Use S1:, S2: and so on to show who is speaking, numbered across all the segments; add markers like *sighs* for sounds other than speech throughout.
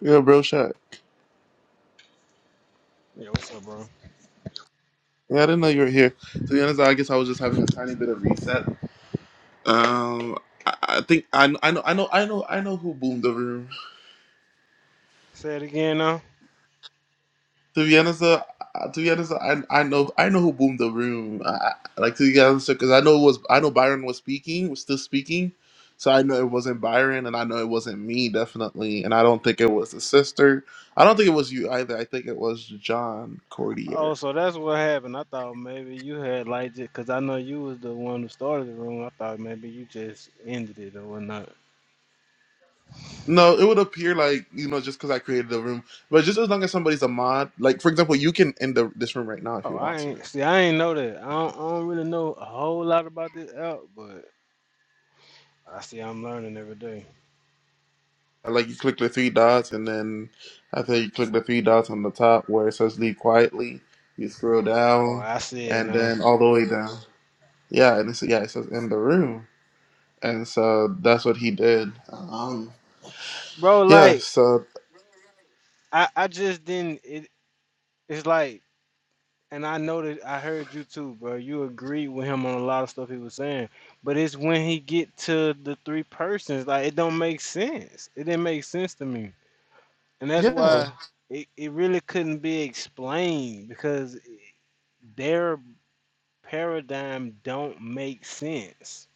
S1: Yeah, bro, shot.
S2: Yeah, what's up, bro?
S1: Yeah, I didn't know you were here. To be honest, I guess I was just having a tiny bit of reset. Um, I, I think I, I know I know I know I know who boomed the room.
S2: Say it again now.
S1: To be honest, uh, uh, to be honest, I I know I know who boomed the room. I, I- like to be honest, because I know it was I know Byron was speaking, was still speaking, so I know it wasn't Byron, and I know it wasn't me definitely, and I don't think it was the sister. I don't think it was you either. I think it was John
S2: Oh,
S1: Cordier.
S2: so that's what happened. I thought maybe you had like it, cause I know you was the one who started the room. I thought maybe you just ended it or whatnot.
S1: No, it would appear like you know just because I created the room, but just as long as somebody's a mod, like for example, you can end the, this room right now if
S2: Oh,
S1: you
S2: I
S1: want to.
S2: ain't see. I ain't know that. I don't, I don't really know a whole lot about this app, but I see I'm learning every day.
S1: Like you click the three dots, and then after you click the three dots on the top where it says "Leave quietly," you scroll
S2: Oh,
S1: down,
S2: I see it
S1: and
S2: now,
S1: then all the way down. Yeah, and it's, yeah, it says "End the room," and so that's what he did. Um,
S2: bro.
S1: yeah,
S2: Like
S1: so
S2: I, I just didn't. It, it's like and I know that I heard you too, bro. You agreed with him on a lot of stuff he was saying, but it's when he get to the three persons, like it don't make sense. It didn't make sense to me, and that's
S1: yeah,
S2: why it, it really couldn't be explained because their paradigm don't make sense.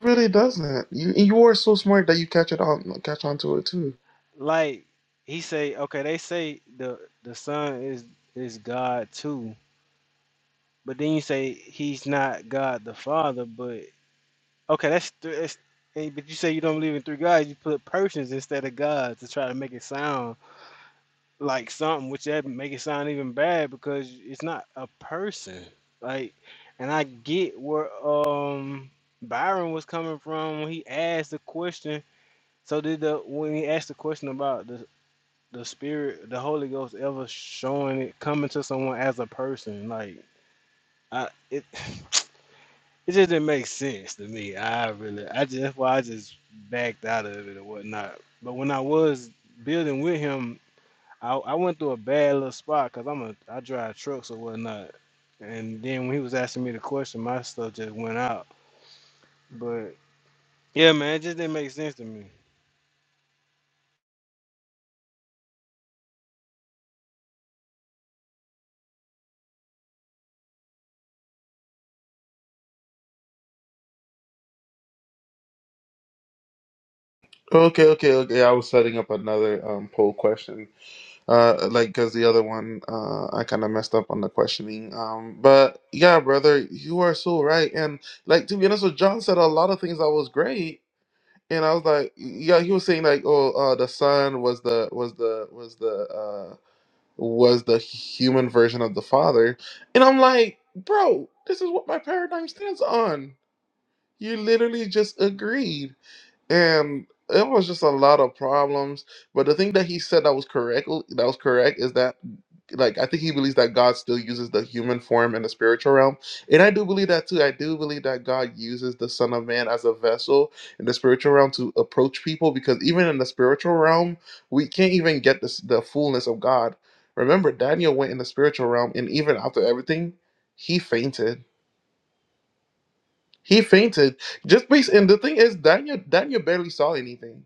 S1: really doesn't. You you are so smart that you catch it on catch on to it too.
S2: Like he say, okay, they say the the son is is God too, but then you say he's not God the Father, but Okay, that's, th- that's hey, but you say you don't believe in three gods. You put persons instead of gods to try to make it sound like something, which that make it sound even bad because it's not a person. Like, and I get where um Byron was coming from when he asked the question. So did the when he asked the question about the the spirit, the Holy Ghost ever showing it coming to someone as a person? Like, I it. *sighs* It just didn't make sense to me. I really, I just that's why I just backed out of it and whatnot. But when I was building with him, I, I went through a bad little spot because I'm a I drive trucks or whatnot. And then when he was asking me the question, my stuff just went out. But yeah, man, it just didn't make sense to me.
S1: Okay, okay, okay. Yeah, I was setting up another um, poll question, uh, like because the other one uh, I kind of messed up on the questioning. Um, but yeah, brother, you are so right. And like to be honest, with John said a lot of things that was great, and I was like, yeah, he was saying like, oh, uh, the son was the was the was the uh, was the human version of the father, and I'm like, bro, this is what my paradigm stands on. You literally just agreed and it was just a lot of problems. But the thing that he said that was correct that was correct is that like I think he believes that God still uses the human form in the spiritual realm. And I do believe that too. I do believe that God uses the Son of Man as a vessel in the spiritual realm to approach people because even in the spiritual realm, we can't even get this, the fullness of God. Remember, Daniel went in the spiritual realm and even after everything, he fainted. He fainted. Just based and the thing is Daniel Daniel barely saw anything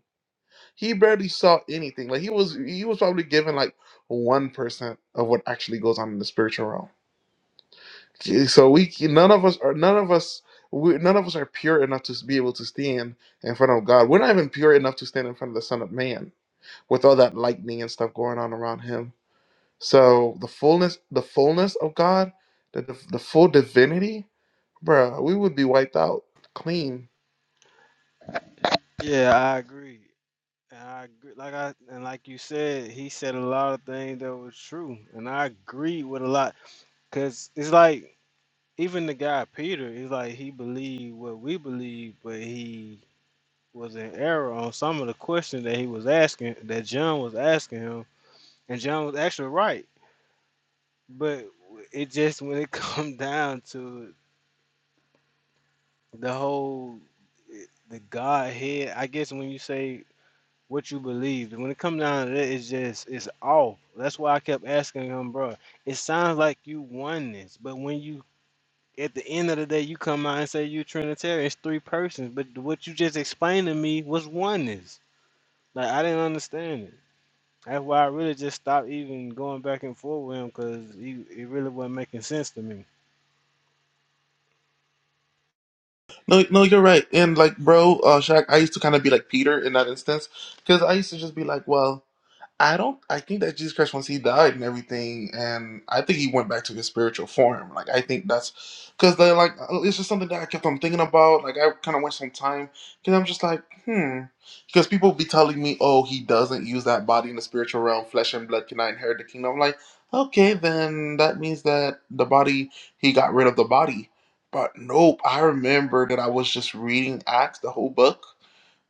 S1: he barely saw anything. Like he was he was probably given like one percent of what actually goes on in the spiritual realm. Okay, So we none of us are none of us we, none of us are pure enough to be able to stand in front of God. We're not even pure enough to stand in front of the Son of Man with all that lightning and stuff going on around him. So the fullness the fullness of God, the the, the full divinity, bruh, we would be wiped out clean
S2: Yeah, I agree. And I agree. Like I and like you said, he said a lot of things that was true, and I agree with a lot. Cause it's like even the guy Peter is like he believed what we believe, but he was in error on some of the questions that he was asking that John was asking him, and John was actually right. But it just when it *laughs* come down to the whole the Godhead, I guess when you say what you believe, when it comes down to that, it's just it's off. That's why I kept asking him, bro. It sounds like you won this, but when you at the end of the day, you come out and say you Trinitarian. It's three persons, but what you just explained to me was oneness. Like I didn't understand it. That's why I really just stopped even going back and forth with him because he it really wasn't making sense to me.
S1: No, no, you're right. And like, bro, uh, Shaq, I used to kind of be like Peter in that instance because I used to just be like, well. I don't. I think that Jesus Christ, once he died and everything, and I think he went back to his spiritual form. Like I think that's because they like uh, it's just something that I kept on thinking about. Like I kind of went some time because I'm just like, hmm. Because people be telling me, oh, he doesn't use that body in the spiritual realm. Flesh and blood cannot inherit the kingdom. I'm like, okay, then that means that the body he got rid of the body. But nope, I remember that I was just reading Acts, the whole book.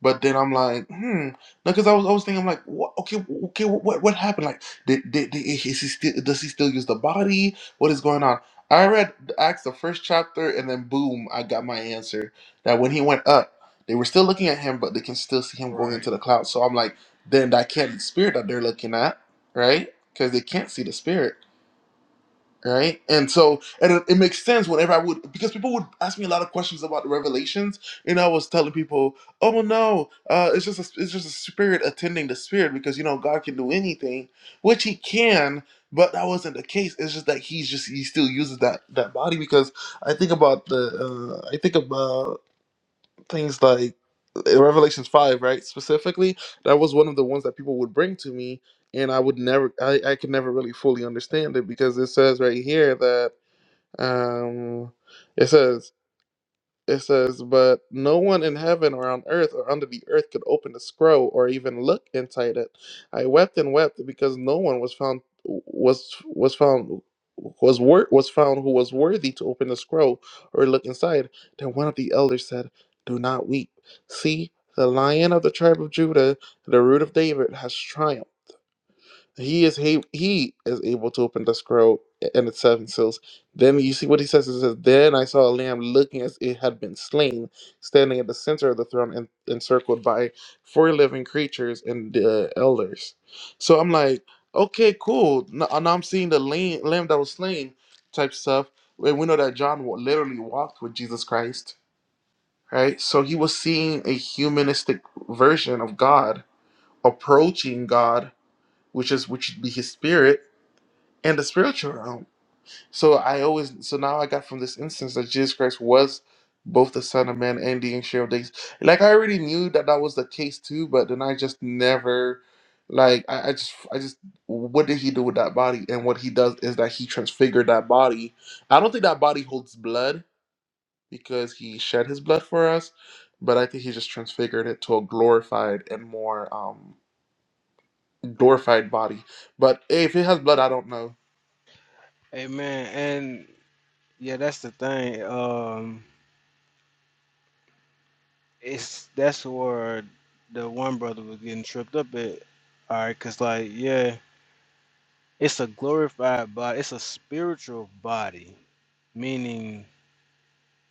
S1: But then I'm like, hmm. No, because I was, I was thinking, I'm like, what, okay, okay, what, what happened? Like, did, did, did is he still, does he still use the body? What is going on? I read Acts the first chapter, and then boom, I got my answer. That when he went up, they were still looking at him, but they can still see him going
S2: Right.
S1: into the cloud. So I'm like, then that can't be spirit that they're looking at, right? Because they can't see the spirit right? And so, and it, it makes sense whenever I would, because people would ask me a lot of questions about the revelations, and I was telling people, "Oh well, no, uh, it's just a, it's just a spirit attending the spirit, because you know God can do anything, which He can." But that wasn't the case. It's just that he's just he still uses that that body because I think about the uh, I think about things like in revelations 5 right specifically that was one of the ones that people would bring to me and i would never i, I could never really fully understand it because it says right here that um it says it says, But no one in heaven or on earth or under the earth could open the scroll or even look inside it. I wept and wept because no one was found was was found was wor- was found who was worthy to open the scroll or look inside. Then one of the elders said, Do not weep. See, the lion of the tribe of Judah, the root of David, has triumphed. He is he, he is able to open the scroll and its seven seals. Then you see what he says. It says, "Then I saw a lamb looking as it had been slain, standing at the center of the throne and encircled by four living creatures and the elders." So I'm like, okay, cool. Now, now I'm seeing the lamb, lamb that was slain type stuff. And we know that John wa- literally walked with Jesus Christ, right? So he was seeing a humanistic version of God approaching God, which is which would be His Spirit and the spiritual realm. So I always so now I got from this instance that Jesus Christ was both the Son of Man and the Ancient of Days. Like I already knew that that was the case too, but then I just never like I, I just I just what did he do with that body? And what he does is that he transfigured that body. I don't think that body holds blood because he shed his blood for us, but I think he just transfigured it to a glorified and more um glorified body. But if it has blood, I don't know.
S2: Amen. And yeah, that's the thing. Um, it's that's where the one brother was getting tripped up at. All right, cause like yeah, it's a glorified body. It's a spiritual body, meaning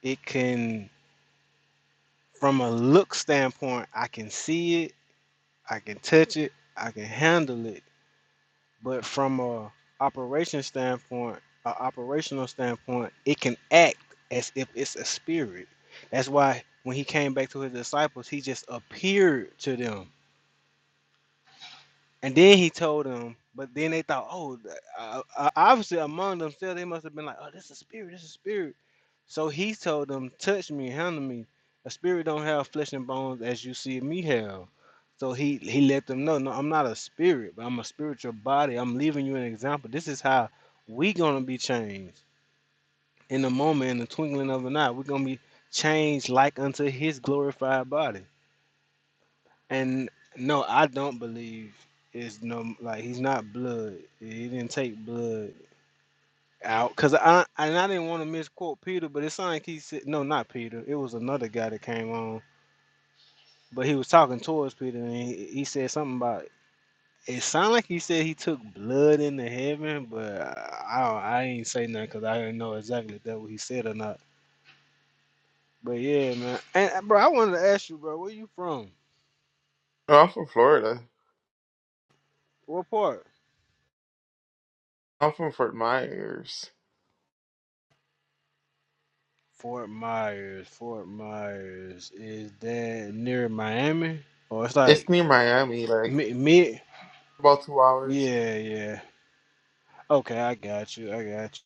S2: it can. from a look standpoint, I can see it, I can touch it, I can handle it. But from a operation standpoint, a operational standpoint, it can act as if it's a spirit. That's why when he came back to his disciples, he just appeared to them. And then he told them, but then they thought, oh, th- uh, uh, obviously among themselves, they must have been like, oh, this is a spirit, this is a spirit. So he told them, touch me, handle me. A spirit don't have flesh and bones as you see me have. So he he let them know, no, I'm not a spirit, but I'm a spiritual body. I'm leaving you an example. This is how we gonna be changed in a moment, in the twinkling of an eye. We're gonna be changed like unto his glorified body. And no, I don't believe it's no like he's not blood. He didn't take blood out because I and I didn't want to misquote Peter, but it sounded like he said no, not Peter. It was another guy that came on, but he was talking towards Peter, and he, he said something about. It sounded like he said he took blood into heaven, but I I, don't, I ain't say nothing because I didn't know exactly if that what he said or not. But yeah, man, and uh, bro, I wanted to ask you, bro, where you from?
S1: Oh, I'm from Florida.
S2: What part?
S1: I'm from Fort Myers.
S2: Fort Myers, Fort Myers, is that near Miami? Or it's
S1: It's
S2: like
S1: near Miami, like
S2: mid, mid?
S1: about two hours.
S2: Yeah, yeah. Okay, I got you. I got you.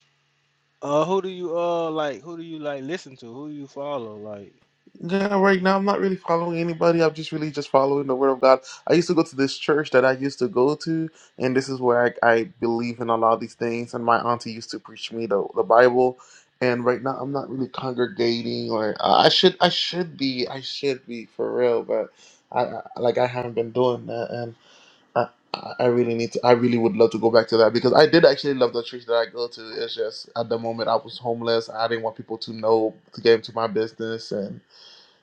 S2: Uh, who do you uh like? Who do you like listen to? Who do you follow? Like,
S1: Yeah, right now I'm not really following anybody. I'm just really just following the word of God. I used to go to this church that I used to go to, and this is where I, I believe in a lot of these things. And my auntie used to preach me the, the Bible. And right now I'm not really congregating, or uh, I should I should be I should be for real, but I, I like I haven't been doing that, I, I I really need to. I really would love to go back to that because I did actually love the church that I go to. It's just at the moment I was homeless. I didn't want people to know to get into my business, and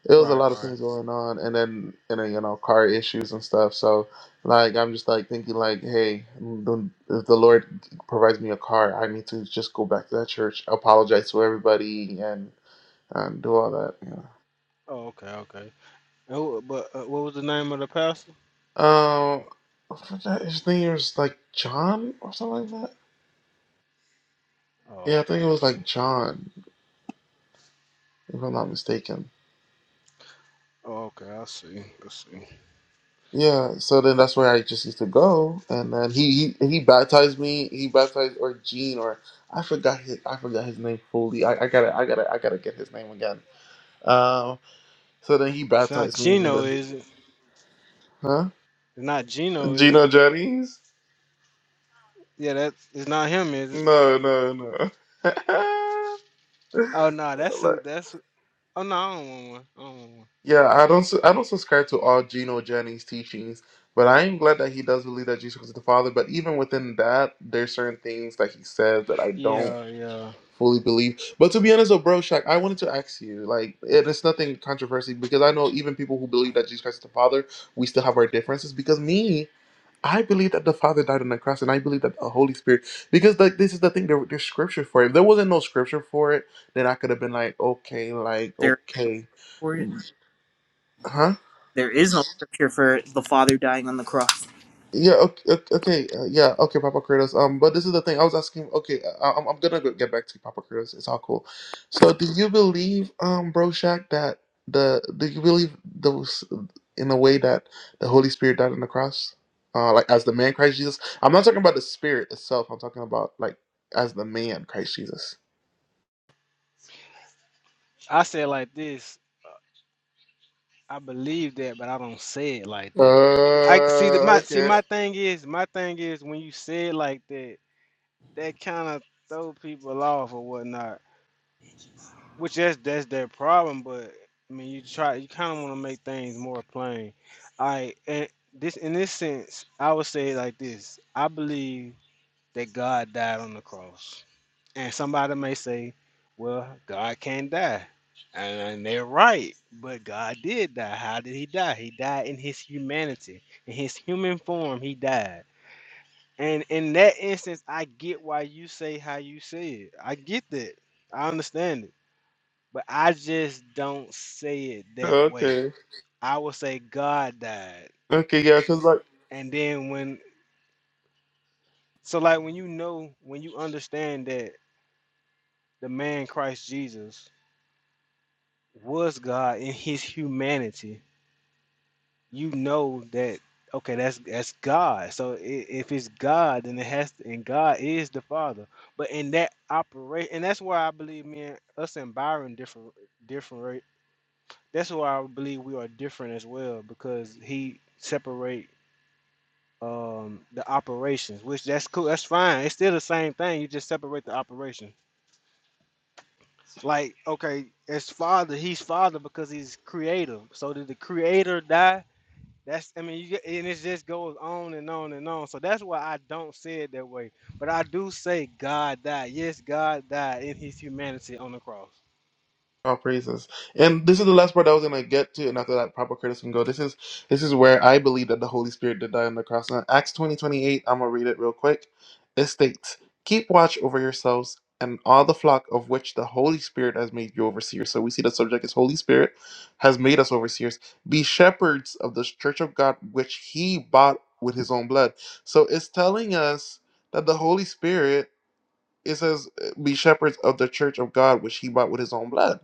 S1: it was a
S2: right,
S1: lot of
S2: right.
S1: things going on. And then and then you know car issues and stuff. So like I'm just like thinking like, hey, the- if the Lord provides me a car, I need to just go back to that church, apologize to everybody, and and do all that. You know.
S2: Oh, okay, okay. And who, but uh, what was the name of the pastor?
S1: Um, I forgot his name was like John or something like that.
S2: Oh,
S1: Yeah, I
S2: okay,
S1: think it was
S2: okay.
S1: like John. if I'm not mistaken.
S2: Oh, okay. I see. I see.
S1: Yeah, so then that's where I just used to go, and then he he, he baptized me. He baptized or Gene or I forgot his I forgot his name fully. I, I gotta I gotta I gotta get his name again. Um, so then he
S2: It's not
S1: baptized me, and
S2: Gino,
S1: then
S2: is it?
S1: huh?
S2: It's not Gino, is
S1: Gino
S2: it?
S1: Jennings?
S2: Yeah, that's it's not him, is it?
S1: No, no, no. *laughs*
S2: Oh no, that's
S1: like,
S2: who. That's who- oh no, I don't want one. I don't want one.
S1: yeah, I don't su- I don't subscribe to all Gino Jennings teachings, but I am glad that he does believe that Jesus was the Father. But even within that, there's certain things that he says that I don't.
S2: Yeah, yeah.
S1: fully believe. But to be honest, though, bro, Shaq, I wanted to ask you, like, and it's nothing controversy because I know even people who believe that Jesus Christ is the Father, we still have our differences. Because me, I believe that the Father died on the cross, and I believe that the Holy Spirit, because like this is the thing, there, there's scripture for it. If there wasn't no scripture for it, then I could have been like, okay, like,
S3: There is
S1: okay,
S3: no scripture for it.
S1: huh?
S3: There is no scripture for the Father dying on the cross.
S1: Yeah. Okay. Okay. okay, Uh, yeah. Okay, Papa Kratos. Um, but this is the thing I was asking. Okay, I, I'm I'm gonna go get back to you, Papa Kratos. It's all cool. So, do you believe, um, Bro Shack, that the do you believe those in a way that the Holy Spirit died on the cross, uh, like as the man Christ Jesus? I'm not talking about the Spirit itself. I'm talking about like as the man Christ Jesus.
S2: I say it like this. I believe that, but I don't say it like that. I see the
S1: Uh.
S2: my see
S1: Okay.
S2: my thing is my thing is when you say it like that, that kind of throw people off or whatnot. Which that's that's their problem. But I mean, you try you kind of want to make things more plain. I and this in this sense, I would say it like this. I believe that God died on the cross. And somebody may say, well, God can't die. And they're right, but God did die. How did he die? He died in his humanity, in his human form, he died. And in that instance, I get why you say how you say it. I get that. I understand it. But I just don't say it that way.
S1: Okay.
S2: I will say God died.
S1: Okay. Yeah. Because like.
S2: And then when, so like when you know, when you understand that the man Christ Jesus was God in his humanity, you know that okay, that's that's God. So i- if it's God, then it has to, and God is the Father. But in that operation, and that's why I believe me and us and Byron different different right? That's why I believe we are different as well because he separate um the operations which that's cool that's fine it's still the same thing you just separate the operation like okay as father he's father because he's creator so did the creator die That's I mean you get and it just goes on and on and on. So that's why I don't say it that way. But I do say God died. Yes, God died in his humanity on the cross.
S1: all praises. And this is the last part I was gonna get to, and after that, proper criticism go. This is this is where I believe that the Holy Spirit did die on the cross. Now, Acts twenty twenty eight. I'm gonna read it real quick. It states, "Keep watch over yourselves and all the flock of which the Holy Spirit has made you overseers." So we see the subject is Holy Spirit has made us overseers. Be shepherds of the church of God, which He bought with His own blood. So it's telling us that the Holy Spirit it says uh, be shepherds of the church of god which he bought with his own blood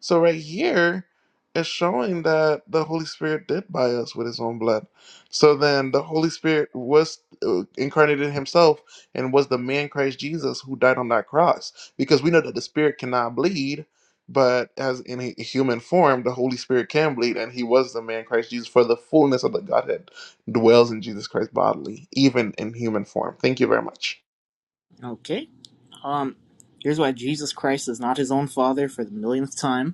S1: so right here it's showing that the holy spirit did buy us with his own blood so then the holy spirit was uh, incarnated himself and was the man christ jesus who died on that cross because we know that the spirit cannot bleed but as in a human form the holy spirit can bleed and he was the man christ jesus for the fullness of the godhead dwells in jesus christ bodily even in human form thank you very much
S3: Okay. Um, here's why Jesus Christ is not his own Father for the millionth time.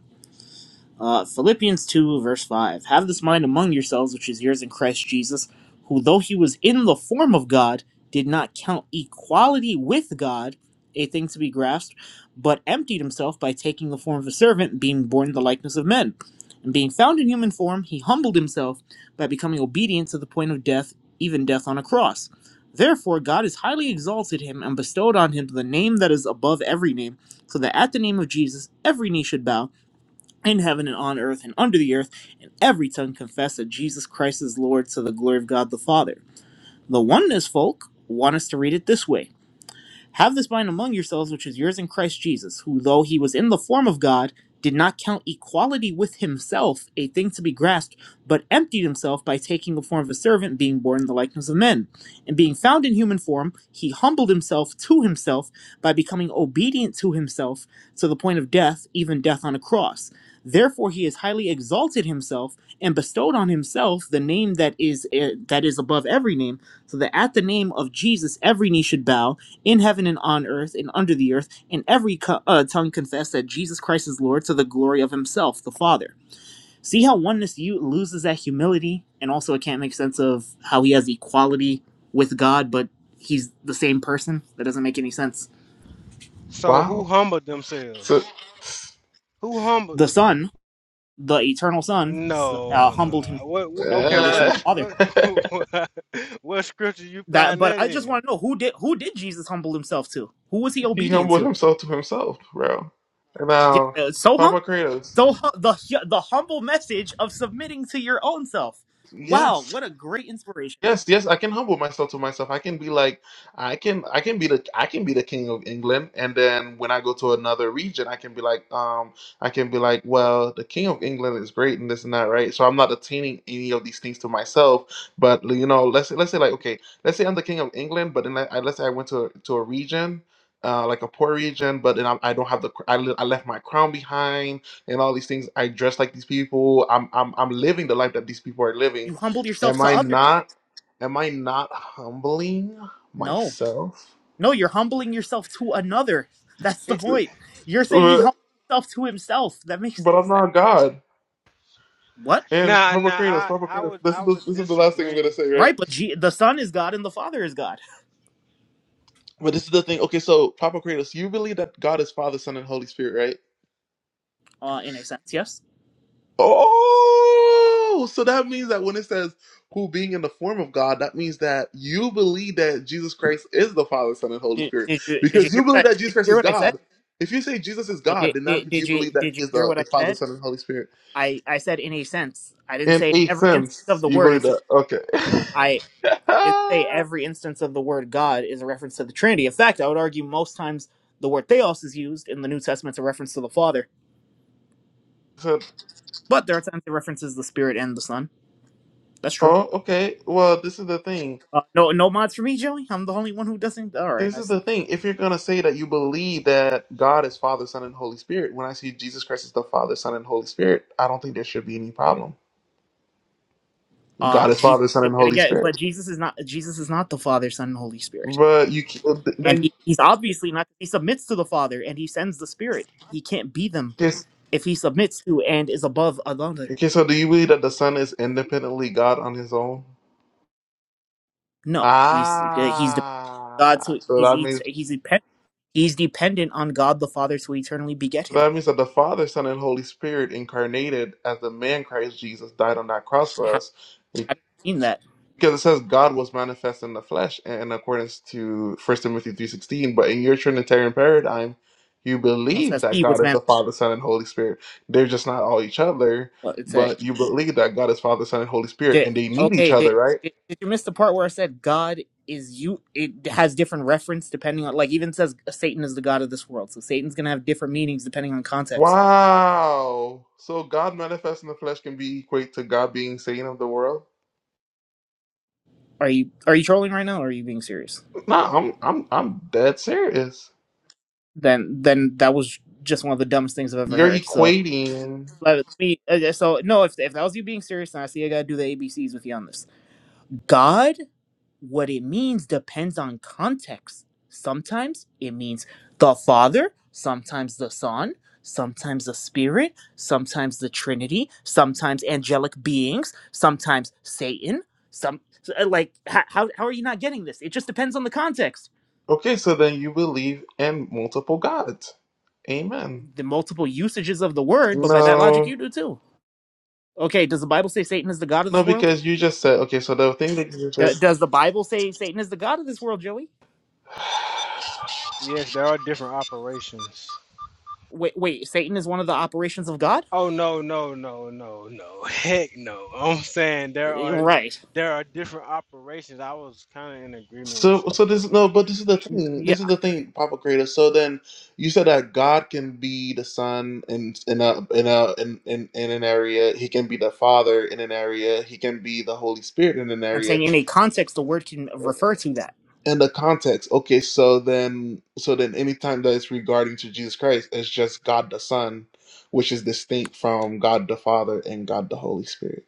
S3: Uh, Philippians 2, verse 5. Have this mind among yourselves, which is yours in Christ Jesus, who, though he was in the form of God, did not count equality with God a thing to be grasped, but emptied himself by taking the form of a servant, being born in the likeness of men. And being found in human form, he humbled himself by becoming obedient to the point of death, even death on a cross. Therefore, God has highly exalted him and bestowed on him the name that is above every name, so that at the name of Jesus every knee should bow in heaven and on earth and under the earth, and every tongue confess that Jesus Christ is Lord to the glory of God the Father. The oneness folk want us to read it this way have this mind among yourselves, which is yours in Christ Jesus, who, though he was in the form of God, did not count equality with himself a thing to be grasped, but emptied himself by taking the form of a servant, being born in the likeness of men. And being found in human form, he humbled himself to himself by becoming obedient to himself to the point of death, even death on a cross. Therefore, he has highly exalted himself and bestowed on himself the name that is eh, that is above every name, so that at the name of Jesus every knee should bow in heaven and on earth and under the earth, and every co- uh, tongue confess that Jesus Christ is Lord to the glory of Himself, the Father. See how oneness you loses that humility, and also it can't make sense of how He has equality with God, but He's the same person. That doesn't make any sense.
S2: So who
S1: wow
S2: humbled
S1: So,
S2: themselves? Who humbled
S3: The Son, the Eternal Son, s- uh,
S2: no, no.
S3: humbled Himself
S2: What wh-
S3: and
S2: okay,
S3: submitted to
S2: what
S3: the
S1: uh,
S3: Father.
S2: what *laughs* what scripture you
S3: That,
S2: find
S3: but
S2: that
S3: I just
S2: in?
S3: want to know who did who did Jesus humble Himself to? Who was He
S1: *laughs* he
S3: obedient
S1: humbled
S3: to?
S1: himself to himself, bro. And
S3: Yeah,
S1: now,
S3: uh, so humble.
S1: Papa Kratos,
S3: So hu- the the humble message of submitting to your own self. Wow,
S1: yes.
S3: what a great inspiration!
S1: Yes, yes, I can humble myself to myself. I can be like, I can, I can be the, I can be the king of England, and then when I go to another region, I can be like, um, I can be like, well, the king of England is great and this and that, right? So I'm not attaining any of these things to myself, but you know, let's say, let's say like, okay, let's say I'm the king of England, but then I, I- let's say I went to to a region. Uh, like a poor region, but then I, I don't have the cr- I, li- I left my crown behind and all these things. I dress like these people. I'm I'm I'm living the life that these people are living.
S3: You humble yourself
S1: Am
S3: to
S1: I
S3: others.
S1: not? Am I not humbling
S3: No,
S1: myself?
S3: no, you're humbling yourself to another. That's the
S2: It,
S1: *laughs*
S3: point. You're saying he
S1: But
S3: humbled himself to himself. That makes
S1: but
S3: no
S1: I'm
S3: sense.
S1: not God.
S3: What?
S1: And
S2: nah,
S1: Papa
S2: nah,
S1: Kratos,
S2: I,
S1: Papa
S2: I
S1: Kratos,
S2: would
S1: this
S2: I
S1: is the,
S2: would
S1: this is the last thing I'm gonna
S2: disagree.
S1: say, right?
S3: Right, but G- the son is God and the father is God.
S1: But this is the thing. Okay, so Papa Kratos, you believe that God is Father, Son, and Holy Spirit, right?
S3: Uh, in a sense, yes.
S1: Oh, so that means that when it says who being in the form of God, that means that you believe that Jesus Christ is the Father, Son, and Holy
S3: Did,
S1: Spirit
S3: did you did you
S1: because
S3: hear
S1: you
S3: what
S1: believe
S3: I
S1: that Jesus
S3: did you
S1: Christ
S3: hear
S1: is
S3: what I said?
S1: God. If you say Jesus is
S3: I
S1: God,
S3: did,
S1: then that
S3: did
S1: means
S3: did
S1: you
S3: you
S1: believe that
S3: did
S1: He
S3: you
S1: is
S3: hear what
S1: the
S3: I
S1: Father,
S3: said?
S1: Son, and Holy Spirit.
S3: I I said in a sense. I didn't
S1: It
S3: say in
S1: makes
S3: every instance of
S1: sense.
S3: the
S1: You
S3: word.
S1: believe
S3: It's
S1: that? Okay.
S3: I.
S1: *laughs*
S3: It didn't say every instance of the word God is a reference to the Trinity. In fact, I would argue most times the word theos is used in the New Testament to reference to the Father,
S1: So,
S3: but there are times it references the Spirit and the Son. That's true.
S1: oh, okay. Well, this is the thing.
S3: Uh, no, no mods for me, Joey. I'm the only one who doesn't. All right,
S1: This
S3: I
S1: is the
S3: see.
S1: thing. If you're gonna say that you believe that God is Father, Son, and Holy Spirit, when I see Jesus Christ as the Father, Son, and Holy Spirit, I don't think there should be any problem.
S3: Uh,
S1: God is
S3: Jesus.
S1: Father, Son, and Holy
S3: Yeah, but
S1: Spirit.
S3: Jesus is not. Jesus is not the Father, Son, and Holy Spirit,
S1: But you ca-
S3: and
S1: then
S3: he, he's obviously not. He submits to the Father, and he sends the Spirit. He can't be them
S1: just
S3: if he submits to and is above another.
S1: okay. So, do you believe that the Son is independently God on His own?
S3: No, he's uh, he's dependent on God.
S1: Ah,
S3: So
S1: so
S3: he's
S1: that
S3: he's
S1: means
S3: he's dependent. He's dependent on God the Father to eternally beget him.
S1: That means that the Father, Son, and Holy Spirit incarnated as the man Christ Jesus died on that cross for
S3: How,
S1: us.
S3: how does that mean that?
S1: Because it says God was manifest in the flesh in accordance to First Timothy 3.16. But in your Trinitarian paradigm, you
S3: Well, it
S1: believe
S3: says
S1: that
S3: he
S1: God
S3: was
S1: is
S3: man.
S1: the Father, Son, and Holy Spirit. They're just not all each other,
S3: Well, it's a
S1: but you believe that God is Father, Son, and Holy Spirit,
S3: did,
S1: and they need each
S3: okay.
S1: other,
S3: Did,
S1: right?
S3: did did you miss the part where I said God is you? It has different reference depending on like even says Satan is the god of this world. So Satan's gonna have different meanings depending on context.
S1: Wow. So God manifest in the flesh can be equate to God being Satan of the world?
S3: Are you are you trolling right now? or Are you being serious?
S1: Nah, I'm I'm I'm dead serious.
S3: Then then that was just one of the dumbest things I've ever
S1: You're
S3: heard. So
S1: equating.
S3: let me. uh, So no, if if that was you being serious, then I see I gotta do the ABCs with you on this. God, what it means depends on context. Sometimes it means the Father, sometimes the Son, sometimes the Spirit, sometimes the Trinity, sometimes angelic beings, sometimes Satan. Some uh, like h- how how are you not getting this? It just depends on the context.
S1: Okay, so then you believe in multiple gods. Amen.
S3: The multiple usages of the word, but by that logic,
S1: No,
S3: you do too. Okay, does the Bible say Satan is the god of this
S1: no,
S3: world?
S1: because you just said okay. So the thing that you said.
S3: D- does the Bible say Satan is the god of this world, Joey?
S1: *sighs*
S2: Yes, there are different operations.
S3: Wait, wait, Satan is one of the operations of God?
S2: Oh no, no, no, no, no. *laughs* Heck no. I'm saying there
S3: Eh,
S2: are
S3: Right.
S2: there are different operations. I was kind of in agreement
S1: So,
S2: with you,
S1: so
S2: bro.
S1: this no, but this is the thing.
S3: Yeah,
S1: This is the thing, Papa Creator. So then you said that God can be the Son in in a in a in, in in an area. He can be the Father in an area. He can be the Holy Spirit in an
S3: I'm
S1: area.
S3: saying in a context, the word can refer to that.
S1: And the context. Okay, so then so then anytime that it's regarding to Jesus Christ, it's just God the Son, which is distinct from God the Father and God the Holy Spirit.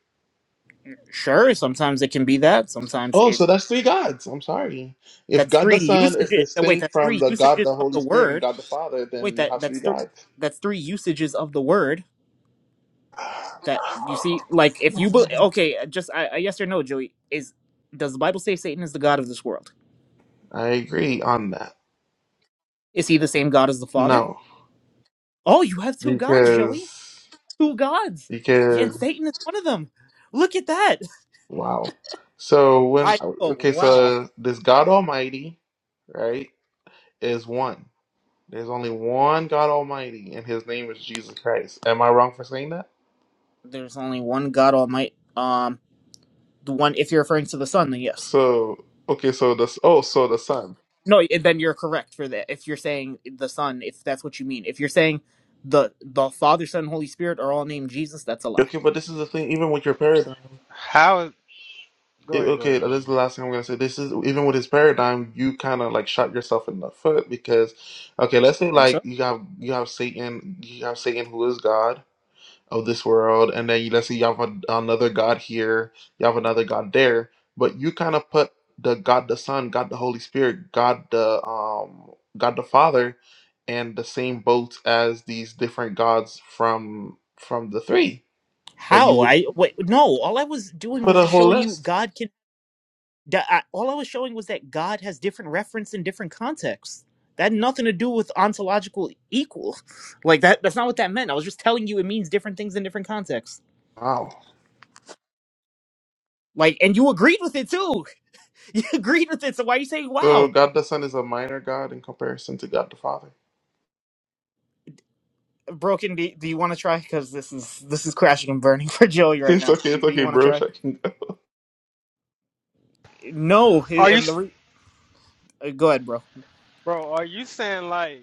S3: Sure, sometimes it can be that. Sometimes
S1: Oh,
S3: it.
S1: so that's three gods. I'm sorry. If
S3: That's
S1: God the
S3: three
S1: Son is
S3: usages. *laughs* uh, Wait,
S1: distinct
S3: that's
S1: from
S3: three
S1: the God
S3: usages
S1: the
S3: of
S1: Holy
S3: the
S1: Spirit and
S3: word.
S1: God the Father,
S3: Wait,
S1: then you
S3: that
S1: have three
S3: that's three.
S1: gods.
S3: That's three usages of the word. That you see, like if you be, okay, uh, just I, I, yes or no, Joey is. Does the Bible say Satan is the god of this world?
S1: I agree on that.
S3: Is he the same god as the Father?
S1: No,
S3: Oh, you have two gods, Joey.
S1: because
S3: Two gods. Yeah, and
S1: because
S3: Satan is one of them. Look at that.
S1: wow. So
S3: *laughs*
S1: when
S3: I oh
S1: okay,
S3: wow.
S1: so this God Almighty, right, is one. There's only one God Almighty, and His name is Jesus Christ. Am I wrong for saying that?
S3: There's only one God Almighty. Um. The one, if you're referring to the sun, then yes.
S1: So okay, so the oh, so the Son.
S3: No, i- then you're correct for that. If you're saying the son, if that's what you mean, if you're saying the the Father, Son, and Holy Spirit are all named Jesus, that's a lie.
S1: Okay, but this is the thing. Even with your paradigm,
S2: How is, go
S1: it,
S2: ahead, go
S1: okay,
S2: ahead,
S1: this
S2: go ahead.
S1: is the last thing I'm gonna say. This is even with his paradigm, you kind of like shot yourself in the foot because, okay, let's say
S3: Think
S1: like
S3: so?
S1: you have you have Satan, you have Satan who is God. of this world, and then let's say you have an another God here, you have another God there, but you kind of put the God the Son, God the Holy Spirit, God the um God the Father, and the same boat as these different gods from from the three that you
S3: How?
S1: would
S3: I wait. No, all I was doing
S1: put
S3: was
S1: a
S3: just
S1: whole
S3: showing you
S1: list.
S3: God can. da- I, all I was showing was that God has different reference in different contexts. That had nothing to do with ontological equal. *laughs* Like that. That's not what that meant. I was just telling you it means different things in different contexts.
S1: Wow.
S3: Like, and you agreed with it too. *laughs* You agreed with it. So why are you saying
S1: So
S3: wow?
S1: God the Son is a minor God in comparison to God the Father. *laughs*
S3: Broken, do, do you want to try? Because this is this is crashing and burning *laughs* for Joey right
S1: It's
S3: now.
S1: okay, it's
S3: Do you
S1: okay,
S3: want to
S1: bro.
S3: try?
S1: *laughs*
S3: No,
S2: Are you
S3: and the
S2: s-
S3: re- uh, go ahead, bro.
S2: bro, are you saying like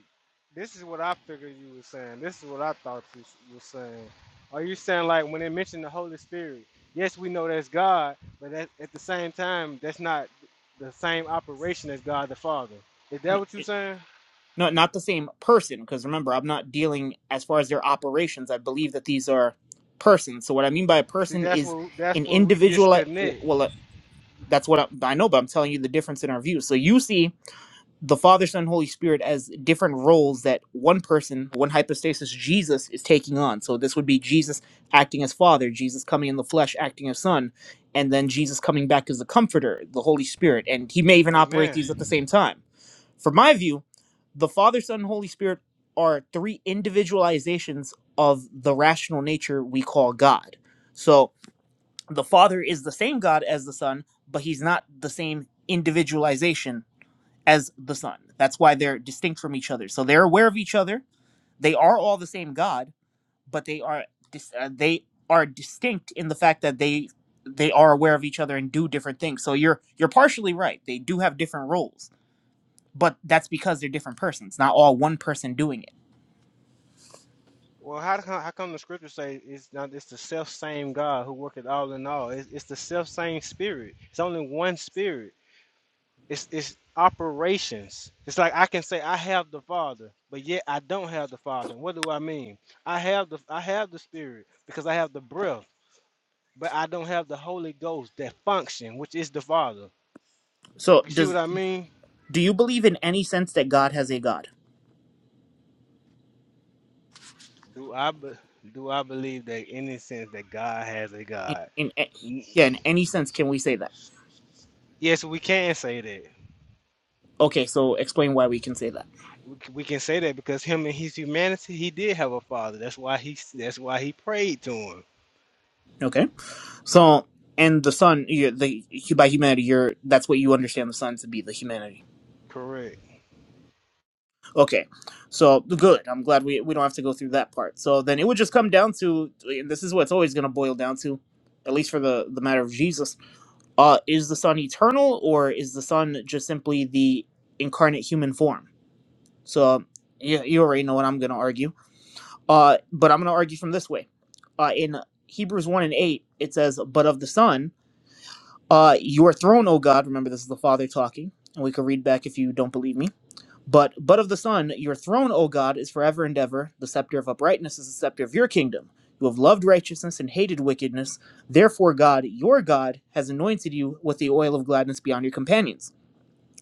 S2: this is what I figured you were saying. This is what I thought you s- you were saying. Are you saying like when it mentioned the Holy Spirit? Yes, we know that's God, but that, at the same time, that's not the same operation as God the Father. Is that
S3: No,
S2: what you're saying?
S3: no, not the same person. Because remember, I'm not dealing as far as their operations. I believe that these are persons. So what I mean by a
S2: See,
S3: person
S2: that's
S3: is
S2: what that's
S3: an
S2: where we
S3: individual.
S2: disconnect.
S3: Well, uh, that's what I, I know, but I'm telling you the difference in our views. So you see. the Father, Son, Holy Spirit as different roles that one person, one hypostasis, Jesus, is taking on. So this would be Jesus acting as Father, Jesus coming in the flesh acting as Son, and then Jesus coming back as the Comforter, the Holy Spirit. And he may even operate these at the
S2: Amen.
S3: same time. From my view, the Father, Son, and Holy Spirit are three individualizations of the rational nature we call God. So the Father is the same God as the Son, but he's not the same individualization as the Son. That's why they're distinct from each other. So they're aware of each other. They are all the same God, but they are dis- uh, they are distinct in the fact that they they are aware of each other and do different things. So you're you're partially right. They do have different roles, but that's because they're different persons, not all one person doing it.
S2: Well, how come how come the scriptures say it's not it's the self same God who worketh all in all? It's, it's the self same spirit. It's only one spirit. It's it's operations. It's like I can say I have the Father, but yet I don't have the Father. And What do I mean? I have the I have the Spirit because I have the breath, but I don't have the Holy Ghost that function, which is the Father.
S3: So
S2: You see what
S3: does
S2: I mean?
S3: do you believe in any sense that God has a God?
S2: Do I be, do I believe that in any sense that God has a
S3: In,
S2: God?
S3: in a-
S2: N-
S3: yeah, in any sense can we say that?
S2: Yes, we can say that.
S3: Okay, so explain why we can say that.
S2: we, c- we can say that because him and his humanity, he did have a father. That's why he s- that's why he prayed to him.
S3: Okay. So, and the sun, you, the by humanity, you're that's what you understand the sun to be, the humanity.
S2: Correct.
S3: Okay, so good. I'm glad we we don't have to go through that part. So then it would just come down to, and this is what it's always going to boil down to, at least for the the matter of Jesus. Uh, is the sun eternal, or is the sun just simply the incarnate human form? So yeah, you already know what I'm going to argue. Uh, but I'm going to argue from this way. Uh, in Hebrews one and eight, it says, "But of the sun." Uh, your throne, O God, remember this is the Father talking, and we can read back if you don't believe me. But but of the Son, your throne, O God, is forever and ever. The scepter of uprightness is the scepter of your kingdom. You have loved righteousness and hated wickedness. Therefore, God, your God, has anointed you with the oil of gladness beyond your companions.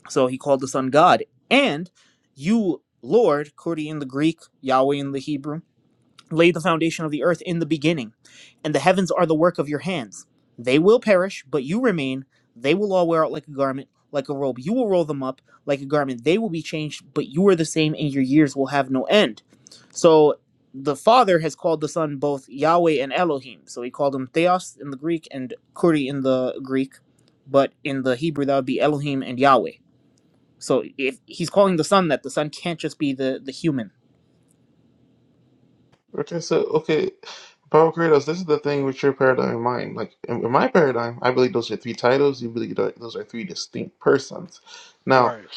S3: So he called the Son God. And you, Lord, Kurdi in the Greek, Yahweh in the Hebrew, laid the foundation of the earth in the beginning, and the heavens are the work of your hands. They will perish, but you remain. They will all wear out like a garment, like a robe. You will roll them up like a garment. They will be changed, but you are the same, and your years will have no end. So the Father has called the Son both Yahweh and Elohim. So he called him Theos in the Greek and Kuri in the Greek, but in the Hebrew that would be Elohim and Yahweh. So if he's calling the Son that, the Son can't just be the the human.
S1: Okay, so okay, Power Kratos, this is the thing with your paradigm and mine. Like in in my paradigm, I believe those are three titles. You believe that those are three distinct persons. Now,
S2: Right.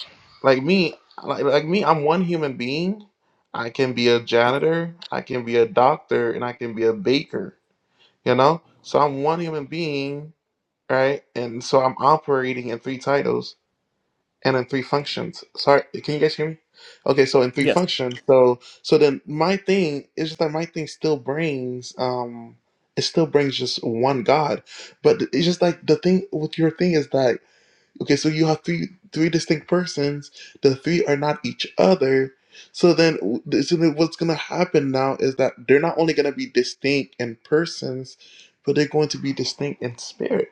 S1: like me, like, like me, I'm one human being. I can be a janitor, I can be a doctor, and I can be a baker. You know, so I'm one human being, right? And so I'm operating in three titles and in three functions. Sorry, can you guys hear me? Okay, so in three
S3: Yes.
S1: functions, so so then my thing is just that my thing still brings um it still brings just one God, but it's just like the thing with your thing is that okay, so you have three three distinct persons, the three are not each other. So then, w- so then what's gonna happen now is that they're not only gonna be distinct in persons, but they're going to be distinct in spirit.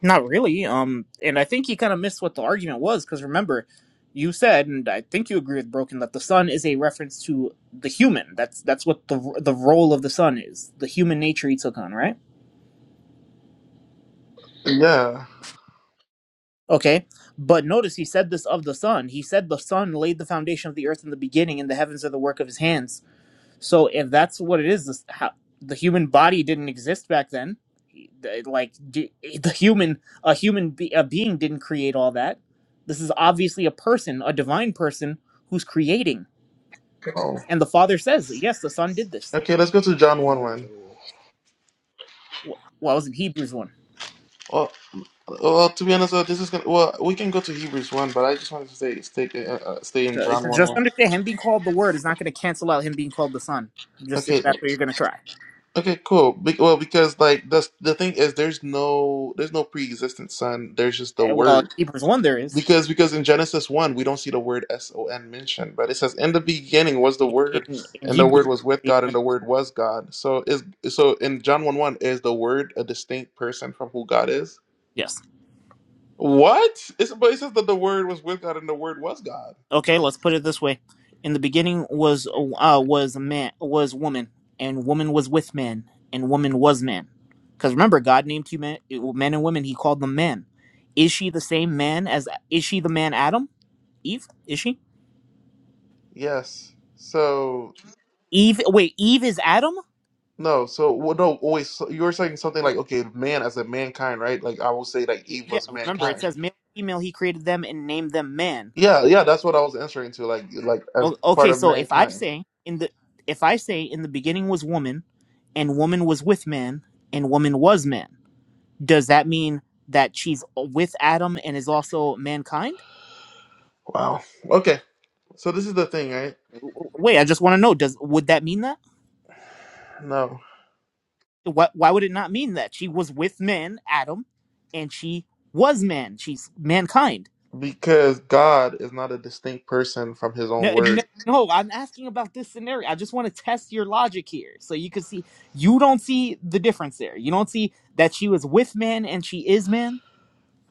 S3: Not really. Um, and I think you kind of missed what the argument was because remember, you said, and I think you agree with Broken that the sun is a reference to the human. That's that's what the the role of the sun is, the human nature he took on, right?
S1: Yeah.
S3: Okay, but notice he said this of the sun. He said the sun laid the foundation of the earth in the beginning, and the heavens are the work of his hands. So if that's what it is, this, how, the human body didn't exist back then. Like do, the human, a human be, a being didn't create all that. This is obviously a person, a divine person who's creating.
S1: Oh.
S3: And the Father says, "Yes, the Son did this."
S1: Okay, let's go to John one
S2: Mm,
S1: one.
S3: Wh- Well, it was in Hebrews one.
S1: Oh, Well, to be honest, uh, this is gonna. Well, we can go to Hebrews one, but I just wanted to stay stay uh, uh, stay in
S3: Uh,
S1: John one
S3: Just
S1: one.
S3: understand, him being called the Word is not going to cancel out him being called the Son. Just if
S1: Okay,
S3: that's what you're going to try.
S1: okay, cool. Be- well, because like the the thing is, there's no there's no pre-existent son. There's just the
S3: Uh, Well, in
S1: word.
S3: Hebrews one there is
S1: Because because in Genesis one, we don't see the word S O N mentioned, but it says in the beginning was the word,
S3: in in
S1: and the
S3: Hebrews.
S1: word was with God, and the word was God. So is so in John one one is the word a distinct person from who God is?
S3: Yes.
S1: What? It's, but it says that the word was with God, and the word was God.
S3: Okay, let's put it this way: in the beginning was uh, was man was woman, and woman was with man, and woman was man. Because remember, God named you men, men and women. He called them man. Is she the same man as? Is she the man Adam? Eve? Is she?
S1: Yes. So
S3: Eve? Wait, Eve is Adam?
S1: no. So well, no. Always. So you were saying something like, okay, man as a mankind, right? Like I will say, like
S3: Y-
S1: Eve
S3: Yeah.
S1: was
S3: Remember, it
S1: mankind.
S3: says male, and female. He created them and named them man.
S1: Yeah, yeah. That's what I was answering to, like, like as
S3: O-
S1: part
S3: okay,
S1: of
S3: so if I
S1: mankind.
S3: say in the if I say in the beginning was woman, and woman was with man, and woman was man does that mean that she's with Adam and is also mankind?
S1: Wow. Okay. So this is the thing, right?
S3: Wait, I just want to know. Does would that mean that?
S1: No,
S3: What? Why would it not mean that she was with man, Adam, and she was man? She's mankind.
S1: because God is not a distinct person from His own
S3: No,
S1: word.
S3: no, no. I'm asking about this scenario. I just want to test your logic here, so you can see you don't see the difference there. You don't see that she was with man and she is man.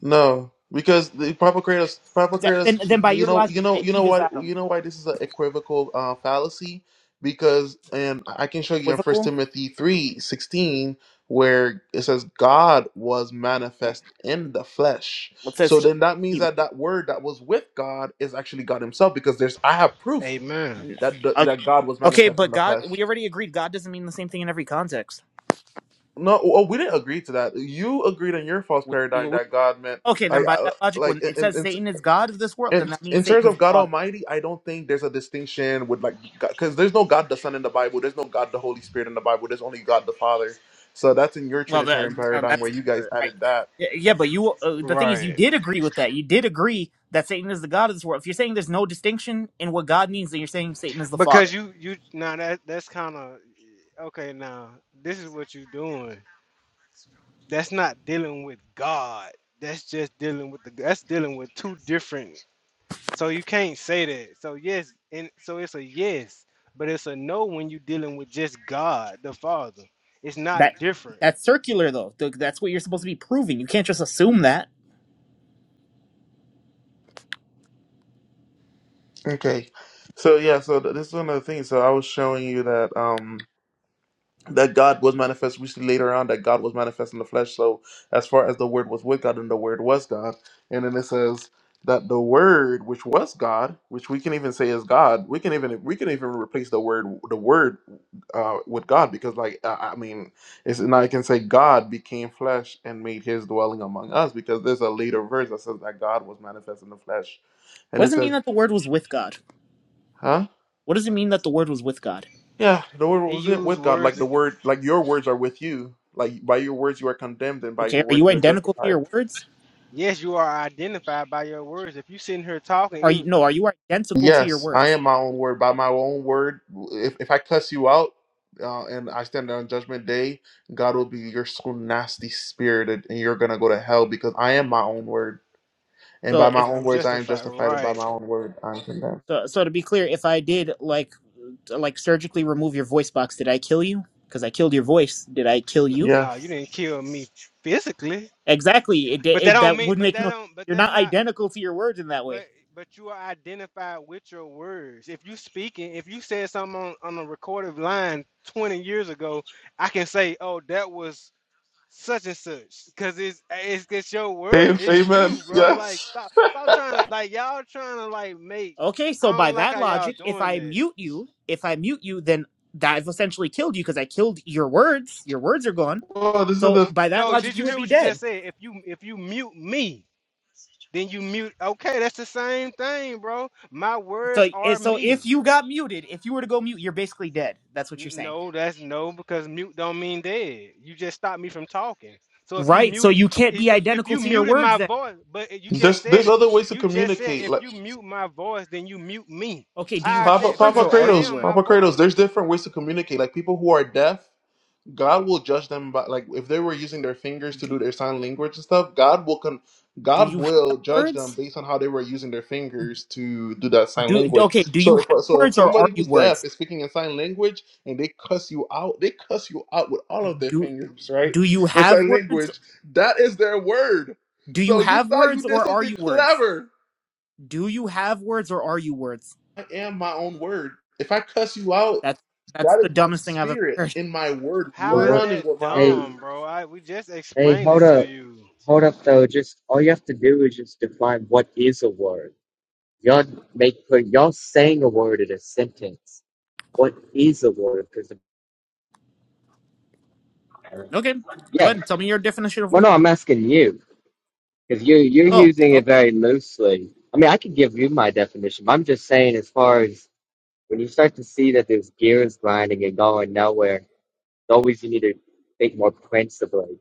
S1: No, because the Papakritos,
S3: That,
S1: Papakritos,
S3: then, then by
S1: you
S3: your
S1: know,
S3: logic,
S1: you know, you know
S3: Eve is
S1: what,
S3: Adam.
S1: you know why this is an equivocal uh, fallacy, because, and I can show you in First
S3: Equivocal.
S1: Timothy three sixteen where it says God was
S3: Hmm.
S1: manifest in the flesh.
S3: Well, it says
S1: So then that means
S3: he.
S1: that that word that was with God is actually God Himself, because there's I have proof
S2: Amen.
S1: that the,
S3: Okay,
S1: that God was
S3: okay,
S1: manifest
S3: but
S1: in the
S3: God,
S1: flesh.
S3: we already agreed. God doesn't mean the same thing in every context.
S1: No, oh, oh, we didn't agree to that. You agreed in your false
S3: We,
S1: paradigm
S3: we,
S1: that God meant
S3: okay, then
S1: like,
S3: by
S1: uh,
S3: that logic,
S1: like
S3: when it
S1: in,
S3: says
S1: in
S3: Satan is God of this world,
S1: In,
S3: then that means
S1: in terms
S3: Satan is
S1: of
S3: the
S1: God
S3: father.
S1: Almighty, I don't think there's a distinction with like because there's no God the Son in the Bible, there's no God the Holy Spirit in the Bible, there's only God the Father. So that's in your
S3: Well, that,
S1: Trinitarian
S3: uh,
S1: paradigm where
S3: that's
S1: you
S3: uh,
S1: guys
S3: I,
S1: added that.
S3: yeah, yeah, but you. Uh, the thing is, you
S2: Right.
S3: did agree with that. You did agree that Satan is the God of this world. If you're saying there's no distinction in what God means, then you're saying Satan is the
S2: Because
S3: father.
S2: you you now that that's kind of okay. Now this is what you're doing. That's not dealing with God. That's just dealing with the. That's dealing with two different. So you can't say that. So yes, and so it's a yes, but it's a no when you're dealing with just God the Father. It's not
S3: That
S2: different.
S3: that's circular, though. Th- That's what you're supposed to be proving. You can't just assume that.
S1: Okay, so yeah, so th- this is one of the things. So I was showing you that. um that God was manifest. We see later on that God was manifest in the flesh. So as far as the Word was with God, and the Word was God, and then it says that the Word, which was God, which we can even say is God, we can even we can even replace the word the Word uh, with God because like I I mean, it's now I can say God became flesh and made His dwelling among us because there's a later verse that says that God was manifest in the flesh, and
S3: What
S1: it
S3: does it
S1: says,
S3: mean that the word was with God?
S1: huh?
S3: What does it mean that the word was with God?
S1: Yeah, the word
S2: He
S1: was it
S2: used
S1: with God,
S2: words.
S1: like the
S2: That,
S1: word, like your words are with you. Like by your words you are condemned, and by
S3: Okay,
S1: your
S3: are
S1: word
S3: you
S1: you are
S3: identical to
S1: justified.
S3: your words?
S2: yes, you are identified by your words. If you sitting here talking,
S3: Are you
S2: even
S3: no? Are you identical to your
S1: Yes, I
S3: words?
S1: am my own word. By my own word, if if I cuss you out, uh, and I stand on judgment day, God will be your so nasty spirited, and you're gonna go to hell because I am my own word, and
S3: So
S1: by my
S3: if
S1: own
S2: I'm
S1: words I am
S2: justified.
S1: justified, and by
S2: Right?
S1: my own word I am condemned.
S3: so, so to be clear, if I did like like surgically remove your voice box, did I kill you? Because I killed your voice. Did I kill you?
S1: Yeah.
S2: No, you didn't kill me physically,
S3: Exactly. It, di-
S2: but that
S3: it
S2: don't
S3: that
S2: mean.
S3: would
S2: But
S3: make
S2: that
S3: no.
S2: don't. But
S3: You're
S2: that's
S3: not
S2: not.
S3: identical to your words in that way.
S2: But but you are identified with your words. If you speaking, if you said something on, on a recorded line 20 years ago, I can say, oh, that was such and such, because it's, it's it's your
S1: Amen.
S2: word. It's
S1: Amen.
S2: you, bro. Like
S1: Yes.
S2: stop stop trying to like y'all trying to like make.
S3: Okay,
S2: I
S3: so by
S2: don't like
S3: that
S2: how y'all
S3: logic, if
S2: doing
S3: I
S2: that.
S3: mute you, if I mute you, then that I've essentially killed you because I killed your words. Your words are gone.
S1: Oh, this is
S3: So
S1: the
S3: by that
S2: No,
S3: logic,
S2: did
S3: you
S2: you
S3: would
S2: hear
S3: be
S2: what you just
S3: dead.
S2: said? If you if you mute me, then you mute. Okay, that's the same thing, bro. My
S3: So
S2: words
S3: eh,
S2: are
S3: so if
S2: me.
S3: you got muted, if you were to go mute, you're basically dead. That's what you're
S2: N-
S3: saying.
S2: No, that's no because mute don't mean dead. You just stopped me from talking. So if you
S3: Right. So
S2: muted,
S3: you can't be
S2: if if, if
S3: identical
S2: you
S3: to your
S2: muted
S3: words
S2: my
S3: then.
S2: voice, but you just
S1: there's
S2: said
S1: there's
S2: it.
S1: other ways to
S2: You just said
S1: communicate.
S2: if
S1: Like.
S2: you mute my voice, then you mute me.
S3: Okay, do you
S2: How
S3: have
S2: is
S1: Papa,
S2: that?
S3: words
S1: Papa
S2: Because
S3: or
S2: I
S3: are you
S1: Kratos,
S2: am
S3: words?
S2: my
S1: Papa
S2: voice.
S1: Kratos, there's different ways to communicate. Like people who are deaf, God will judge them by like if they were using their fingers to
S3: Do,
S1: do their sign language and stuff, God will con
S3: do
S1: God
S3: you have
S1: will judge them
S3: words?
S1: based on how they were using their fingers to do that sign
S3: Do
S1: language.
S3: okay, do you
S1: So if
S3: have
S1: so if
S3: words or
S1: somebody
S3: are you
S1: who's deaf
S3: words?
S1: is speaking in sign language and they cuss you out, they cuss you out with all of their
S3: Do
S1: fingers, right?
S3: do you
S1: In
S3: have
S1: sign
S3: words?
S1: language, that is their word.
S3: Do you
S1: So you
S3: have
S1: thought you
S3: words
S1: did
S3: or are
S1: something
S3: you words?
S1: clever.
S3: Do you have words or are you words?
S1: I am my own word. If I cuss you out,
S3: That's that's
S1: That is
S3: the
S1: my
S3: dumbest thing I've ever
S1: spirit
S3: heard. *laughs*
S1: in my word,
S4: Well,
S2: How is
S4: what?
S2: that
S1: running with my
S4: Hey,
S1: word.
S2: dumb, bro? I we just
S4: hey,
S2: explained
S4: hold
S2: it to
S4: up,
S2: you.
S4: hold up, though. Just all you have to do is just define what is a word. Y'all make put y'all saying a word in a sentence. What is a word? Because
S3: Okay, go
S4: yeah,
S3: ahead and tell me your definition of
S4: well,
S3: word.
S4: no, I'm asking you because you you're
S3: Oh,
S4: using it
S3: okay.
S4: very loosely. I mean, I could give you my definition. But I'm just saying, as far as when you start to see that there's gears grinding and going nowhere, it's always you need to think more principally.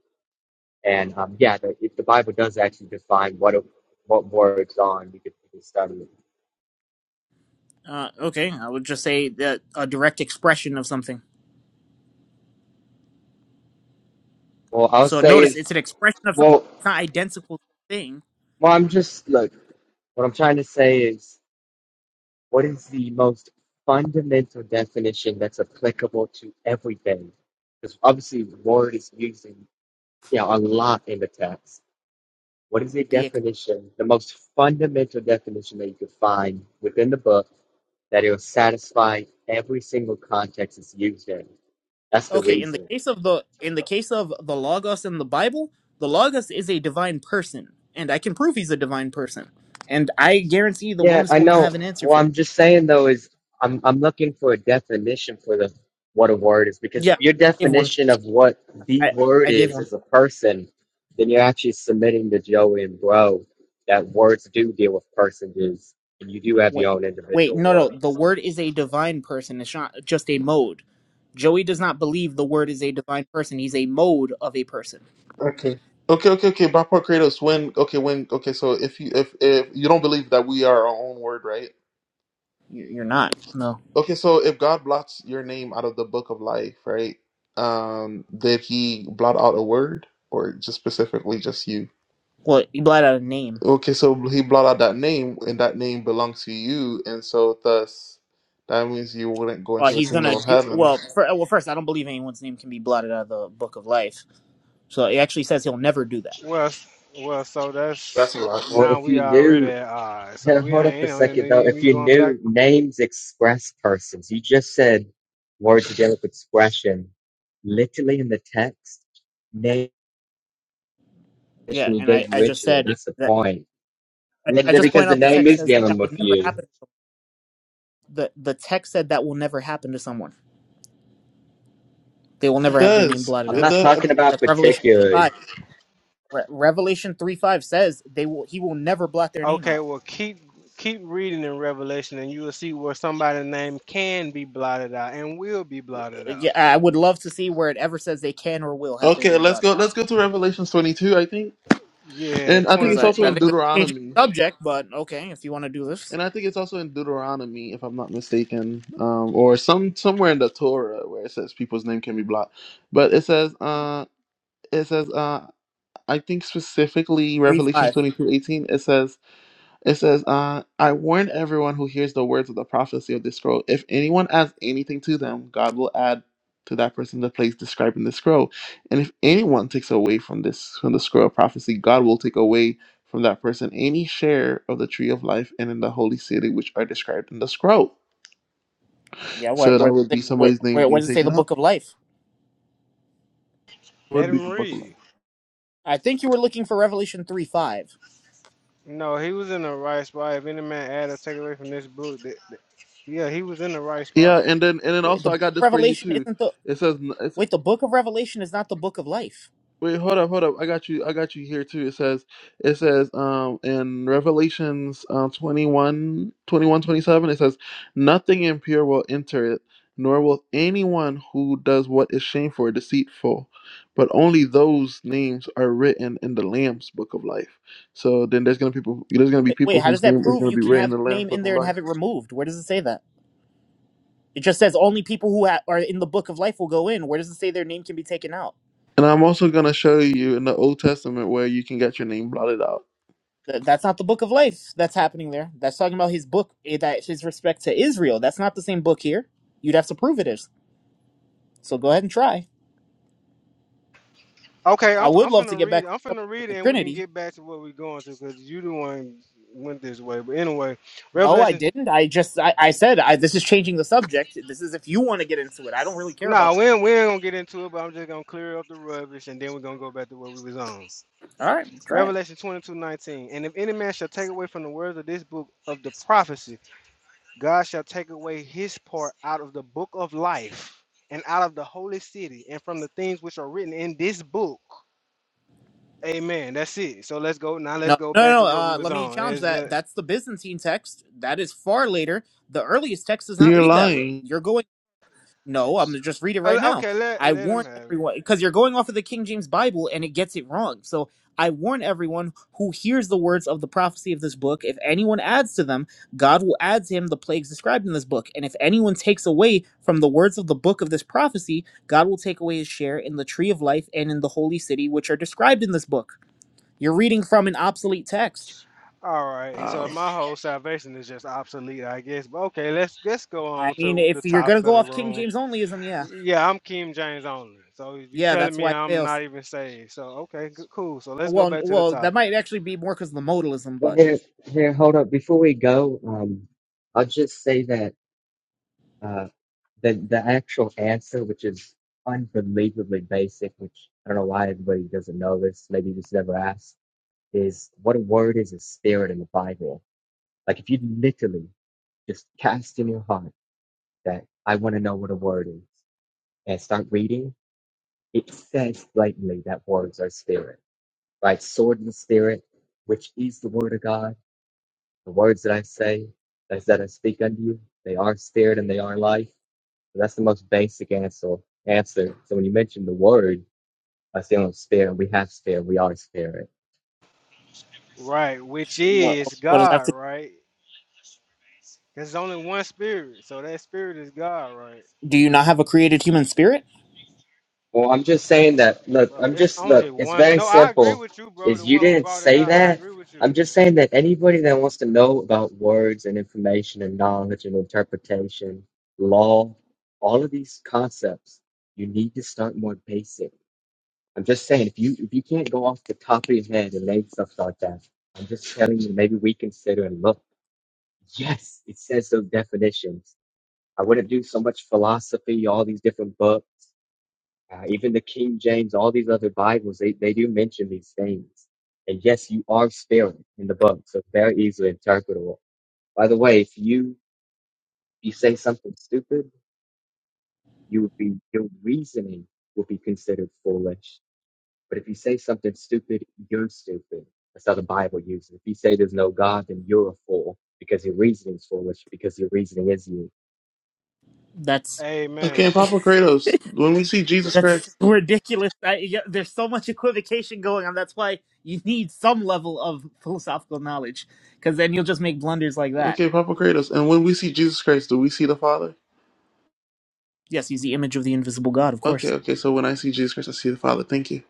S4: And um, yeah, the, if the Bible does actually define what a, what words are, and we could, we could study it.
S3: Uh, okay, I would just say that a direct expression of something.
S4: Well, I'll
S3: So
S4: say
S3: notice
S4: is
S3: it's an expression of something.
S4: well,
S3: It's not identical thing.
S4: well, I'm just look. What I'm trying to say is what is the most fundamental definition that's applicable to everything? Because obviously, word is using in, you know a lot in the text. What is the
S3: The
S4: definition, the most fundamental definition that you could find within the book that it will satisfy every single context it's used in? That's the
S3: Okay, in the
S4: reason.
S3: case of the in the case of the Logos in the Bible, the Logos is a divine person, and I can prove he's a divine person. And I guarantee the
S4: Yeah,
S3: oneness
S4: I
S3: will not
S4: know.
S3: have an answer
S4: Well,
S3: for that.
S4: I'm just saying though is I'm I'm looking for a definition for the what a word is because
S3: Yeah,
S4: if
S3: I
S4: your
S3: gave one.
S4: definition of what the
S3: I
S4: word
S3: I gave
S4: is
S3: one.
S4: is a person, then you're actually submitting to Joey and Bro that words do deal with personages and you do have
S3: Wait,
S4: your own
S3: wait,
S4: individual
S3: no, no. The
S4: words.
S3: word is a divine person. It's not just a mode. Joey does not believe the word is a divine person. He's a mode of a person.
S1: Okay. Okay, okay, okay. By part Kratos, when okay, when okay, so if you if if you don't believe that we are our own word, right?
S3: You- You're not. No.
S1: Okay, so if God blots your name out of the book of life, right? Um, did he blot out a word or just specifically just you?
S3: Well, he blotted out a name.
S1: Okay, so he blot out that name and that name belongs to you, and so thus that means you wouldn't go
S3: Well,
S1: into the
S3: he's
S1: kingdom
S3: gonna
S1: of
S3: do.
S1: heaven.
S3: Well, for, well, first, I don't believe anyone's name can be blotted out of the book of life. So it actually says he'll never do that.
S2: Well, s- well, so
S1: That's
S2: that's
S1: a lot.
S4: Well,
S2: now
S4: if
S2: we
S4: you
S2: already
S4: knew,
S2: at odds. So
S4: here,
S2: we
S4: hold
S2: ain't,
S4: up a
S2: you know, and
S4: second though.
S2: then
S4: If
S2: we
S4: you
S2: going back.
S4: knew names express persons, you just said words deal with expression. Literally in the text, name.
S3: Yeah,
S4: Mission you
S3: and I,
S4: gave
S3: I just
S4: Richard.
S3: said
S4: That's the
S3: that
S4: point.
S3: I,
S4: And
S3: I
S4: then
S3: just
S4: because
S3: point
S4: the
S3: out the
S4: name
S3: text
S4: is
S3: says that that
S4: dealing
S3: would
S4: with
S3: never
S4: you.
S3: happen. The the text said that will never happen to someone. They will
S1: It
S3: never have their name
S1: does.
S3: blotted
S4: I'm
S1: It
S3: out.
S4: not
S1: does.
S4: talking about
S3: That's Revelation five.
S4: particularly.
S3: Re- Revelation three five says they will. He will never blot their name
S2: Okay,
S3: out.
S2: well, keep keep reading in Revelation, and you will see where somebody's name can be blotted out and will be
S3: Uh,
S2: blotted out.
S3: Yeah, I I would love to see where it ever says they can or will have their
S1: Okay,
S3: name
S1: let's
S3: blotted
S1: go.
S3: out.
S1: Let's go to Revelations 22, I think,
S2: Yeah,
S1: and I think
S2: twenty
S3: Because
S1: it's
S3: I,
S2: two
S1: also
S3: I
S2: twenty.
S1: in
S3: think that's changing
S1: Deuteronomy,
S3: the subject. But okay, if you want to do this
S1: and I think it's also in Deuteronomy, if I'm not mistaken, um, or some somewhere in the Torah where it says people's name can be blocked, but it says, uh, it says, uh, I think specifically
S3: three
S1: Revelations
S3: five.
S1: 22:18. It says. It says, uh, I warn everyone who hears the words of the prophecy of this scroll. If anyone adds anything to them, God will add to that person the place described in the scroll. And if anyone takes away from this from the scroll of prophecy, God will take away from that person any share of the tree of life and in the holy city which are described in the scroll.
S3: Yeah, where
S1: So
S3: where
S1: that would be
S3: where
S1: somebody's name
S3: where where
S1: being
S3: does it say the
S1: taken out.
S3: book of life?
S2: Let
S1: Would be
S2: him
S1: the book of life.
S2: read.
S3: I think you were looking for Revelation 3 5.
S2: No, he was in the right spot. If any man add or take away from this book, that, that- yeah, he was in the right spot.
S1: Yeah, and then and then
S3: Wait, the
S1: also I
S3: book
S1: got
S3: of
S1: this for you
S3: Revelation
S1: too.
S3: isn't the
S1: It says
S3: wait. The book of Revelation is not the book of life.
S1: Wait, hold up, hold up. I got you. I got you here too. It says, it says, um, in Revelations, um, 21, 21, 27. it says, nothing impure will enter it, nor will anyone who does what is shameful or deceitful, but only those names are written in the Lamb's book of life. So then there's gonna people, there's gonna be
S3: Wait, wait,
S1: people
S3: how does
S1: whose
S3: that
S1: name is
S3: prove
S1: gonna
S3: you
S1: be
S3: can
S1: written in
S3: have
S1: the
S3: your
S1: Lamb's
S3: name in
S1: book of
S3: there and
S1: life.
S3: have it removed? Where does it say that? It just says only people who ha- are in the book of life will go in. Where does it say their name can be taken out?
S1: And I'm also gonna show you in the Old Testament where you can get your name blotted out.
S3: Th- that's not the book of life that's happening there. That's talking about his book, eh, that his respect to Israel. That's not the same book here. You'd have to prove it is. So go ahead and try.
S2: Okay,
S3: I
S2: I'm,
S3: would
S2: I'm
S3: love to
S2: finna
S3: get back
S2: read.
S3: to
S2: I'm
S3: the
S2: finna
S3: subject of
S2: read
S3: the
S2: it, and we can
S3: Trinity.
S2: get back to what we're going to, because you the one went this way. But anyway,
S3: No, I
S2: Revelation
S3: didn't. I just I, I said I, this is changing the subject. This is if you want to get into it. I don't really care about.
S2: Nah,
S3: that.
S2: we ain't, we ain't gonna get into it, but I'm just gonna clear up the rubbish and then we're gonna go back to what we was on.
S3: All right, try it.
S2: Revelation 22:19. And if any man shall take away from the words of this book of the prophecy, God shall take away his part out of the book of life and out of the holy city and from the things which are written in this book. Amen. That's it. So let's go now. Let's
S3: No,
S2: go
S3: no,
S2: back
S3: no.
S2: to what we
S3: Uh,
S2: was
S3: let me
S2: on.
S3: challenge
S2: Is
S3: that.
S2: that
S3: That's the Byzantine text. That is far later. The earliest text does not
S1: You're
S3: read that way.
S1: lying.
S3: You're going. No, I'm gonna just read it
S2: uh,
S3: right now.
S2: okay? Let
S3: I
S2: let him
S3: warn
S2: have it.
S3: everyone because you're going off of the King James Bible and it gets it wrong. So I warn everyone who hears the words of the prophecy of this book. If anyone adds to them, God will add to him the plagues described in this book. And if anyone takes away from the words of the book of this prophecy, God will take away his share in the tree of life and in the holy city, which are described in this book. You're reading from an obsolete text.
S2: All right. So
S1: Wow.
S2: my whole salvation is just obsolete, I guess. But okay, let's let's go
S3: I
S2: on
S3: mean,
S2: to the
S3: if you're gonna
S2: topic
S3: go
S2: of the
S3: off King
S2: room.
S3: James onlyism, yeah,
S2: Yeah, I'm Kim James only. So you
S3: yeah,
S2: telling
S3: that's
S2: me
S3: why it
S2: I'm
S3: fails.
S2: not even saved. So okay, good, cool. So let's go
S3: Well, n-
S2: back to the
S3: well, that
S2: topic.
S3: might actually be more because of the modalism,
S4: Well,
S3: but you
S4: here,
S3: know,
S4: here, hold up. Before we go, um, I'll just say that uh, the the actual answer, which is unbelievably basic, which I don't know why everybody doesn't know this. Maybe you just never asked. Is what a word is a spirit in the Bible. Like if you literally just cast in your heart that I want to know what a word is and start reading It says blatantly that words are spirit, right? Sword in the spirit, which is the word of God. The words that I say, that that I speak unto you, they are spirit and they are life. So that's the most basic answer. Answer. So when you mention the word, I say, "Oh, spirit. We have spirit. We are spirit."
S2: Right, which
S3: tr- what okay,
S2: is
S3: what does that have
S2: God,
S3: to
S2: right? There's only one spirit. So that spirit is God, right?
S3: do? Do you not have a created human spirit?
S4: Well, I'm just saying that. Look,
S2: Bro,
S4: I'm
S2: it's
S4: just
S2: only
S4: look. It's
S2: one.
S4: very
S2: No, I agree
S4: simple.
S2: with you, bro.
S4: Is
S2: The
S4: you
S2: one who
S4: didn't
S2: brought it
S4: say
S2: out, I
S4: that.
S2: agree with you.
S4: I'm just saying that anybody that wants to know about words and information and knowledge and interpretation, law, all of these concepts, you need to start more basic. I'm just saying if you if you can't go off the top of your head and name stuff like that, I'm just telling you maybe reconsider and look. Yes, it says those definitions. I wouldn't do so much philosophy, all these different books. Uh, even the King James, all these other Bibles, they, they do mention these things. And yes, you are sparing in the book, so it's very easily interpretable. By the way, if you you say something stupid, you would be your reasoning will be considered foolish. But if you say something stupid, you're stupid. That's how the Bible uses it. If you say there's no God, then you're a fool because your reasoning's foolish because your reasoning is you.
S3: That's
S1: Okay,
S2: Amen.
S1: Papa Kratos, when we see
S3: *laughs*
S1: Jesus
S3: that's
S1: Christ,
S3: ridiculous. I, yeah, there's so much equivocation going on. That's why you need some level of *laughs* philosophical knowledge, because then you'll just make blunders like that.
S1: okay, Papa Kratos, and when we see Jesus Christ, do we see the Father?
S3: Yes, he's the image of the invisible God, of course.
S1: Okay, okay, so when I see Jesus Christ, I see the Father. Thank you.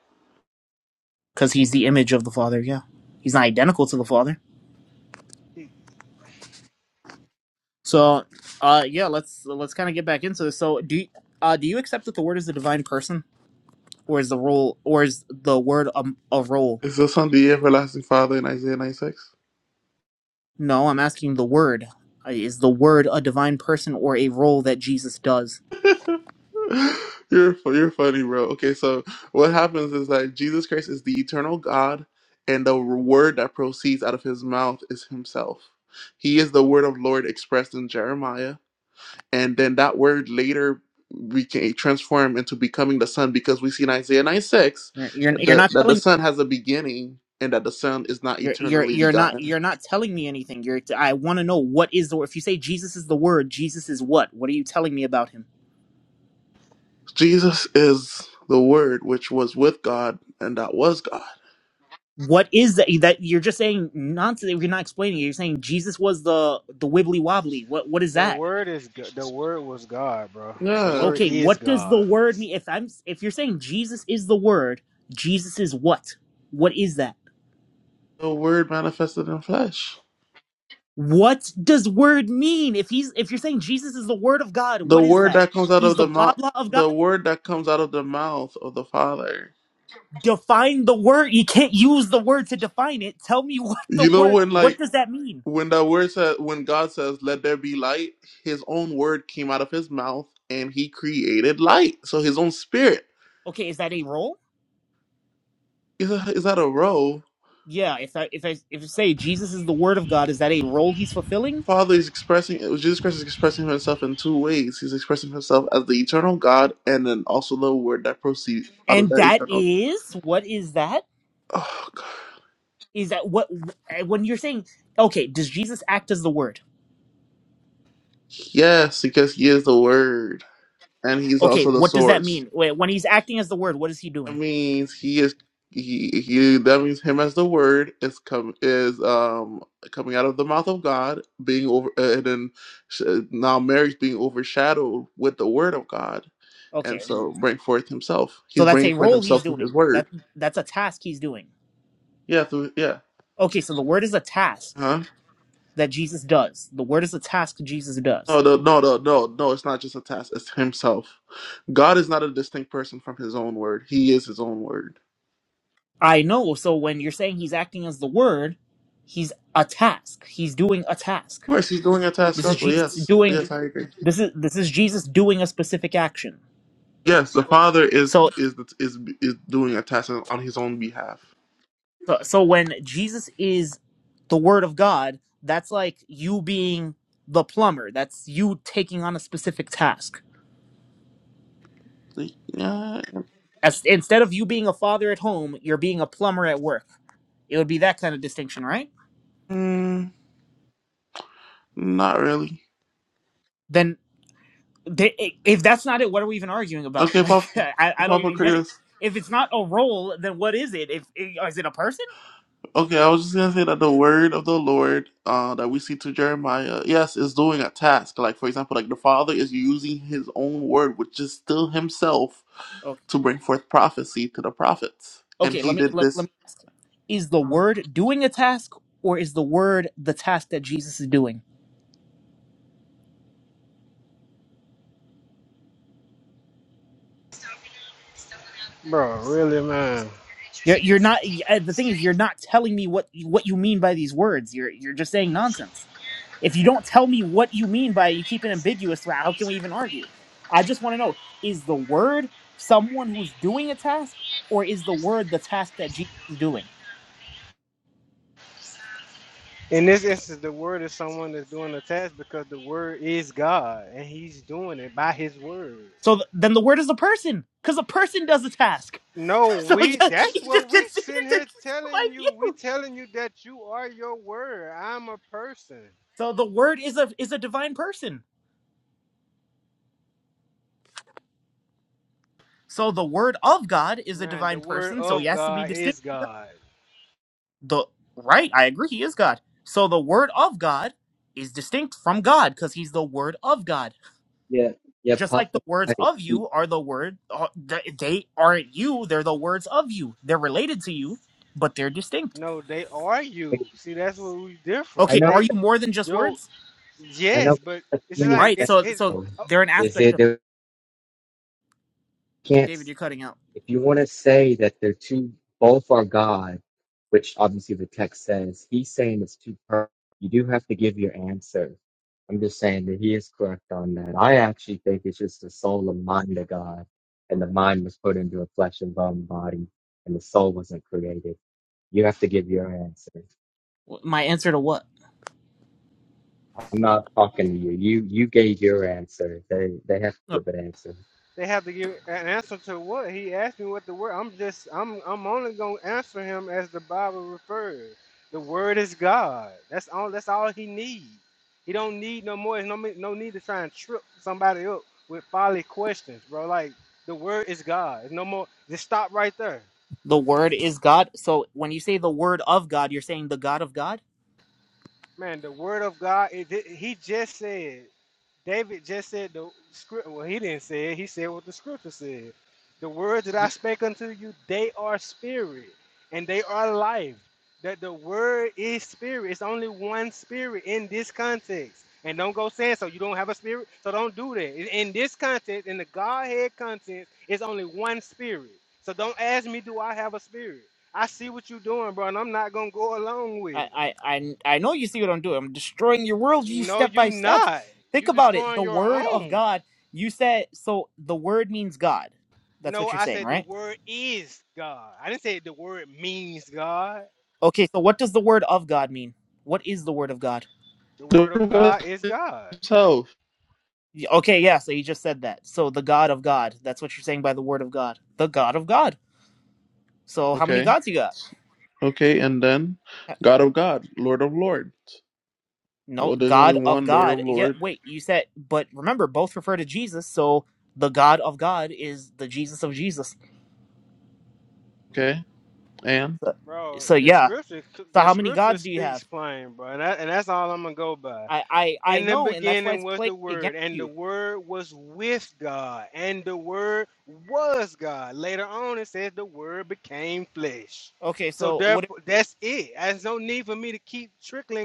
S3: because he's the image of the Father. Yeah, he's not identical to the Father. So, uh, yeah, let's let's kind of get back into this. So, do you, uh, do you accept that the Word is a divine person, or is the role, or is the Word a, a role?
S1: Is the Son the everlasting Father in Isaiah 96?
S3: No, I'm asking the Word. Uh, Is the Word a divine person or a role that Jesus does?
S1: *laughs* You're, fu- you're funny, bro. Okay, so what happens is that Jesus Christ is the eternal God, and the word that proceeds out of his mouth is himself. He is the word of Lord expressed in Jeremiah and then that word later became transformed into becoming the son because we see in Isaiah 9 6
S3: You're you're,
S1: that
S3: you're
S1: the,
S3: not
S1: that the
S3: telling.
S1: son has a beginning and that the son is not
S3: You're, you're
S1: eternally
S3: you're not
S1: begotten.
S3: you're not telling me anything. You're I want to know what is the if you say Jesus is the word, Jesus is what? What are you telling me about him?
S1: Jesus is the word which was with God and that was God.
S3: what is that that you're just saying nonsense you're not explaining it you're saying jesus was the the wibbly wobbly what what is
S2: The
S3: that
S2: word is Go- the word was God, bro. The
S1: Yeah.
S2: word
S3: okay
S2: is
S3: what does the
S2: God.
S3: word mean if i'm if you're saying jesus is the word jesus is what what is that
S1: The word manifested in flesh.
S3: what does word mean if he's if you're saying jesus is the word of god
S1: The
S3: what is
S1: word
S3: that
S1: that comes out
S3: he's
S1: of
S3: the
S1: the
S3: blah
S1: mouth
S3: blah of god
S1: the word that comes out of the mouth of the Father.
S3: define the word you can't use the word to define it tell me *laughs* what the
S1: You know
S3: word
S1: when like
S3: what does that mean
S1: when the word says when god says let there be light his own word came out of his mouth and he created light so his own spirit
S3: okay is that a role
S1: is that, is that a row
S3: yeah, if I if I if I say Jesus is the word of God, is that a role he's fulfilling?
S1: father is expressing jesus christ is expressing himself in two ways he's expressing himself as the eternal god and then also the word that proceeds out of
S3: And
S1: that
S3: that
S1: eternal
S3: is what is that?
S1: oh god
S3: Is that what when you're saying okay, does Jesus act as the word?
S1: yes because he is the word and he's
S3: Okay,
S1: also the
S3: what does that
S1: source
S3: mean? Wait, When he's acting as the word, what is he
S1: That
S3: doing?
S1: means he is he he that means him as the word is come is um coming out of the mouth of God, being over uh, and then sh- uh, now Mary's being overshadowed with the word of God,
S3: Okay,
S1: and
S3: and
S1: so bring forth himself.
S3: so
S1: He's
S3: that's a
S1: bringing forth
S3: role he's
S1: himself through his
S3: doing.
S1: word.
S3: That that's a task he's doing.
S1: Yeah, through yeah.
S3: Okay, so the word is a task
S1: Huh?
S3: that Jesus does. The word is a task Jesus does.
S1: No, no, no, no, no, no. It's not just a task. It's himself. God is not a distinct person from his own word. He is his own word.
S3: I know. So when you're saying he's acting as the word, he's a task. He's doing a task.
S1: Of course, he's doing a task
S3: This is
S1: also.
S3: Jesus
S1: Yes,
S3: doing.
S1: yes, I agree.
S3: This is this is Jesus doing a specific action.
S1: Yes, the Father is
S3: So
S1: is is is doing a task on his own behalf.
S3: so, so when Jesus is the word of God, that's like you being the plumber. That's you taking on a specific task.
S1: Like, Yeah,
S3: As instead of you being a father at home, you're being a plumber at work. It would be that kind of distinction, right?
S1: mm, not really.
S3: Then they, if that's not it, what are we even arguing about?
S1: Okay,
S3: Like,
S1: Papa,
S3: *laughs* I, I don't
S1: Papa
S3: even get it.
S1: Curtis.
S3: If it's not a role, then what is it? If is it a person?
S1: Okay, I was just gonna say that the word of the Lord uh, that we see to Jeremiah, yes, is doing a task. Like for example, like the Father is using His own word, which is still Himself,
S3: Okay,
S1: to bring forth prophecy to the prophets, and
S3: okay. Let
S1: He
S3: me
S1: did
S3: let, let
S1: this.
S3: me ask: Is the
S1: uh
S3: word doing a task, or is the word the task that Jesus is doing?
S2: Bro, really, man.
S3: You're, you're not. y- uh, The thing is, you're not telling me what you- what you mean by these words. You're you're just saying nonsense. If you don't tell me what you mean by it, you keep it ambiguous, well, how can we even argue? I just want to know is the word someone who's doing a task, or is the word the task that Jesus is doing?
S2: In this instance, the word is someone that's doing the task because the word is God and he's doing it by his word.
S3: So th- then the word is a person, because a person does a task.
S2: No,
S3: *laughs* so
S2: we
S3: yeah, he
S2: that's what
S3: just
S2: we
S3: conceded
S2: sitting
S3: to
S2: here
S3: *laughs* my
S2: telling you. We
S3: view.
S2: telling you that you are your word. I'm a person.
S3: So the word is a is a divine person. So the word of God is a
S2: Man, the
S3: divine
S2: word
S3: person, so he
S2: of
S3: has to be
S2: God
S3: distinct.
S2: is
S3: from God.
S2: God.
S3: The right, I agree, he is God. So the word of God is distinct from God because he's the word of God.
S4: Yeah, yeah,
S3: just like the
S4: Papa.
S3: words
S4: I,
S3: of you are the word uh, th- they aren't you they're the words of you they're related to you but they're distinct
S2: No, they are you. See, that's what we
S4: I
S2: differ.
S3: okay
S4: know,
S3: are
S2: They
S3: you more than just
S2: yo
S3: words
S4: I know.
S2: yes, but it's
S4: Please,
S2: like
S3: right
S4: thank
S2: it's
S3: so
S2: it
S3: so
S4: you.
S3: they're an
S4: Is
S3: aspect of
S4: it? can't
S3: david you're cutting out
S4: if you want to say that they're two both are god which obviously the text says he's saying it's two per you do have to give your answer i'm just saying that he is correct on that i actually think it's just the soul and mind of god and the mind was put into a flesh and bone body and the soul wasn't created you have to give your answer
S3: Wh- my answer to what
S4: i'm not talking to you you you gave your answer they they have to
S3: Uh,
S4: give an answer
S2: They have to give an answer to what he asked me what the word. I'm just I'm I'm only gonna answer him as the Bible refers. The word is God. That's all. That's all he needs. He don't need no more. There's no me- no need to try and trip somebody up with folly questions, bro. Like the word is God. There's no more. Just stop right there,
S3: the word is god so when you say the word of god you're saying the god of god
S2: man. The word of God. It, it- he just said. David just said the script. Well, he didn't say it. He said what the scripture said. The words that I
S3: You-
S2: spake unto you, they are spirit and they are life. That the word is spirit. It's only one spirit in this context. And don't go saying so you don't have a spirit. So don't do that. In this context, in the Godhead context, it's only one spirit. So don't ask me, do I have a spirit? I see what you're doing, bro, and I'm not gonna go along
S3: i
S2: with it.
S3: i i, I know you see what i'm doing i'm destroying your world you
S2: No,
S3: step by
S2: you
S3: step
S2: not.
S3: think
S2: You
S3: about it the
S2: destroying your
S3: word of
S2: own.
S3: god you said so the word means god that's
S2: No,
S3: what you're
S2: I
S3: saying
S2: said the
S3: right
S2: word is God. I didn't say the word means God.
S3: Okay, so what does the word of God mean? What is the word of God?
S2: The
S1: The
S2: word
S1: word
S2: of
S1: of God
S2: God is God,
S1: himself.
S3: Y- Okay, yeah, so you just said that. So the God of God. That's what you're saying by the word of God. The God of God. So how many
S1: Okay.
S3: gods you got?
S1: Okay, and then
S3: Uh,
S1: God of God, Lord of Lords.
S3: No,
S1: Well, there's only
S3: God of
S1: one Lord
S3: God.
S1: of
S3: Yeah,
S1: Lords.
S3: wait, you said, but remember, both refer to Jesus. So the God of God is the Jesus of Jesus.
S1: Okay, and
S3: So,
S2: bro.
S3: so
S2: The
S3: yeah.
S2: scripture,
S3: So
S2: the
S3: how many
S2: scripture
S3: gods do you
S2: speaks
S3: have?
S2: plain, bro, and, that, and that's all I'm gonna go by.
S3: I, I I
S2: In the
S3: know, and that's why
S2: beginning
S3: it's
S2: was
S3: playing
S2: the word,
S3: against
S2: and the
S3: you.
S2: word was with God, and the word was God. Later on, it says the word became flesh.
S3: Okay,
S2: So
S3: so what?
S2: therefore, that's it. There's no need for me to keep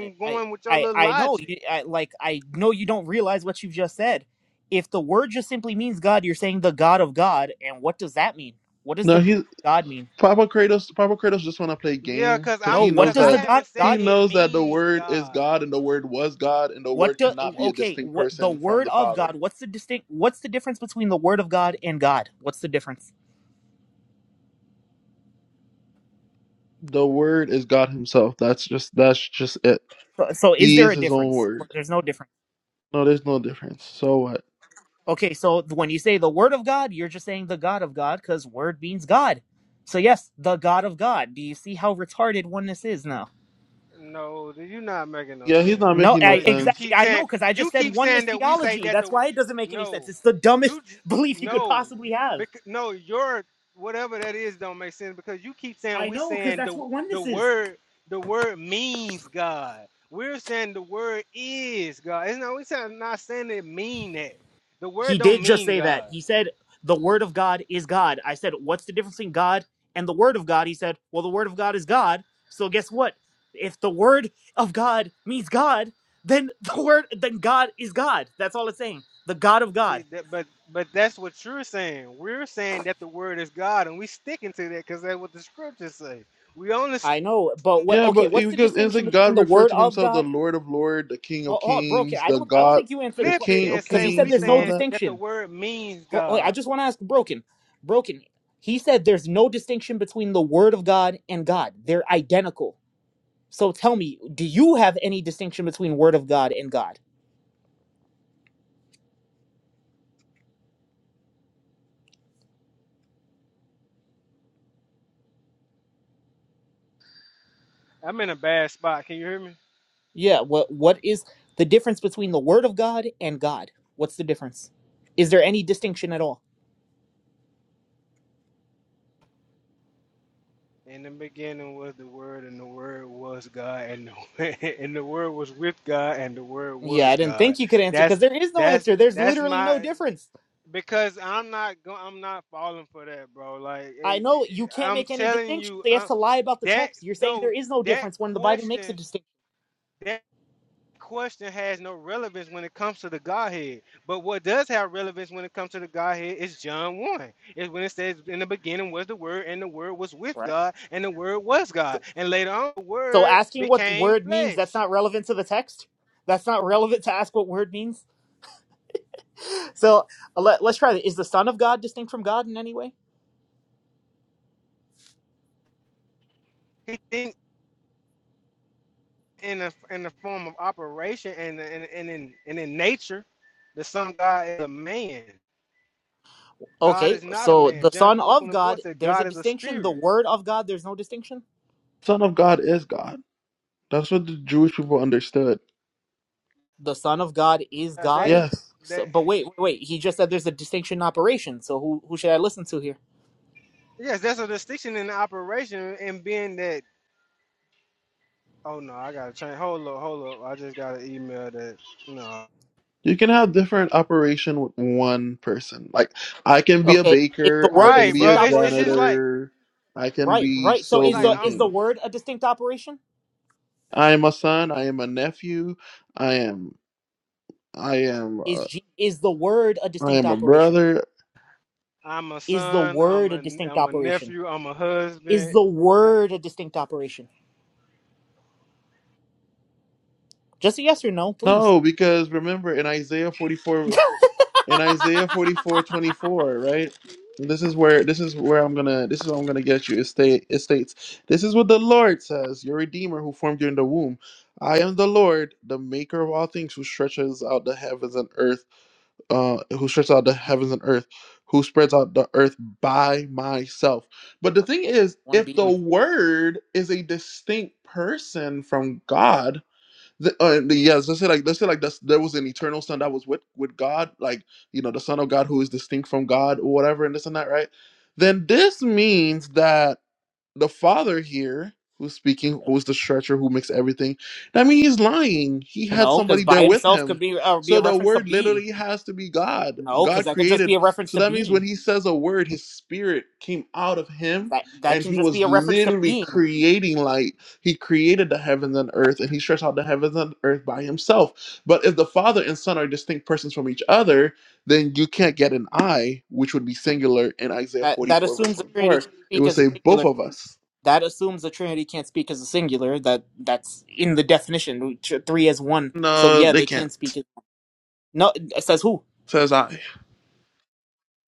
S3: I I
S2: going with your
S3: I
S2: little
S3: I know you
S2: logic.
S3: I, like I know you don't realize what you've just said. If the word just simply means God, you're saying the God of God, and what does that mean? What does the
S1: no,
S3: God
S1: he's
S3: of God mean?
S1: Papa Kratos. Papa Kratos just want to play
S2: Yeah,
S1: game
S2: cause
S1: because
S3: No,
S1: he
S2: I'm,
S3: what
S1: knows
S2: cause
S3: does
S2: I
S3: the
S1: that
S3: God
S2: haven't
S3: of
S2: said
S1: he
S3: God mean?
S2: it
S1: knows that the
S2: means
S1: Word is
S2: God.
S1: God and the Word was God and the
S3: What
S1: Word
S3: do
S1: cannot be a
S3: okay,
S1: distinct
S3: what the
S1: person from
S3: word
S1: the
S3: of
S1: Father.
S3: God, what's the distinct what's the difference between the word of God and God? What's the difference?
S1: The Word is God Himself. That's just that's just it.
S3: So, so is
S1: He
S3: there
S1: is
S3: a
S1: His own
S3: difference or
S1: Word.
S3: there's no difference?
S1: No, there's no difference. So what?
S3: Okay, so when you say the word of God, you're just saying the God of God cuz word means God. So yes, the God of God. Do you see how retarded oneness is now?
S2: No, you're not making no
S1: Yeah, he's
S2: sense,
S1: not
S2: bro.
S3: No,
S1: making no
S3: I
S2: Because you
S1: sense.
S3: exactly.
S2: keep
S3: I
S2: saying
S3: know because I
S2: you
S3: just said
S2: keep
S3: oneness
S2: saying that we say
S3: theology.
S2: that
S3: That's
S2: the
S3: why it doesn't make any sense.
S2: no,
S3: It's the
S2: you
S3: dumbest
S2: j-
S3: *laughs* belief you could
S2: no,
S3: possibly
S2: you,
S3: have.
S2: bec- no, your whatever that is don't make sense because you keep saying
S3: I
S2: we
S3: know because
S2: saying
S3: that's
S2: the
S3: what
S2: the
S3: oneness is.
S2: word the word means God. We're saying the word is God. It's not we saying not saying it mean that. The
S3: He
S2: word don't
S3: did just
S2: mean
S3: say that.
S2: God.
S3: He said the word of God is God. I said, what's the difference between God and the word of God? He said, well, the word of God is God. So guess what? If the word of God means God, then *laughs* the word then God is God. That's all it's saying. The God of
S2: See
S3: God.
S2: that, but but that's what you're saying. We're saying that the word is God, and we sticking to that because that's what the scriptures say. We only
S3: I know, but what?
S1: Yeah,
S3: Okay,
S1: but it-
S3: what's the
S1: because it's
S3: distinction
S1: like
S3: between
S1: God
S3: the
S1: referred
S3: word
S1: to
S3: of
S1: himself
S3: God?
S1: the Lord of Lord, the King of
S3: Hold, hold, broken.
S1: Kings,
S3: I
S1: the
S3: don't. I don't
S1: God,
S3: think you answered the
S1: the
S2: flip it
S1: King
S3: question
S2: and
S1: of
S3: because
S2: say
S3: he said
S2: we
S1: Kings,
S3: there's
S1: and
S3: no
S1: all
S2: saying
S1: that?
S2: that the
S3: distinction.
S2: word means
S3: Hold, wait, I
S2: God.
S3: just want to ask broken. Broken. He said there's no distinction between the word of God and God. They're identical. So tell me, do you have any distinction between word of God and God?
S2: I'm in a bad spot. Can you hear me?
S3: Yeah. What What is the difference between the word of God and God? What's the difference? Is there any distinction at all?
S2: In the beginning was the word, and the word was God, and the, *laughs* and the word was with God, and the word
S3: Yeah, I
S2: was
S3: didn't
S2: God.
S3: think you could answer because
S2: That's
S3: there is no
S2: that's
S3: answer. There's
S2: that's
S3: literally no
S2: my
S3: difference.
S2: because I'm not go, I'm not falling for that, bro. Like
S3: I
S2: it,
S3: know you can't
S2: I'm
S3: make any
S2: telling
S3: distinctions.
S2: you,
S3: They
S2: uh,
S3: have to lie about the
S2: That
S3: text. You're saying there
S2: no,
S3: is no
S2: that
S3: difference when the Bible makes a
S2: question,
S3: distinction,
S2: that question has no relevance when it comes to the Godhead. But what does have relevance when it comes to the Godhead is John 1. It's when it says, In the beginning was the word, and the word was with
S3: right?
S2: God, and the word was God. And later on, the
S3: So
S2: word
S3: asking what
S2: became
S3: word means, that's
S2: flesh.
S3: not relevant to the text. That's not relevant to ask what word means. So let, let's try that. Is the Son of God distinct from God in any way?
S2: He think in the in the form of operation and and, and in and in nature, the Son of God is a man. God
S3: Okay,
S2: is not a
S3: so
S2: man.
S3: the
S2: John
S3: Son
S2: 4
S3: of
S2: 24
S3: God,
S2: says,
S3: there's a
S2: God is a
S3: distinction. The
S2: spirit.
S3: Word of God, there's no distinction.
S1: Son of God is God. That's what the Jewish people understood.
S3: The Son of God is
S2: Uh, That
S3: God.
S1: Yes,
S3: So,
S2: that
S3: but wait, wait, wait. He just said there's a distinction in operation. So who who should I listen to here?
S2: Yes, there's a distinction in the operation and being that. Oh no, I gotta change. Hold up, hold up. I just got an email that no.
S1: you can have different operation with one person. Like I can be a
S3: Okay, is the
S1: baker, I
S3: Word a
S1: can
S2: Right,
S1: be
S3: distinct
S1: a
S2: bro. It's it's
S3: operation
S2: just like
S1: janitor, I can
S3: Right,
S1: be
S3: right. So
S1: so
S2: it's
S3: is
S2: like
S3: the
S1: many
S2: I'm
S3: is the
S1: things.
S3: word a distinct operation?
S1: I am a son. I am a nephew. I am. I am.
S3: Is
S1: uh,
S3: G, is the word a
S1: I
S3: distinct
S1: am a
S3: operation?
S1: brother.
S2: I'm a
S3: Is the
S2: son. I'm
S3: word a
S2: a
S3: distinct
S2: I'm a
S3: operation?
S2: nephew. I'm a
S3: Is
S2: husband.
S3: the word a distinct operation? Just a yes or no, please.
S1: No, because remember in Isaiah 44.
S3: *laughs*
S1: in Isaiah 44 24, right? This is where this is where I'm gonna this is what I'm gonna get you. It state it states, This is what the Lord says, your redeemer who formed you in the womb. I am the Lord, the maker of all things, who stretches out the heavens and earth, uh who stretches out the heavens and earth, who spreads out the earth by myself. But the thing is,
S3: One
S1: if the
S3: being.
S1: word is a distinct person from God, the, uh, the, yes, let's say like let's say like that's, there was an eternal son that was with with God, like you know the Son of God who is distinct from God or whatever, and this and that, right? Then this means that the father here who's speaking who's the stretcher who makes everything i mean he's lying he had
S3: No, because
S1: somebody there
S3: by
S1: with
S3: himself could
S1: him
S3: be uh, be a
S1: so the
S3: reference to
S1: word
S3: being.
S1: literally has to be god
S3: No, because
S1: god
S3: that could just be
S1: created
S3: a reference
S1: so
S3: to
S1: that means when
S3: being.
S1: he says a word his spirit came out of him
S3: That that
S1: and
S3: can
S1: he
S3: just be
S1: was
S3: a reference to
S1: literally
S3: being.
S1: creating light he created the heavens and earth and he stretched out the heavens and earth by himself but if the father and son are distinct persons from each other then you can't get an i which would be singular in isaiah
S3: That that
S1: 44 verse
S3: assumes the Trinity
S1: 24
S3: can
S1: it
S3: speak
S1: would
S3: as
S1: say
S3: singular.
S1: both of us.
S3: that assumes the Trinity can't speak as a singular. That that's in the definition, three as one. So
S1: No,
S3: yeah,
S1: they
S3: they can
S1: can't.
S3: speak as no. It says who?
S1: Says I.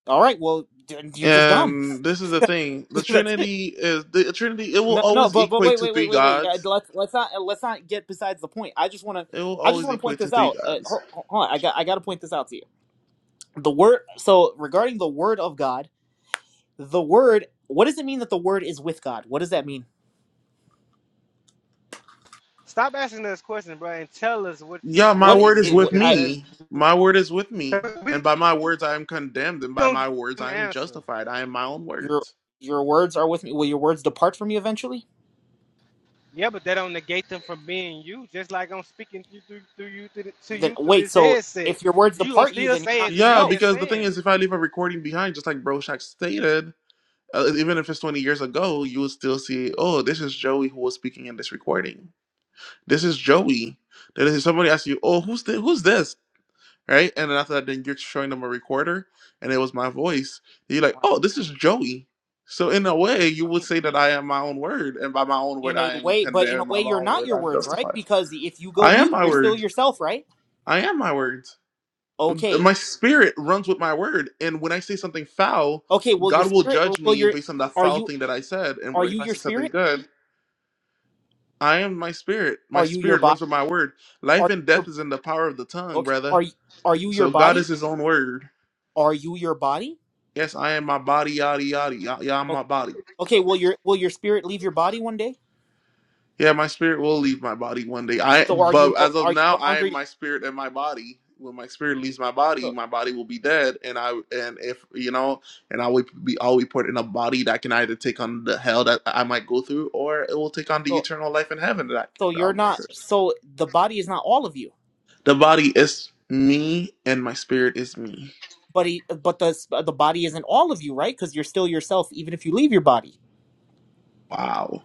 S3: All right, well d- you're just dumb.
S1: And this is the thing: the
S3: *laughs* that's it.
S1: Trinity is the Trinity. It will
S3: No, no,
S1: always
S3: but but
S1: equate
S3: wait,
S1: to
S3: wait, wait,
S1: three
S3: wait, wait. Yeah,
S1: gods.
S3: let's let's not let's not get besides the point. I just want to
S1: It will
S3: I just
S1: always
S3: want to point
S1: equate to
S3: this
S1: three
S3: out. Uh,
S1: gods.
S3: hold, hold on, I got I got to point this out to you. The word. So regarding the word of God, the word. What does it mean that the word is with God? What does that mean?
S2: Stop asking us questions, bro, and tell us what you
S1: Yeah, my
S3: What
S2: think
S3: it,
S2: it
S1: word is
S3: it
S2: means,
S1: with
S2: because
S3: I
S1: me. My word is with me. And
S2: we
S1: by my words, I am condemned, and by
S2: don't
S1: my
S2: give
S1: words,
S2: them
S1: I am
S2: answer.
S1: justified. I am my own
S3: your
S1: words.
S3: your words are with me. Will your words depart from me eventually?
S2: Yeah, but that don't negate them from being you. Just like I'm speaking to you through, through you to, the, to
S3: Then
S2: you through
S3: wait,
S2: this
S3: so
S2: headset,
S3: if your words
S2: you gonna
S3: depart you,
S2: still
S3: then you're
S2: say
S3: not
S2: it's me
S1: Yeah,
S3: yourself.
S2: that's
S1: because the thing
S2: saying
S1: is,
S2: it.
S1: if I leave a recording behind, just like Broshak stated, Uh, even if it's 20 years ago, you would still see, oh, this is Joey who was speaking in this recording. This is Joey. Then if somebody asks you, oh, who's this? Who's this? Right? And then after that, then you're showing them a recorder and it was my voice. And you're like,
S3: All
S1: oh, this is Joey. So in a way, you would
S3: right.
S1: say that I am my own word, and by my own word,
S3: In a
S1: I am
S3: way, but in a
S1: condemned. By
S3: way,
S1: my
S3: you're
S1: own
S3: not
S1: word,
S3: your
S1: I'm
S3: words, right?
S1: justified.
S3: Because if you go
S1: I am
S3: mute,
S1: my
S3: you're still
S1: word.
S3: yourself, right?
S1: I am my word
S3: Okay.
S1: my spirit runs with my word and when i say something foul
S3: Okay. Will your
S1: god will
S3: spirit? Or
S1: judge
S3: will
S1: me
S3: your?
S1: based on that
S3: Are
S1: foul
S3: you?
S1: thing that i said and
S3: Are you
S1: if i
S3: your
S1: say something
S3: spirit?
S1: good i am my spirit my
S3: Are you your
S1: spirit
S3: body?
S1: runs with my word life
S3: Are you
S1: and death
S3: your?
S1: is in the power of the tongue
S3: Okay.
S1: brother
S3: Are you? Are you your
S1: so god
S3: body?
S1: is his own word
S3: Are you your body?
S1: yes i am my body yada yada yada i'm
S3: Okay.
S1: my body
S3: Okay. Will your? Will your spirit leave your body one day?
S1: Yeah, my spirit will leave my body one day. I
S3: So are you?
S1: but
S3: No,
S1: as of
S3: are you
S1: now,
S3: no
S1: I
S3: longer?
S1: am
S3: Your,
S1: my spirit and my body. When my spirit leaves my body,
S3: so
S1: my body will be dead, and I and if you know, and I will be I will be put in a body that can either take on the hell that I might go through, or it will take on the
S3: so
S1: eternal life in heaven that, I,
S3: so
S1: that I'll
S3: you're
S1: go
S3: not.
S1: through.
S3: So the body is not all of you.
S1: The body is me, and my spirit is me.
S3: but he, but the the body isn't all of you, right? Because you're still yourself, even if you leave your body.
S1: Wow.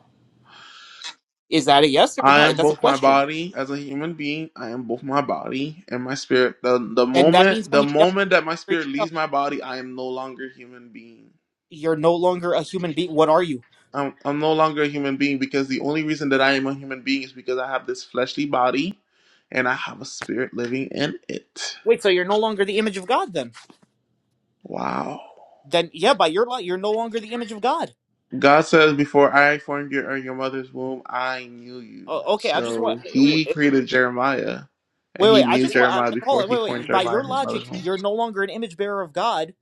S3: Is that a yes or
S1: I
S3: no?
S1: am
S3: That's a
S1: both my
S3: question,
S1: body as a human being. I am both my body and my spirit. The the
S3: and that
S1: moment
S3: means when
S1: the
S3: you die,
S1: moment that my
S3: you're
S1: spirit
S3: yourself.
S1: leaves my body, I am no longer human being.
S3: You're no longer a human being. What are you?
S1: I'm I'm no longer a human being because the only reason that I am a human being is because I have this fleshly body and I have a spirit living in it.
S3: Wait, so you're no longer the image of God then?
S1: Wow.
S3: Then yeah, by your light, you're no longer the image of God.
S1: God says before I formed you in your mother's womb, I knew you.
S3: O- okay, I just
S1: So
S3: want.
S1: he
S3: Wait,
S1: created Jeremiah and he
S3: wait, I
S1: knew
S3: just want. I,
S1: Jeremiah before
S3: hold on,
S1: he
S3: wait,
S1: formed
S3: wait. By
S1: Jeremiah
S3: your
S1: in his
S3: logic,
S1: mother's womb.
S3: you're no longer an image bearer of God.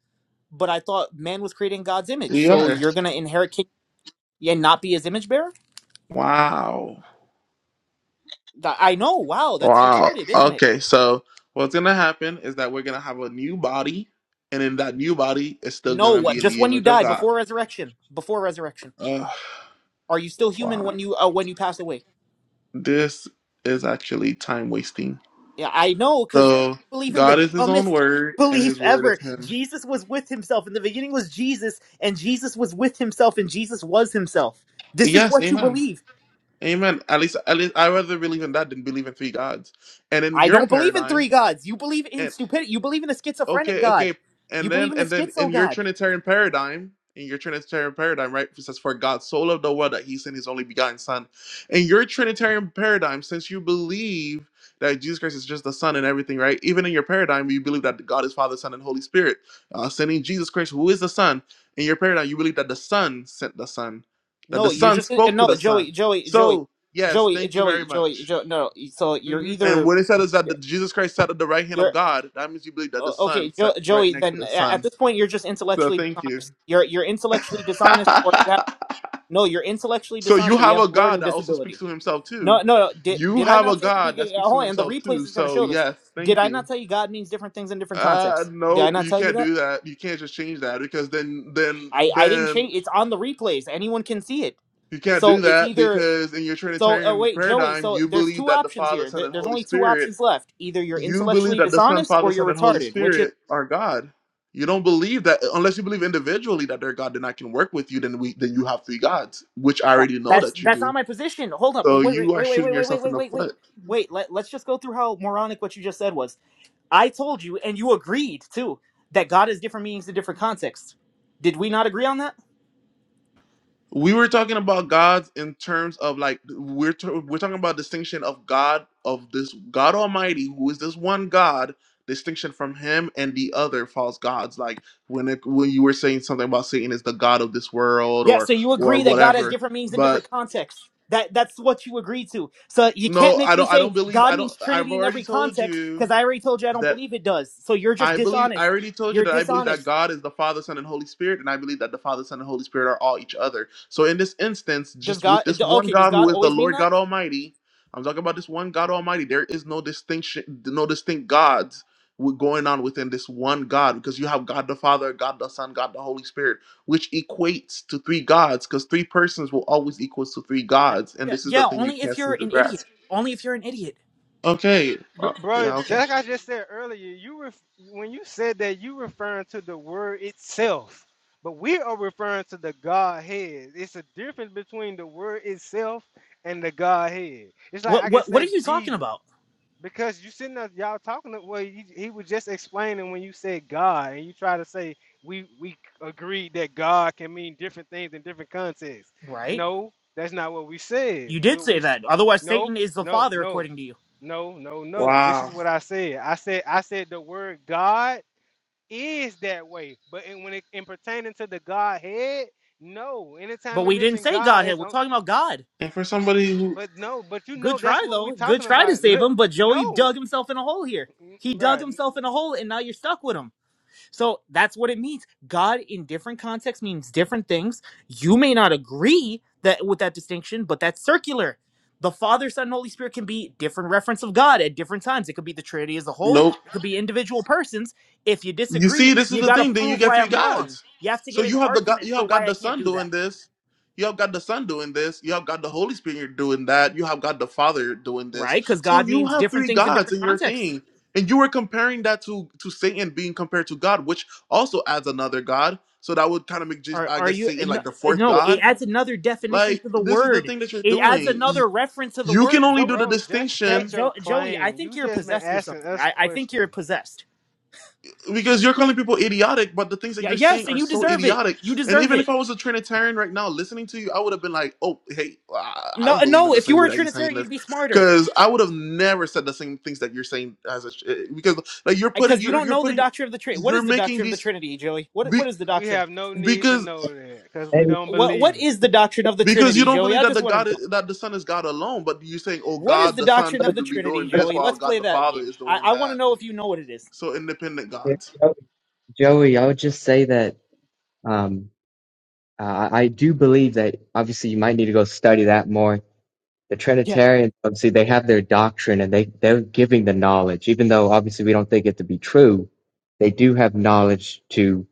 S3: But I thought man was created in God's image,
S1: We
S3: so
S1: are.
S3: you're gonna inherit king and not be his image bearer.
S1: Wow.
S3: Th- I know. Wow, that's
S1: Wow.
S3: retarded, isn't it?
S1: Okay, so what's gonna happen is that we're gonna have a new body, and in that new body is still
S3: No,
S1: gonna be in
S3: just
S1: the
S3: when you
S1: image of
S3: die,
S1: God.
S3: before resurrection. Before resurrection.
S1: Ugh,
S3: Are you still human
S1: wow.
S3: when you uh, when you pass away?
S1: This is actually time wasting.
S3: Yeah, I know, because
S1: So
S3: believe in the
S1: God is his own
S3: dumbest
S1: word
S3: *laughs*
S1: and
S3: belief
S1: his word is
S3: ever.
S1: him.
S3: Jesus was with himself. In the beginning was Jesus, and Jesus was with himself, and Jesus was himself. This is
S1: Yes,
S3: what you
S1: amen.
S3: believe.
S1: Amen. At least at least I rather believe in that than believe in three gods. And in
S3: I
S1: your
S3: don't believe in
S1: paradigm,
S3: three gods. You believe in
S1: and.
S3: stupidity. You believe in a schizophrenic
S1: Okay,
S3: god.
S1: okay.
S3: You
S1: And
S3: believe
S1: then
S3: in a
S1: and then
S3: schizo
S1: in your
S3: god.
S1: Trinitarian paradigm, in your Trinitarian paradigm, right? It says, For God so loved the world that he sent his only begotten son. In your Trinitarian paradigm, since you believe that Jesus Christ is just the Son and everything, right? Even in your paradigm, you believe that God is Father, Son, and Holy Spirit. Uh, sending Jesus Christ, who is the Son, in your paradigm, you believe that the Son sent the Son, that
S3: No,
S1: the
S3: you're
S1: Son
S3: just uh,
S1: spoke to
S3: no,
S1: the
S3: Joey,
S1: Son.
S3: Joey, Joey,
S1: So, yes,
S3: Joey,
S1: thank you very
S3: Joey, Joey,
S1: much
S3: Joey. No, so you're
S1: hmm And
S3: either.
S1: what it said is that the, Jesus Christ sat at the right hand
S3: You're
S1: of God. That means you believe that the
S3: O-
S1: Son
S3: Okay, jo-
S1: sat right
S3: Joey.
S1: next to
S3: Then
S1: the
S3: a- at
S1: Son.
S3: this point, you're just
S1: So
S3: intellectually
S1: thank you.
S3: dishonest. You're you're intellectually
S1: *laughs*
S3: dishonest, or you have no. You're intellectually
S1: so you
S3: dishonest, or you
S1: have
S3: have
S1: a
S3: a
S1: God
S3: learning
S1: that also speaks
S3: disability.
S1: to himself
S3: No,
S1: too.
S3: no. no. Did
S1: You
S3: did I
S1: have a
S3: not say at the
S1: God that
S3: beginning?
S1: speaks to
S3: Oh, and the
S1: himself
S3: replays
S1: too.
S3: is going to
S1: So
S3: show this.
S1: yes,
S3: Did
S1: thank
S3: I
S1: you.
S3: not tell you God means different things in different
S1: Uh
S3: contexts? Did I
S1: no,
S3: not
S1: you
S3: tell you
S1: can't do
S3: that?
S1: that. You can't just change that because then then
S3: I I didn't
S1: then
S3: change. It's on the replays. Anyone can see it.
S1: you can't
S3: So
S1: do
S3: it's
S1: that
S3: either.
S1: because in your
S3: So uh,
S1: Trinitarian
S3: wait, Joey.
S1: paradigm
S3: So
S1: you
S3: there's
S1: believe
S3: two
S1: that the
S3: options
S1: Father,
S3: here.
S1: Son,
S3: There-
S1: and
S3: There's
S1: Holy
S3: only two
S1: Spirit
S3: options left. Either you're
S1: you believe
S3: intellectually
S1: that the Son,
S3: dishonest or
S1: Father,
S3: you're
S1: Son, and Holy
S3: retarded. Which is.
S1: Spirit are God. You don't believe that unless you believe individually that they're God, then I can work with you. Then we then you have three gods, which I
S3: That
S1: already know
S3: that's
S1: that you
S3: that's not
S1: do.
S3: my position. Hold up.
S1: So
S3: Wait, wait,
S1: you are
S3: wait, wait,
S1: shooting
S3: wait, wait, wait,
S1: yourself in
S3: wait,
S1: the
S3: wait, wait.
S1: foot.
S3: Wait, let, let's just go through how moronic what you just said was. I told you, and you agreed too, that God has different meanings in different contexts. Did we not agree on that?
S1: We were talking about gods in terms of like we're t- we're talking about distinction of God of this God Almighty, who is this one God. Distinction from Him and the other false gods, like when it, when you were saying something about Satan is the god of this world
S3: Yeah,
S1: or
S3: so you
S1: or
S3: agree that God has
S1: whatever.
S3: different meanings in
S1: But
S3: different contexts. That that's what you agreed to. So you can't
S1: No,
S3: make
S1: I
S3: me
S1: don't. I
S3: say
S1: don't believe.
S3: God
S1: I don't.
S3: means
S1: I've
S3: Trinity in
S1: already
S3: every
S1: told
S3: context,
S1: you
S3: because I already told you I don't
S1: that
S3: believe it does. So you're just
S1: I believe. I
S3: dishonest.
S1: already told you
S3: You're
S1: that I believe that
S3: dishonest.
S1: God is the Father, Son, and Holy Spirit, and I believe that the Father, Son, and Holy Spirit are all each other. So in this instance,
S3: Does
S1: just with
S3: God
S1: this
S3: d-
S1: one
S3: okay, does
S1: God
S3: God
S1: who is the
S3: always mean
S1: Lord
S3: that?
S1: God Almighty, I'm talking about this one God Almighty. There is no distinction, no distinct gods w- going on within this one God because you have God the Father, God the Son, God the Holy Spirit, which equates to three gods because three persons will always equals to three
S3: that
S1: gods, and
S3: yeah,
S1: this is the
S3: yeah,
S1: thing you
S3: only if
S1: can't seem
S3: you're
S1: to
S3: an idiot.
S1: grasp.
S3: Only if you're an idiot.
S1: Okay.
S2: Br-
S1: Uh,
S2: bro,
S1: yeah, okay.
S2: like I just said earlier, you ref- when you said that you referring to the word itself, but we are referring to the Godhead. It's a difference between the word itself and the Godhead. It's like
S3: What
S2: I can
S3: what what are
S2: say
S3: you talking
S2: Jesus.
S3: about?
S2: Because you sitting there, y'all talking. to- Well, he, he was just explaining when you said God, and you try to say we we agreed that God can mean different things in different contexts.
S3: Right?
S2: No, that's not what we said.
S3: You did
S2: Will we?
S3: say
S2: s-
S3: that. Otherwise
S2: No,
S3: Satan is the
S2: no,
S3: father
S2: no,
S3: according to you.
S2: no, no, no. This is
S1: Wow.
S2: what I said. I said I said the word God is that way, but in, when it in pertaining to the Godhead, no. Anytime
S3: But
S2: it
S3: we didn't
S2: mentioned
S3: say
S2: God,
S3: Godhead.
S2: it's
S3: We're
S2: on.
S3: talking about God.
S1: And for somebody who
S2: But no, but you
S3: Good
S2: know that's
S3: try
S2: what we
S3: though. Good
S2: talking
S3: try to
S2: about.
S3: save
S2: Look,
S3: him, but Joey
S2: no,
S3: dug himself in a hole here. He dug
S2: bruh.
S3: himself in a hole and now you're stuck with him. So that's what it means. God in different contexts means different things. You may not agree that with that distinction, but that's circular. The Father, Son, and Holy Spirit can be different reference of God at different times. It could be the Trinity as a whole.
S1: nope.
S3: It could be individual persons. If you
S1: You
S3: disagree,
S1: see, this is
S3: you
S1: the
S3: got to
S1: thing, then you
S3: prove
S1: get
S3: why
S1: three
S3: I'm wrong.
S1: gods.
S3: You have to
S1: So
S3: give an
S1: you have the God
S3: argument
S1: you
S3: for
S1: have
S3: why
S1: God
S3: I
S1: the
S3: can't
S1: Son
S3: do that,
S1: doing this. You have God the Son doing this. You have God the Holy Spirit doing that. You have God the Father doing this.
S3: right? Because
S1: So
S3: God
S1: you
S3: means
S1: have
S3: different
S1: three
S3: things in
S1: gods
S3: different
S1: in your
S3: contexts.
S1: thing. And you were comparing that to to Satan being compared to God, which also adds another God. So that would kind of make Jesus,
S3: Are
S1: I
S3: are
S1: guess
S3: you?
S1: Satan
S3: No,
S1: like the fourth
S3: no, it
S1: God.
S3: adds another definition
S1: Like
S3: to the
S1: this is the
S3: word.
S1: thing that you're
S3: It adds
S1: doing.
S3: another reference to the
S1: You
S3: word.
S1: can only
S3: Joey,
S1: do the
S2: Bro, just
S3: Jo-
S1: distinction
S2: state your
S3: jo- Joey, I
S2: claim.
S3: think
S2: You
S3: you're
S2: just been
S3: possessed or
S2: asking
S3: something.
S2: us
S3: I, I think you're
S2: questions.
S3: possessed.
S1: because you're calling people idiotic, but the things that
S3: Yeah,
S1: you're
S3: yes,
S1: saying
S3: and
S1: are
S3: you
S1: so
S3: deserve it.
S1: idiotic.
S3: You
S1: And
S3: deserve
S1: even
S3: it.
S1: if I was a Trinitarian right now listening to you, I would have been like, "Oh, hey, I I
S3: No,
S1: don't
S3: uh,
S1: believe
S3: no.
S1: in the
S3: If you
S1: same
S3: were
S1: way
S3: a
S1: that he's saying
S3: Trinitarian, you'd
S1: this,"
S3: be smarter
S1: because I would have never said the same things that you're saying as a because like you're putting
S3: because you
S1: you're
S3: don't
S1: you're
S3: know the
S1: putting
S3: doctrine of the Trinity. What
S1: you're
S3: is the
S1: making
S3: doctrine of the
S1: these
S3: Trinity, Joey? What
S1: be,
S3: what is the
S2: We
S3: doctrine?
S2: have no need to
S1: because
S2: know that because we don't
S3: What what
S2: believe it.
S3: is the doctrine of the
S1: because you
S3: Trinity,
S1: don't
S3: Joey?
S1: believe
S3: I
S1: that
S3: just
S1: the
S3: want to
S1: God
S3: know.
S1: is, that the Son is God alone, but you're saying, "Oh,
S3: What is
S1: God,
S3: the
S1: the Son
S3: doctrine of the
S1: can be
S3: Trinity,
S1: doing this
S3: Joey?
S1: while
S3: Let's
S1: God
S3: play
S1: the
S3: that
S1: Father
S3: game.
S1: is
S3: I,
S1: doing
S3: I want to
S1: that,"
S3: know
S1: and
S3: if you know what it is.
S1: so independent gods.
S4: joey i would just say that um Uh, I do believe that obviously you might need to go study that more. The
S3: Yeah,
S4: Trinitarians, obviously, they have their doctrine and they, they're giving the knowledge, even though obviously we don't think it to be true. They do have knowledge to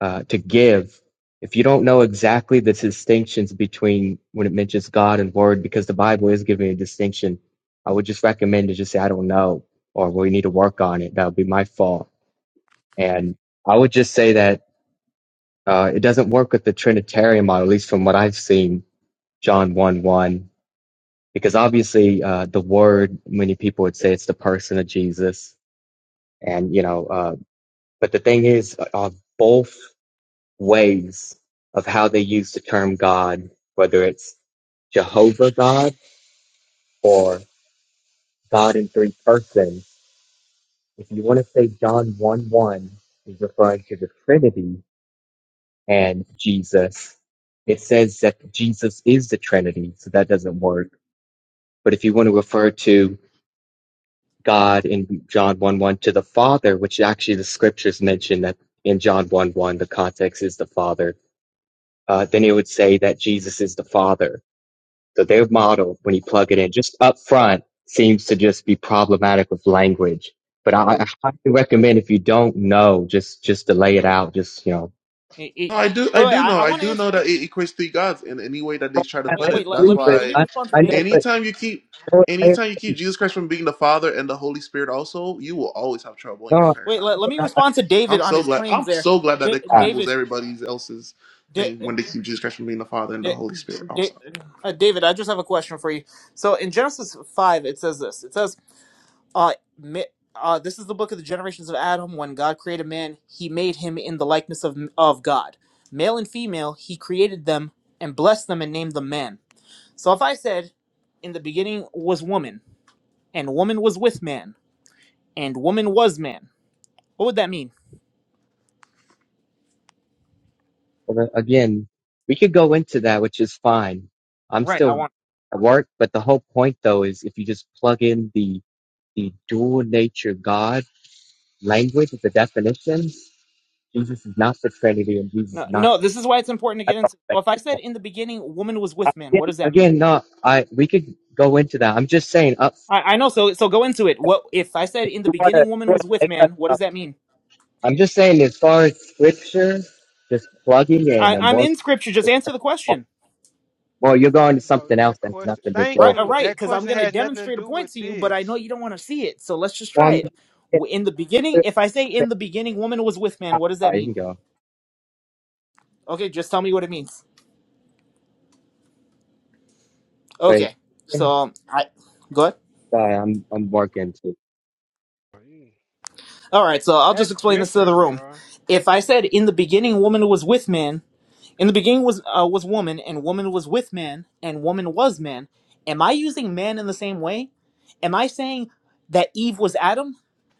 S4: uh, to give. If you don't know exactly the distinctions between when it mentions God and Word, because the Bible is giving a distinction, I would just recommend to just say, I don't know, or we need to work on it. That would be my fault. And I would just say that uh, it doesn't work with the Trinitarian model, at least from what I've seen John 1 1, because obviously uh, the word, many people would say it's the person of Jesus. And, you know, uh, but the thing is, uh, uh, both ways of how they use the term God, whether it's Jehovah God or God in three persons, if you want to say John 1 1 is referring to the Trinity and Jesus, it says that Jesus is the Trinity, so that doesn't work. But if you want to refer to God in John 1 1 to the Father, which actually the scriptures mention that in John 1 1, the context is the Father, uh, then it would say that Jesus is the Father. So their model, when you
S3: no,
S4: plug it in, just up front, seems to just be problematic with language.
S3: I
S4: But
S3: didn't know
S4: I,
S3: it.
S4: I highly recommend if you don't know, just just to lay it out, just you know.
S3: It- it-
S1: No, I do, I
S3: wait, wait.
S1: do
S3: I,
S1: know,
S3: I
S1: I
S3: want to
S1: do
S3: answer.
S1: know
S3: David.
S1: that it equates three gods in any way that they
S4: I,
S1: try to
S3: Wait,
S1: put
S4: I
S3: wait.
S1: it.
S3: Let,
S1: That's
S4: agree,
S3: let me
S4: but
S3: let
S1: why,
S3: me
S4: I,
S3: respond to
S4: I know,
S3: David.
S4: but
S1: anytime you keep,
S4: no, I,
S1: anytime you keep Jesus Christ from being the Father and the Holy Spirit, also, you will always have trouble in your
S3: Wait, let,
S1: paradigm.
S3: let me respond to David
S1: I'm
S3: on
S1: so
S3: his
S1: glad,
S3: claims
S1: I'm
S3: there.
S1: so glad that
S3: Da-
S1: it
S4: no,
S1: crumbles
S3: David.
S1: everybody else's
S3: Da-
S1: thing when they keep Jesus Christ from being the Father and the
S3: Da-
S1: Holy Spirit
S3: Da-
S1: also.
S3: uh, David, I just have a question for you. So in Genesis 5, it says this. It says, uh, ma- uh, this is the book of the generations of Adam. When God created man, he made him in the likeness of, of God. Male and female, he created them and blessed them and named them man. So if I said, in the beginning was woman, and woman was with man, and woman was man, what would that mean?
S4: Well, then, again, we could go into that, which is fine. I'm
S3: Right, I
S4: still
S3: want.
S4: at work, but the whole point though is if you just plug in the the dual nature God language, the definitions, Jesus is not the Trinity and Jesus is
S3: No,
S4: not.
S3: no, this is why it's important to
S4: I
S3: get
S4: don't
S3: into. So
S4: think
S3: if I
S4: it's
S3: said
S4: going-
S3: in the beginning, woman was
S4: I-
S3: with man, what
S4: Again,
S3: does that mean?
S4: again, no, I we could go into that. I'm just saying. Uh,
S3: I, I know. So so go into it. What if I said in the
S4: you want to
S3: beginning woman was with
S4: make that
S3: man? What does
S4: up?
S3: that mean?
S4: I'm just saying, as far as scripture, just plugging in
S3: I,
S4: and
S3: I'm
S4: one.
S3: in scripture. Just answer the question.
S4: Well, you're going to
S2: Bro,
S4: something else
S2: that
S4: that's
S2: question.
S4: nothing to
S2: Thank
S4: do
S3: Right,
S4: with
S3: uh,
S2: you.
S4: it.
S3: right.
S2: That
S3: Because I'm
S2: question
S3: gonna
S2: has nothing to
S3: demonstrate a
S2: do
S3: point
S2: with
S3: to you, but I know
S2: this.
S3: you don't want to see it. So let's just
S4: Well,
S3: try it.
S4: I'm
S3: W- In the beginning, if I say in the beginning woman was with man,
S4: All
S3: what does that
S4: right, you can
S3: mean?
S4: go.
S3: Okay, just tell me what it means.
S4: Wait,
S3: Okay. So um, I go ahead.
S4: sorry, I'm I'm working too.
S2: Bro, you-
S3: All right. So I'll just
S2: That's
S3: explain this to the
S2: different,
S3: room.
S2: bro.
S3: If I said in the beginning woman was with man, In the beginning was uh, was woman, and woman was with man, and woman was man. Am I using man in the same way? Am I saying that Eve was Adam?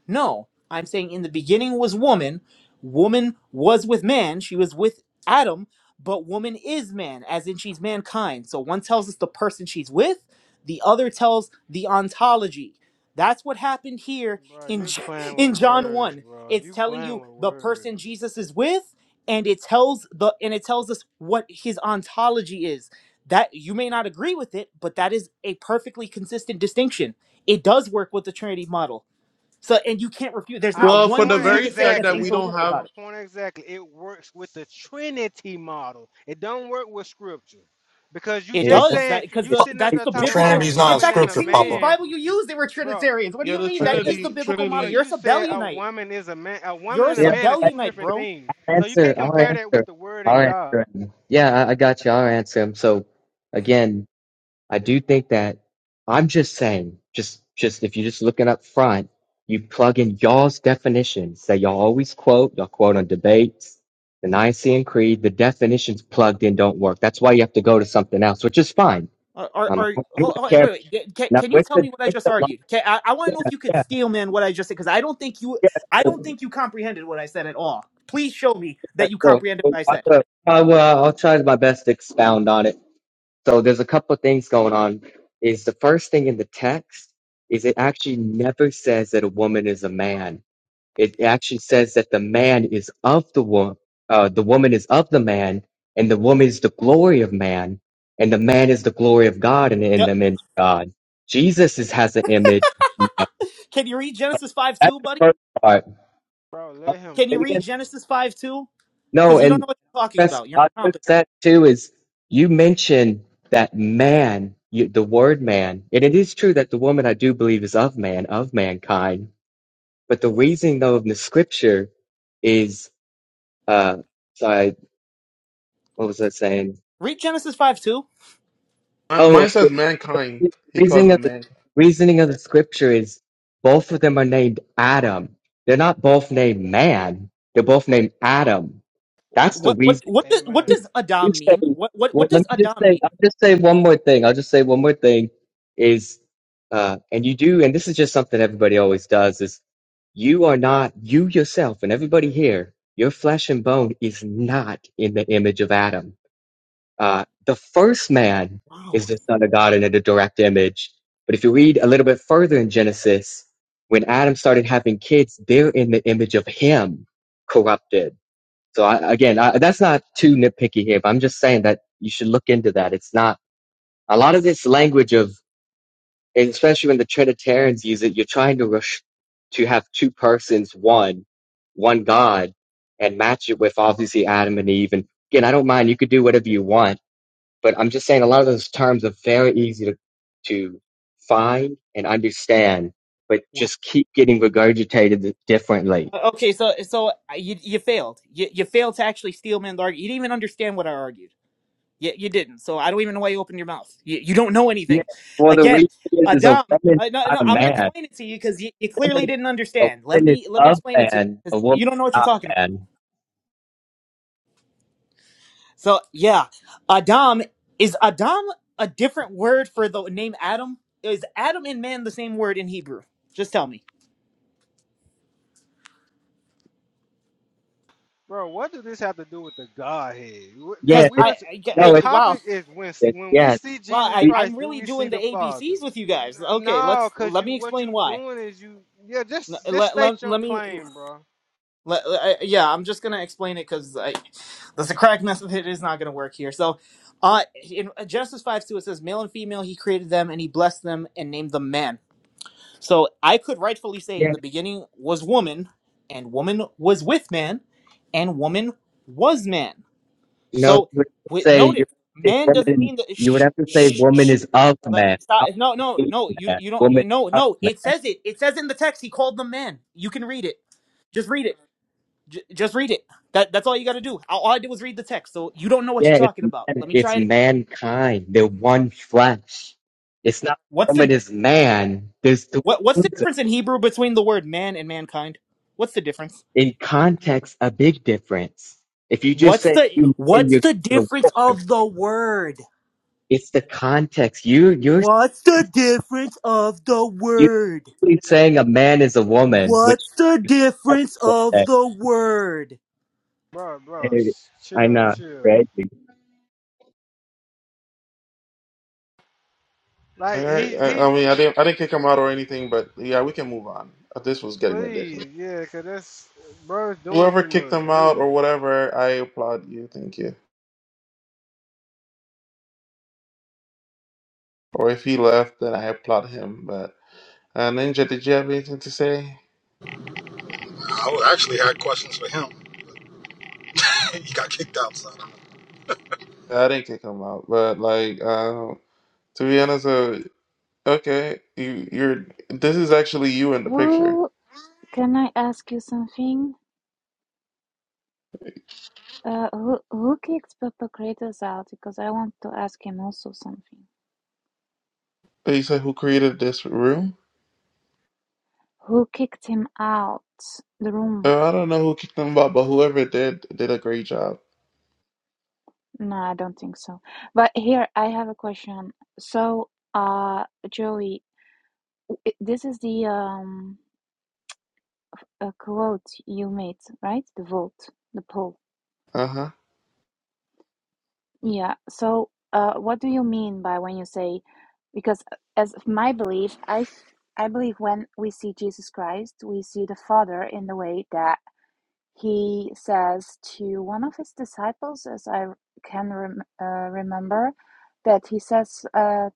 S3: No, I'm saying in the beginning was woman. Woman was with man. She was with Adam, but woman is man, as in she's mankind. So one tells us the person she's with, the other tells the ontology. That's what happened here
S2: Bro,
S3: in *laughs*
S2: you
S3: J-
S2: playing with
S3: in John
S2: words,
S3: 1.
S2: bro.
S3: It's
S2: You
S3: telling
S2: playing
S3: you
S2: with
S3: the person
S2: words.
S3: Jesus is with and it tells the and it tells us what his ontology is. That you may not agree with it, but that is a perfectly consistent distinction. It does work with the Trinity model so and you can't refute. There's not
S2: Our
S1: Well, for
S3: one
S1: the
S2: point
S3: thing you
S1: very
S3: could say
S1: fact
S3: that's
S1: that
S2: exactly.
S1: we don't
S3: incoherent
S1: have,
S3: about
S2: Our
S3: it.
S2: point exactly. It works with the Trinity model. It don't work with Scripture, because you
S3: It
S4: It, it
S2: just
S4: don't
S3: does that
S2: saying
S3: because
S2: you
S4: it
S3: the
S4: don't
S2: sitting up
S3: that's
S4: keep
S2: there
S3: the
S5: The
S2: talking about
S3: biblical.
S2: a
S5: Trinity's not
S3: In
S5: in
S2: woman
S3: fact, the
S2: and a
S5: Scripture,
S3: King James
S5: Papa.
S2: man
S3: Bible you used, they were
S2: Bro,
S3: Trinitarians. What do
S1: yeah,
S3: you
S1: the
S3: mean? That
S4: wondering.
S3: is the
S1: Trinity,
S3: biblical model.
S2: bro,
S1: Trinity,
S3: You're a
S2: you said a
S3: Sabellianite.
S2: woman is a man. A woman
S3: You're a
S2: and a
S4: Yeah,
S2: man is
S4: I-
S2: two
S3: Sabellianite,
S2: different
S3: bro.
S2: things.
S4: I'll
S2: So you
S4: answer.
S2: can't
S4: I'll
S2: compare that with
S4: answer.
S2: the word
S4: I'll
S2: and God.
S4: answer. him. Yeah, I, I got you. I'll answer him. So again, I do think that I'm just saying, just just if you're just looking up front, you plug in y'all's definitions that y'all always quote. Y'all quote on debates. The Nicene Creed, the definitions plugged in don't work. That's why you have to go to something else, which is fine.
S3: Are are,
S4: Um,
S3: are
S4: I don't
S3: hold, hold-
S4: care
S3: wait wait? Ca- Can,
S4: Now
S3: can you
S4: with
S3: tell
S4: the
S3: me what I
S4: with
S3: just
S4: the lo-
S3: argued? Can, I, I want
S4: yeah
S3: to know if you could
S4: yeah
S3: steal man what I just said because I don't think you
S4: yeah
S3: I don't
S4: so,
S3: think you comprehended what I said at all. Please show me
S4: yeah,
S3: that you
S4: so,
S3: comprehended
S4: so
S3: what I
S4: on
S3: said.
S4: the, uh, well, I'll try my best to expound on it. So there's a couple of things going on. Is the first thing in the text is it actually never says that a woman is a man. It actually says that the man is of the woman, uh, the woman is of the man, and the woman is the glory of man, and the man is the glory of God, and in
S3: Duh.
S4: the image of God. Jesus is, has an image.
S3: Can you read Genesis five
S4: That's
S3: two,
S4: the
S3: buddy?
S4: first part.
S2: Bro, let him
S3: Can you
S2: go,
S3: read Genesis
S2: man.
S3: five two?
S4: No,
S3: Because you don't
S4: and
S3: know what you're talking
S4: that's
S3: about. You're
S4: I guess
S3: incompetent.
S4: that too is you mentioned that man, you, the word man, and it is true that the woman I do believe is of man, of mankind. But the reasoning though of the scripture is, uh, sorry, what was I saying?
S3: Read Genesis five two.
S4: Oh,
S1: mine
S4: okay.
S1: says mankind.
S4: the
S1: He calls
S4: reasoning of
S1: them
S4: the
S1: mankind.
S4: reasoning of the scripture is both of them are named Adam. They're not both named man. They're both named Adam. That's the
S3: What what
S4: reason.
S3: what does what
S4: you
S2: Amen.
S3: does Adam
S4: say,
S3: mean? What what
S4: well,
S3: what
S4: let
S3: does
S4: me just
S3: Adam
S4: say, I'll
S3: mean?
S4: just say one more thing. I'll just say one more thing is, uh, and you do, and this is just something everybody always does is you are not, you yourself and everybody here, your flesh and bone is not in the image of Adam. Uh, the first man
S3: Wow.
S4: is the son of God and in the direct image. But if you read a little bit further in Genesis, when Adam started having kids, they're in the image of him corrupted so I, again, I, that's not too nitpicky here, but I'm just saying that you should look into that. It's not a lot of this language of, especially when the Trinitarians use it, you're trying to rush to have two persons, one, one God, and match it with obviously Adam and Eve. And again, I don't mind. You could do whatever you want, but I'm just saying a lot of those terms are very easy to, to find and understand, but
S3: What?
S4: just keep getting regurgitated differently.
S3: Uh, Okay, so so uh, you you failed. You you failed to actually steal man's argument. You didn't even understand what I argued. You you didn't. So I don't even know why you opened your mouth. You you don't know
S4: Yeah.
S3: anything.
S4: Well, the
S3: Again,
S4: reason is a
S3: Adam.
S4: woman,
S3: Uh, no
S4: not
S3: no,
S4: a
S3: I'm gonna
S4: man
S3: explain it to you because you, you
S4: Women
S3: clearly didn't
S4: a
S3: understand. Let
S4: woman is
S3: me let me
S4: of
S3: explain it to you
S4: man,
S3: because
S4: a woman
S3: you don't know
S4: is
S3: what you're
S4: not
S3: talking about.
S4: man.
S3: So yeah, Adam is Adam a different word for the name Adam? Is Adam and man the same word in Hebrew? Just tell me,
S2: Bro, what does this have to do with the Godhead? Wh- thi-
S3: because
S4: Yeah,
S2: We
S4: it's
S3: I,
S2: are,
S3: I,
S2: the
S4: no,
S3: I
S4: it's,
S3: wow
S2: topic is when s-
S4: it's
S2: when we
S4: yeah.
S2: see
S3: wow
S2: Jesus
S3: I
S4: We
S3: I'm
S2: Christ, do
S3: really
S2: we see
S3: doing the
S2: the Father?
S3: ABCs with you
S2: N-
S3: guys. Okay,
S2: No,
S3: let's
S2: cause
S3: let
S2: you
S3: me
S2: what
S3: explain
S2: you
S3: why.
S2: doing is you yeah just
S3: Let
S2: just
S3: let,
S2: state
S3: let,
S2: your
S3: let me
S2: claim, bro,
S3: let, I, yeah I'm just gonna explain it because the Socratic method is not gonna work here. So. Uh, in Genesis 5 2, it says, Male and female, he created them, and he blessed them and named them man. So I could rightfully say in
S4: yeah,
S3: the beginning was woman, and woman was with man, and woman was man.
S4: no,
S3: So
S4: you would have to
S3: with
S4: say you would
S3: notice,
S4: have to say
S3: man doesn't
S4: woman.
S3: mean that.
S4: You would
S3: Shh,
S4: have to say
S3: shh,
S4: woman
S3: shh.
S4: is of
S3: Like,
S4: man,
S3: stop.
S4: not
S3: No,
S4: woman
S3: no, no.
S4: is
S3: You
S4: man.
S3: you don't.
S4: Woman
S3: You
S4: is
S3: know.
S4: of
S3: No.
S4: man.
S3: It says it. It says in the text. He called them man. You can read it. Just read it. J- just read it. That that's all you got to do. All all I did was read the text. So you don't know what you're
S4: Yeah, it's
S3: talking about.
S4: man,
S3: Let me
S4: it's
S3: try it.
S4: mankind. They're one flesh. It's not
S3: What's the
S4: woman is man. There's two
S3: what What's the
S4: words.
S3: difference in Hebrew between the word man and mankind? What's the difference?
S4: in context a big difference. If you just
S3: What's
S4: say
S3: the
S4: you man,
S3: what's
S4: you're
S3: the
S4: the
S3: difference
S4: war.
S3: of the word?
S4: It's the context. You you're
S3: What's the difference of the word?
S4: basically saying a man is a woman, which
S3: What's the difference of the word?
S2: bro, bro. s-
S4: I
S2: Chill,
S4: know,
S2: chill.
S4: crazy.
S1: All
S2: Like
S1: right.
S2: he
S1: I,
S2: he
S1: I mean, I didn't, I didn't kick him out or anything, but yeah, we can move on. This was getting ridiculous.
S2: Please, yeah, because that's bro's doing
S1: Whoever
S2: too
S1: kicked
S2: much,
S1: him out
S2: really.
S1: or whatever, I applaud you. Thank you. Or if he left, then I applaud him. But uh, Ninja, did you have anything to say?
S5: Questions for him. *laughs* he got kicked out, son.
S1: I didn't kick him out, but like, uh, to be honest, uh, okay, you, you're. This is actually you in the picture.
S6: Who can I ask you something? Uh, who who kicked Papa Kratos out? Because I want to ask him also something.
S1: You said who created this room?
S6: Who kicked him out the room?
S1: Uh, I don't know who kicked him out, but whoever did did a great job.
S6: No, I don't think so. But here I have a question. So, uh, Joey, i- this is the um uh, quote you made, right? The vote, the poll.
S1: Uh huh.
S6: Yeah. So, uh, what do you mean by when you say, because uh, as of my belief, I f- I believe when we see Jesus Christ, we see the Father in the way that he says to one of his disciples, as I r- can rem uh, remember, that he says, uh,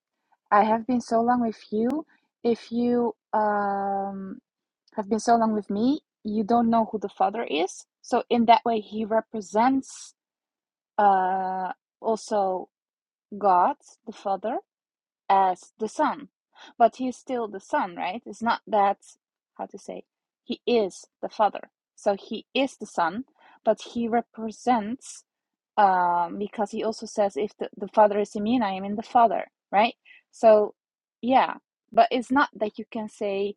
S6: "I have been so long with you. If you um, have been so long with me, you don't know who the Father is." So in that way, he represents uh, also. God, the Father, as the Son. But he is still the Son, right? It's not that, how to say, he is the Father. So he is the Son, but he represents, um, because he also says, if the, the Father is in me and I am in the Father, right? So, yeah, but it's not that you can say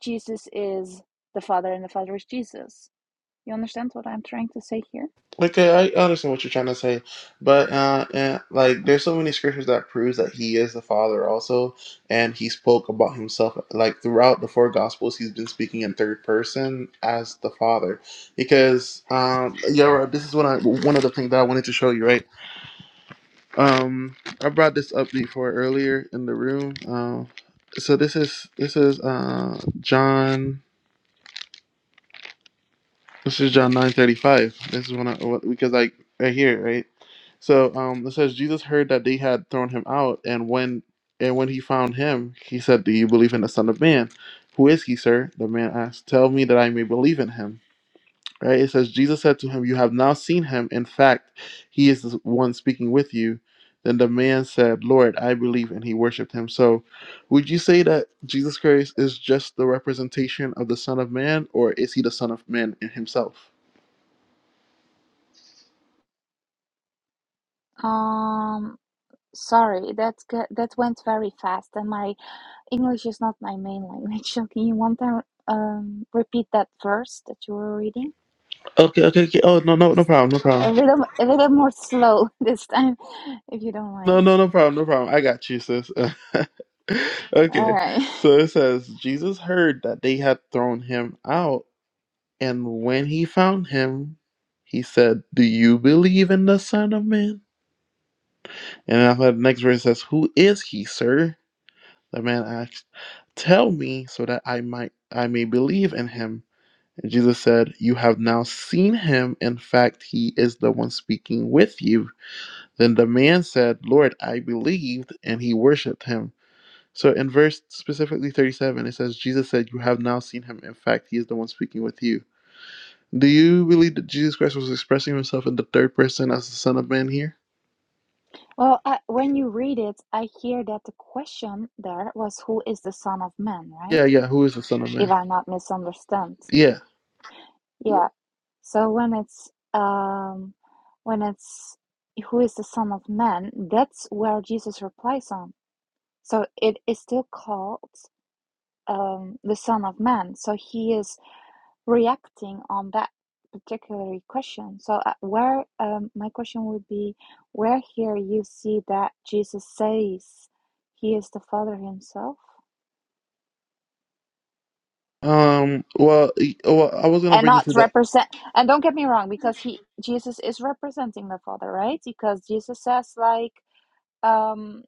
S6: Jesus is the Father and the Father is Jesus. You understand what I'm trying to say here?
S1: Okay, I understand what you're trying to say, but uh, and, like, there's so many scriptures that proves that he is the Father also, and he spoke about himself like throughout the four Gospels. He's been speaking in third person as the Father, because um, yeah, right, this is what I one of the things that I wanted to show you. Right, um, I brought this up before earlier in the room. Um, so this is this is uh, John. This is John nine thirty five. This is when I what- because I right here right. So um, it says Jesus heard that they had thrown him out, and when and when he found him, he said, "Do you believe in the Son of Man? Who is he, sir?" The man asked, "Tell me that I may believe in him." Right? It says Jesus said to him, "You have now seen him. In fact, he is the one speaking with you." Then the man said, "Lord, I believe," and he worshipped him. So, would you say that Jesus Christ is just the representation of the Son of Man, or is he the Son of Man in himself?
S6: Um, sorry, that that went very fast, and my English is not my main language. *laughs* So can you one time um, repeat that verse that you were reading?
S1: Okay, okay, okay. Oh no, no, no problem, no problem.
S6: A little, a little more slow *laughs* this time, if you don't
S1: No,
S6: mind.
S1: no, no problem, no problem. I got you, sis. *laughs*
S6: All
S1: okay,
S6: right. *laughs*
S1: so it says Jesus heard that they had thrown him out, and when he found him, he said, "Do you believe in the Son of Man?" And after the next verse says, "Who is he, sir?" The man asked, "Tell me, so that I might I may believe in him." And Jesus said, "You have now seen him. In fact, he is the one speaking with you." Then the man said, Lord, I believed, and he worshiped him. So in verse specifically 37, it says, Jesus said, You have now seen him. In fact, he is the one speaking with you. Do you believe that Jesus Christ was expressing himself in the third person as the Son of Man here?
S6: Well, I, when you read it, I hear that the question there was, "Who is the Son of Man?" Right?
S1: Yeah, yeah. Who is the Son of
S6: If
S1: Man?
S6: I'm not misunderstand.
S1: Yeah.
S6: Yeah. So when it's um, when it's who is the Son of Man, that's where Jesus replies on. So it is still called. um, the Son of Man. So he is reacting on that particular question. So uh, where um, my question would be, where here you see that Jesus says he is the Father himself,
S1: Um. Well, y- well I was going to
S6: and
S1: bring you
S6: not
S1: to that.
S6: represent. And don't get me wrong, because he Jesus is representing the Father, right? Because Jesus says like. um.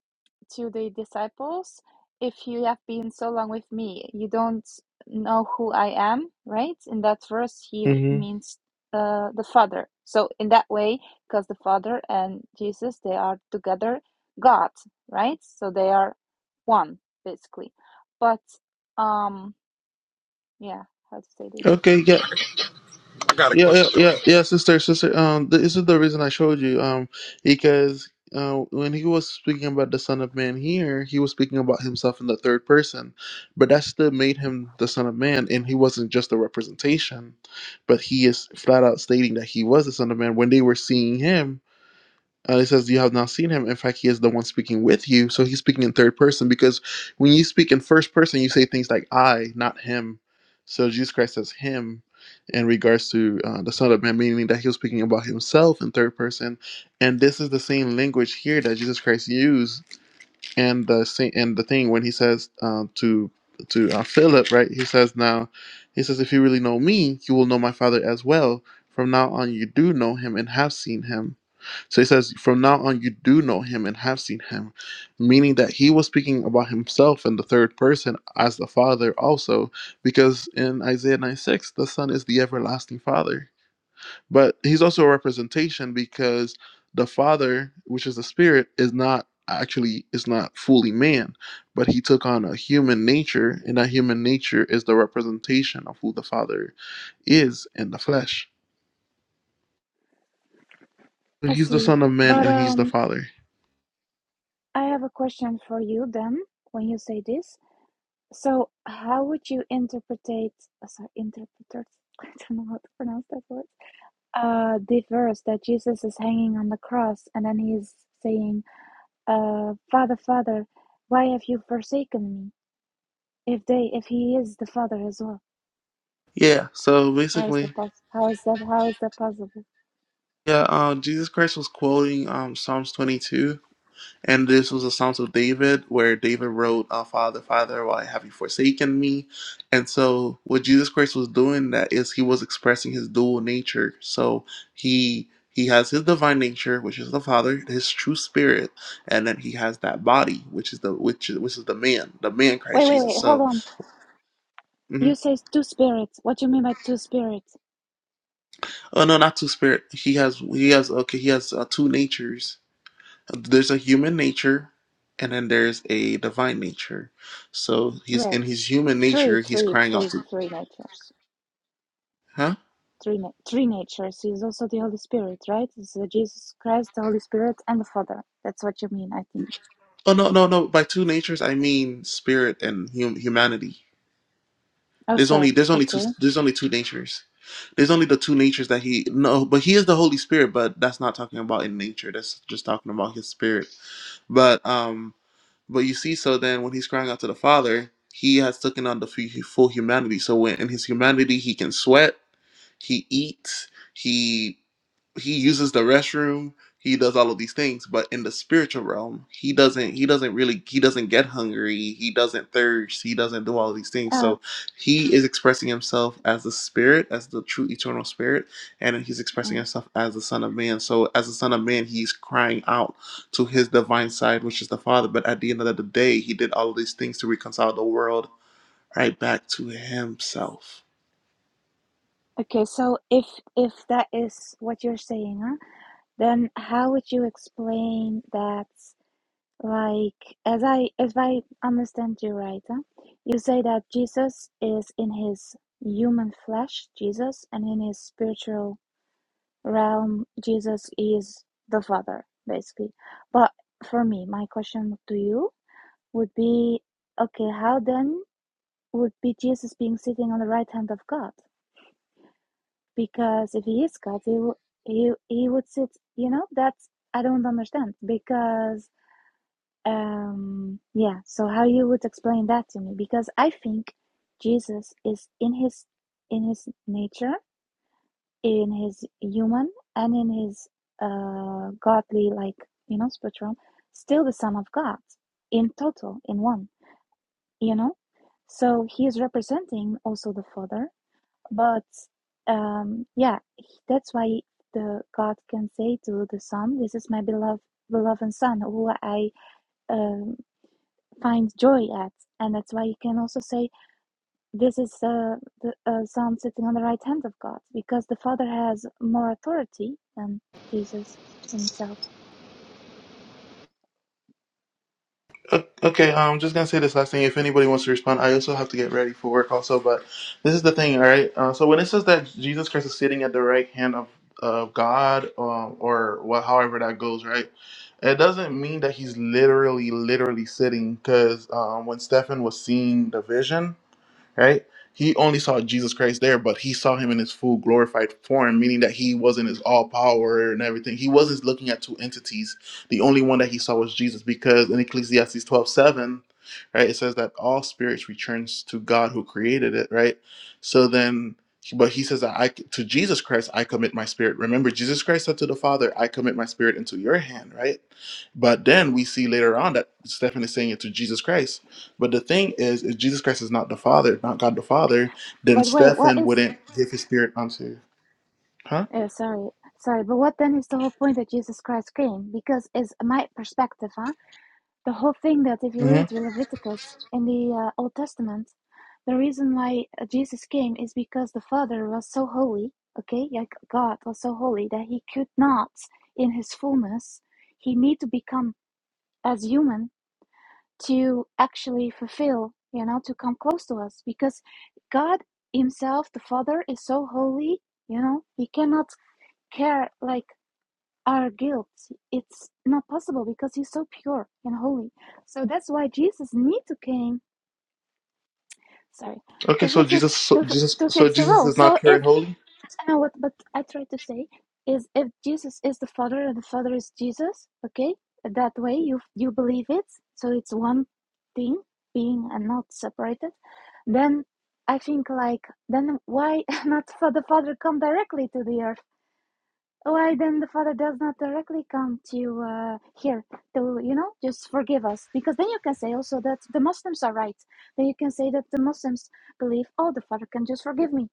S6: to the disciples, If you have been so long with me, you don't know who I am, right? In that verse, he
S1: Mm-hmm.
S6: means uh, the Father. So, in that way, because the Father and Jesus, they are together God, right? So, they are one, basically. But, um, yeah, how to say this?
S1: Okay. yeah.
S5: I got a
S1: Yeah,
S5: question,
S1: yeah,
S5: Jordan.
S1: yeah, yeah, sister, sister. Um, th- this is the reason I showed you. Um, because uh, when he was speaking about the Son of Man here, he was speaking about himself in the third person, but that still made him the Son of Man, and he wasn't just a representation, but he is flat out stating that he was the Son of Man when they were seeing him. Uh, it says, You have not seen him. In fact, he is the one speaking with you. So he's speaking in third person because when you speak in first person, you say things like I, not him. So Jesus Christ says him in regards to uh, the Son of Man, meaning that he was speaking about himself in third person. And this is the same language here that Jesus Christ used and the same and the thing when he says uh, to to uh, Philip, right? He says now, he says, if you really know me, you will know my Father as well. From now on, you do know him and have seen him. So he says, From now on, you do know him and have seen him, meaning that he was speaking about himself in the third person as the Father also, because in Isaiah 9 6, the Son is the everlasting Father. But he's also a representation because the Father, which is the Spirit, is not actually is not fully man but he took on a human nature and that human nature is the representation of who the father is in the flesh
S6: I
S1: he's the
S6: see.
S1: son of man
S6: But
S1: and he's the
S6: um,
S1: father
S6: I have a question for you then when you say this. So, how would you interpretate, uh, sorry, interpreters, *laughs* I don't know how to pronounce that word, uh, the verse that Jesus is hanging on the cross and then he's saying, uh, Father, Father, why have you forsaken me? If they, if he is the Father as well,
S1: yeah so
S6: how is
S1: basically
S6: that pos- How is that? How is that possible?
S1: Yeah, uh, Jesus Christ was quoting um, Psalms 22, and this was the Psalms of David, where David wrote, uh, "Father, Father, why have you forsaken me?" And so, what Jesus Christ was doing that is he was expressing his dual nature. So he he has his divine nature, which is the Father, his true spirit, and then he has that body, which is the which is, which is the man, the man
S6: Wait,
S1: Christ
S6: wait,
S1: Jesus.
S6: wait, hold
S1: So,
S6: on. You
S1: mhm.
S6: say two spirits. What do you mean by two spirits?
S1: oh no, not two spirit. He has he has okay, he has uh, two natures there's a human nature and then there's a divine nature. So he's
S6: Right,
S1: in his human
S6: three,
S1: nature, he's
S6: three,
S1: crying out
S6: three,
S1: to,
S6: three natures.
S1: huh?
S6: three na- three natures He is also the Holy Spirit, right? It's the Jesus Christ, the Holy Spirit, and the Father. That's what you mean, I think.
S1: Oh no, no, no. By two natures, I mean spirit and hum- humanity. There's only
S6: Also,
S1: there's only two
S6: okay.
S1: there's only two natures. There's only the two natures that he no, but he is the Holy Spirit, but that's not talking about in nature. That's just talking about his spirit. But um but you see so then when he's crying out to the Father, he has taken on the fu- full humanity. So when in his humanity he can sweat he eats he he uses the restroom he does all of these things but in the spiritual realm he doesn't he doesn't really he doesn't get hungry he doesn't thirst he doesn't do all of these things
S6: Uh,
S1: so he is expressing himself as the spirit as the true eternal spirit and he's expressing
S6: mm.
S1: himself as the son of man so as the son of man he's crying out to his divine side which is the father but at the end of the day he did all of these things to reconcile the world right back to himself
S6: okay. So if if that is what you're saying, huh, then how would you explain that? Like, as I as I understand you right, huh, you say that Jesus is in his human flesh, Jesus, and in his spiritual realm jesus is the father basically but for me my question to you would be okay how then would be jesus being sitting on the right hand of god because if he is god he he, he would sit you know that's i don't understand because um yeah so how you would explain that to me because i think jesus is in his in his nature in his human and in his uh, godly, like, you know, spectrum, still the Son of God in total, in one, you know? So he is representing also the Father, but um, yeah, that's why the God can say to the Son, This is my beloved, beloved Son, who I um, find joy at. And that's why he can also say, this is uh, the uh, son sitting on the right hand of God, because the Father has more authority than Jesus himself.
S1: O- Okay, I'm just gonna say this last thing. If anybody wants to respond, I also have to get ready for work also. But this is the thing, all right. Uh, so when it says that Jesus Christ is sitting at the right hand of of God, um, or what, however that goes, right? It doesn't mean that he's literally, literally sitting. Because um, when Stephen was seeing the vision right? He only saw Jesus Christ there, but he saw him in his full glorified form, meaning that he was in his all power and everything. He wasn't looking at two entities. The only one that he saw was Jesus, because in Ecclesiastes twelve seven, right, it says that all spirits returns to God who created it, right? So then but he says that I to Jesus Christ I commit my spirit. Remember, Jesus Christ said to the Father, I commit my spirit into your hand, right? But then we see later on that Stephen is saying it to Jesus Christ. But the thing is, if Jesus Christ is not the Father, not God the Father, then
S6: But wait, what
S1: Stephen
S6: is?
S1: wouldn't give his spirit unto. you. Huh?
S6: Uh, sorry, sorry. But what then is the whole point that Jesus Christ came? Because, as my perspective, huh? The whole thing that if you
S1: hmm
S6: read Leviticus in the uh, Old Testament, the reason why uh, Jesus came is because the Father was so holy. Okay, like God was so holy that he could not, in his fullness, he need to become as human to actually fulfill, you know, to come close to us because God Himself, the Father, is so holy, you know, He cannot care like our guilt. It's not possible because He's so pure and holy. So that's why Jesus need to came, sorry,
S1: Okay,
S6: to
S1: so Jesus,
S6: fix
S1: so
S6: to,
S1: Jesus,
S6: to
S1: so
S6: fix the
S1: Jesus
S6: role.
S1: is not
S6: So
S1: pure
S6: if
S1: and holy.
S6: and what but I try to say is if Jesus is the Father and the Father is Jesus, okay, that way you you believe it, so it's one thing being and not separated, then I think like then why *laughs* not for the Father come directly to the earth? Why then the Father does not directly come to uh, here to you know just forgive us? Because then you can say also that the Muslims are right. Then you can say that the Muslims believe, oh, the Father can just forgive me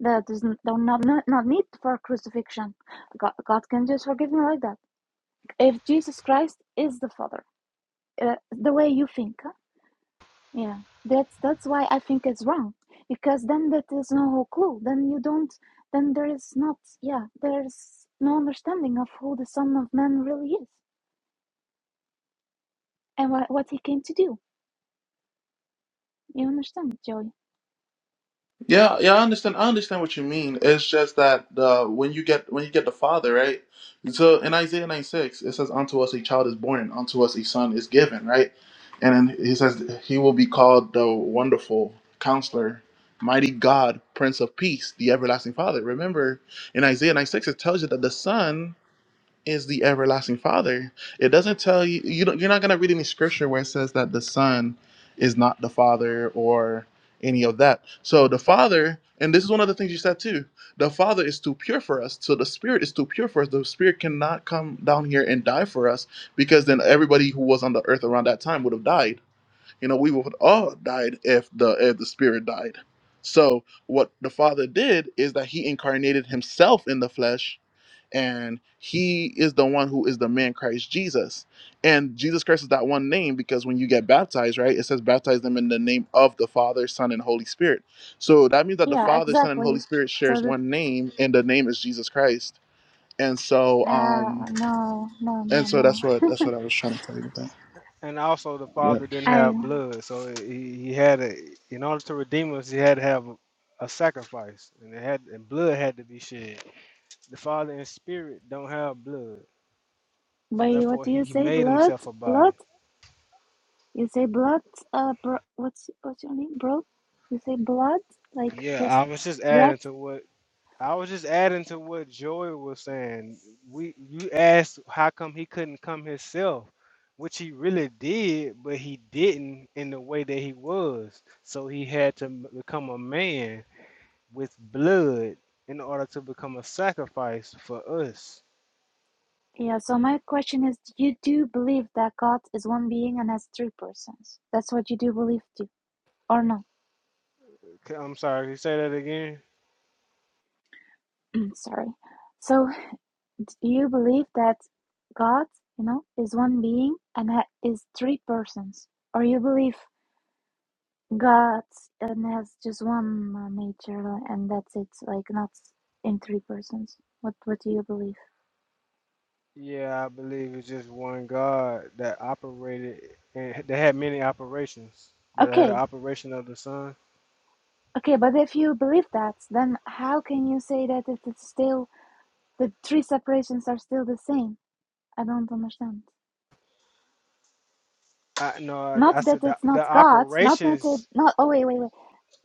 S6: that is n- no- not, not, not need for crucifixion. God, God can just forgive me like that. If Jesus Christ is the Father, uh, the way you think, huh? yeah, that's that's why I think it's wrong. Because then that is no clue. Then you don't. Then there is not. Yeah, there's no understanding of who the Son of Man really is and what what he came to do. You understand, Joey?
S1: Yeah, yeah, I understand. I understand what you mean. It's just that uh, when you get when you get the Father, right? So in Isaiah 96, it says, "Unto us a child is born, and unto us a son is given," right? And then he says, "He will be called the Wonderful Counselor, Mighty God, Prince of Peace, the Everlasting Father." Remember, in Isaiah 96, it tells you that the Son is the everlasting father it doesn't tell you, you don't, you're not going to read any scripture where it says that the son is not the father or any of that so the father and this is one of the things you said too the father is too pure for us so the spirit is too pure for us the spirit cannot come down here and die for us because then everybody who was on the earth around that time would have died you know we would have all died if the if the spirit died so what the father did is that he incarnated himself in the flesh and he is the one who is the man Christ Jesus. And Jesus Christ is that one name because when you get baptized, right, it says baptize them in the name of the Father, Son, and Holy Spirit. So that means that the
S6: Yeah,
S1: Father, Son, and Holy
S6: exactly.
S1: Spirit
S6: So
S1: shares
S6: that
S1: one name, and the name is Jesus Christ. And so, um,
S6: uh, no, no,
S1: and
S6: no,
S1: so
S6: no.
S1: that's what that's what I was trying to tell you with
S2: And also, the
S1: that.
S2: father didn't
S6: I
S2: have blood, so he, he had a in order to redeem us, he had to have a, a sacrifice, and it had and blood had to be shed. The father in spirit don't have blood, so
S6: wait. What
S2: therefore
S6: do
S2: he,
S6: you
S2: he
S6: say?
S2: made
S6: Blood,
S2: himself a
S6: blood.
S2: body.
S6: You say blood, uh, bro, what's what's your name, bro? You say blood, like
S2: Yeah,
S6: dress,
S2: I was just
S6: bread.
S2: adding to what I was just adding to what Joy was saying. We you asked how come he couldn't come himself, which he really did, but he didn't in the way that he was. So he had to m- become a man with blood in order to become a sacrifice for us.
S6: Yeah. So my question is, you do believe that God is one being and has three persons? That's what you do believe, do or no?
S2: C- I'm sorry, can you say that again?
S6: *clears throat* Sorry. So do you believe that God, you know, is one being and ha- is three persons, or you believe God and has just one uh, nature and that's it, like not in three persons? What What do you believe?
S2: Yeah, I believe it's just one God that operated and h- that had many operations. That had
S6: Okay.
S2: an operation of the sun.
S6: Okay, but if you believe that, then how can you say that it is still the three separations are still the same? I don't understand.
S2: I no, I,
S6: Not
S2: I
S6: that
S2: said the,
S6: it's not
S2: the
S6: God, not that it
S2: operations
S6: not oh wait, wait, wait.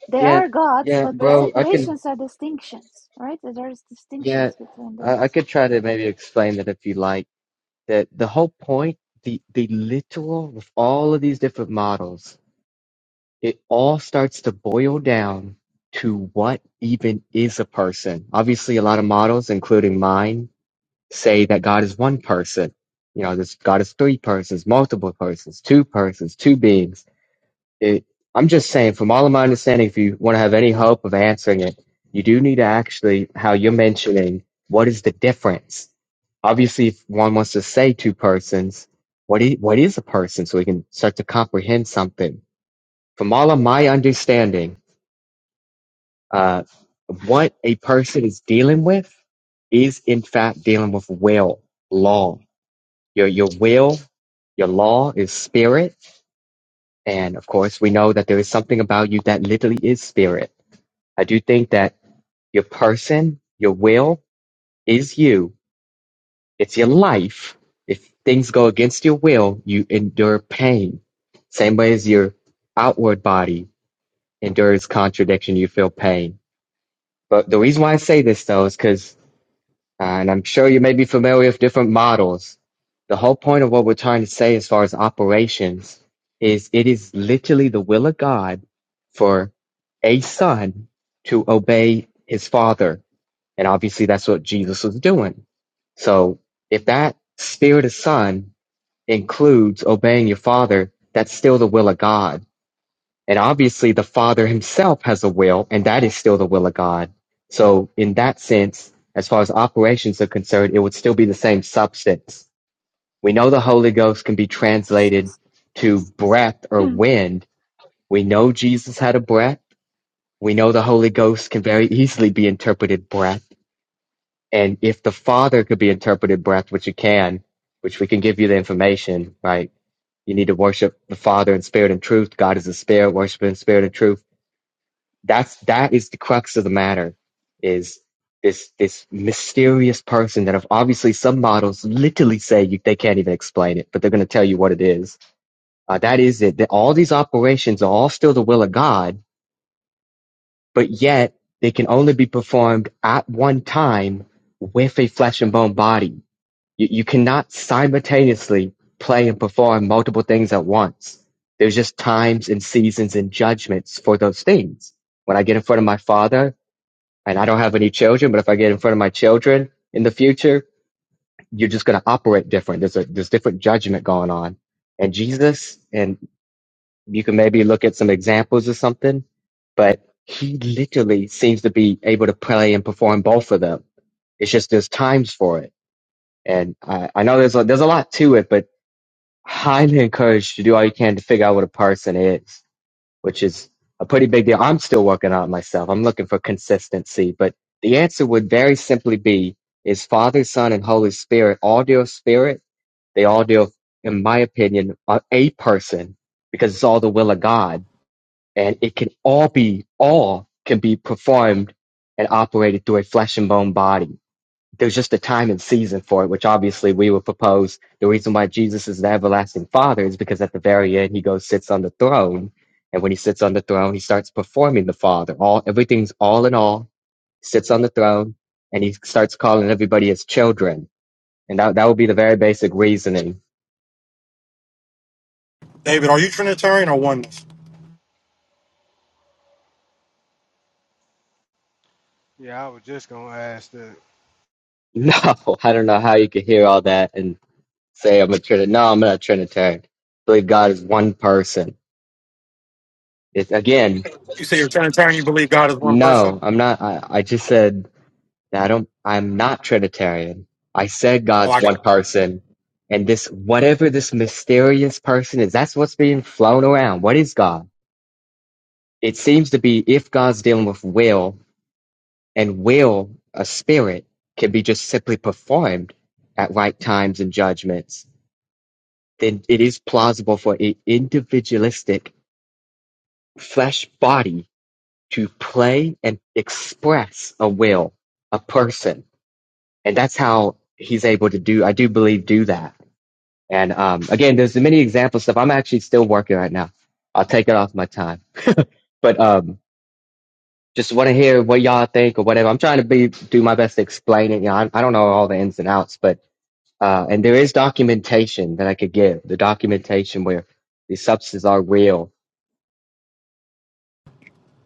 S6: There
S4: Yeah,
S6: are gods,
S4: yeah,
S6: but the
S4: bro. I can,
S6: separations are distinctions, right? There's
S4: yeah,
S6: distinctions between
S4: I, I
S6: those.
S4: could try to maybe explain that if you like. That the whole point, the the literal with all of these different models, it all starts to boil down to what even is a person. Obviously, a lot of models, including mine, say that God is one person. You know, this God is three persons, multiple persons, two persons, two beings It, I'm just saying, from all of my understanding, if you want to have any hope of answering it, you do need to actually, how you're mentioning, what is the difference? Obviously, if one wants to say two persons, what is, what is a person? So we can start to comprehend something. From all of my understanding, uh, what a person is dealing with is in fact dealing with will, law. Your, your will, your law is spirit. And of course, we know that there is something about you that literally is spirit I do think that your person, your will is you. It's your life. If things go against your will, you endure pain. Same way as your outward body endures contradiction, you feel pain. But the reason why I say this though is because, uh, and I'm sure you may be familiar with different models. The whole point of what we're trying to say as far as operations is it is literally the will of God for a son to obey his father And obviously that's what Jesus was doing. So if that spirit of son includes obeying your father, that's still the will of God. And obviously the father himself has a will and that is still the will of God. So in that sense, as far as operations are concerned, it would still be the same substance. We know the Holy Ghost can be translated to breath or
S6: *clears throat*
S4: wind. We know Jesus had a breath. We know the Holy Ghost can very easily be interpreted breath And if the Father could be interpreted breath, which it can, which we can give you the information, right? You need to worship the Father in spirit and truth. God is a spirit, worship in spirit and truth. That's that is the crux of the matter, is this this mysterious person that have obviously some models literally say you, they can't even explain it, but they're going to tell you what it is. Uh, that is it. That all these operations are all still the will of God, but yet they can only be performed at one time with a flesh and bone body You, you cannot simultaneously play and perform multiple things at once. There's just times and seasons and judgments for those things. When I get in front of my father, and I don't have any children, but if I get in front of my children in the future, you're just going to operate different. There's a there's different judgment going on. And Jesus, and you can maybe look at some examples or something, but he literally seems to be able to play and perform both of them. It's just there's times for it and I, I know there's a, there's a lot to it, but highly encouraged to do all you can to figure out what a person is, which is a pretty big deal. I'm still working on it myself. I'm looking for consistency, but the answer would very simply be is Father, Son, and Holy Spirit all deal with spirit? They all deal, in my opinion, on a person because it's all the will of God and it can all be, all can be performed and operated through a flesh and bone body there's just a time and season for it, which obviously we would propose the reason why Jesus is the everlasting Father is because at the very end he goes sits on the throne, and when he sits on the throne, he starts performing the Father. All everything's all in all, sits on the throne, and he starts calling everybody his children. And that that would be the very basic reasoning. *laughs*
S5: David, are you Trinitarian or oneness?
S2: Yeah, I was just gonna ask that.
S4: No, I don't know how you could hear all that and say I'm a Trinitarian. No, I'm not a Trinitarian. I believe God is one person. It's again,
S5: You say you're Trinitarian. You believe God is one
S4: no,
S5: person.
S4: I'm not. I, I just said. Now, I don't, I'm not Trinitarian. I said
S5: Oh,
S4: God's
S5: I got
S4: one
S5: it.
S4: person. And this,
S5: Okay.
S4: whatever this mysterious person is, that's what's being flown around. What is God? It seems to be if God's dealing with will and will, a spirit, can be just simply performed at right times and judgments, then it is plausible for an individualistic flesh body to play and express a will, a person. And that's how he's able to do, I do believe, do that And um, again, there's many examples stuff. I'm actually still working right now. I'll take it off my time, but um, just want to hear what y'all think or whatever. I'm trying to be do my best to explain it. You know, I, I don't know all the ins and outs, but uh, and there is documentation that I could give. The documentation where the substances are real.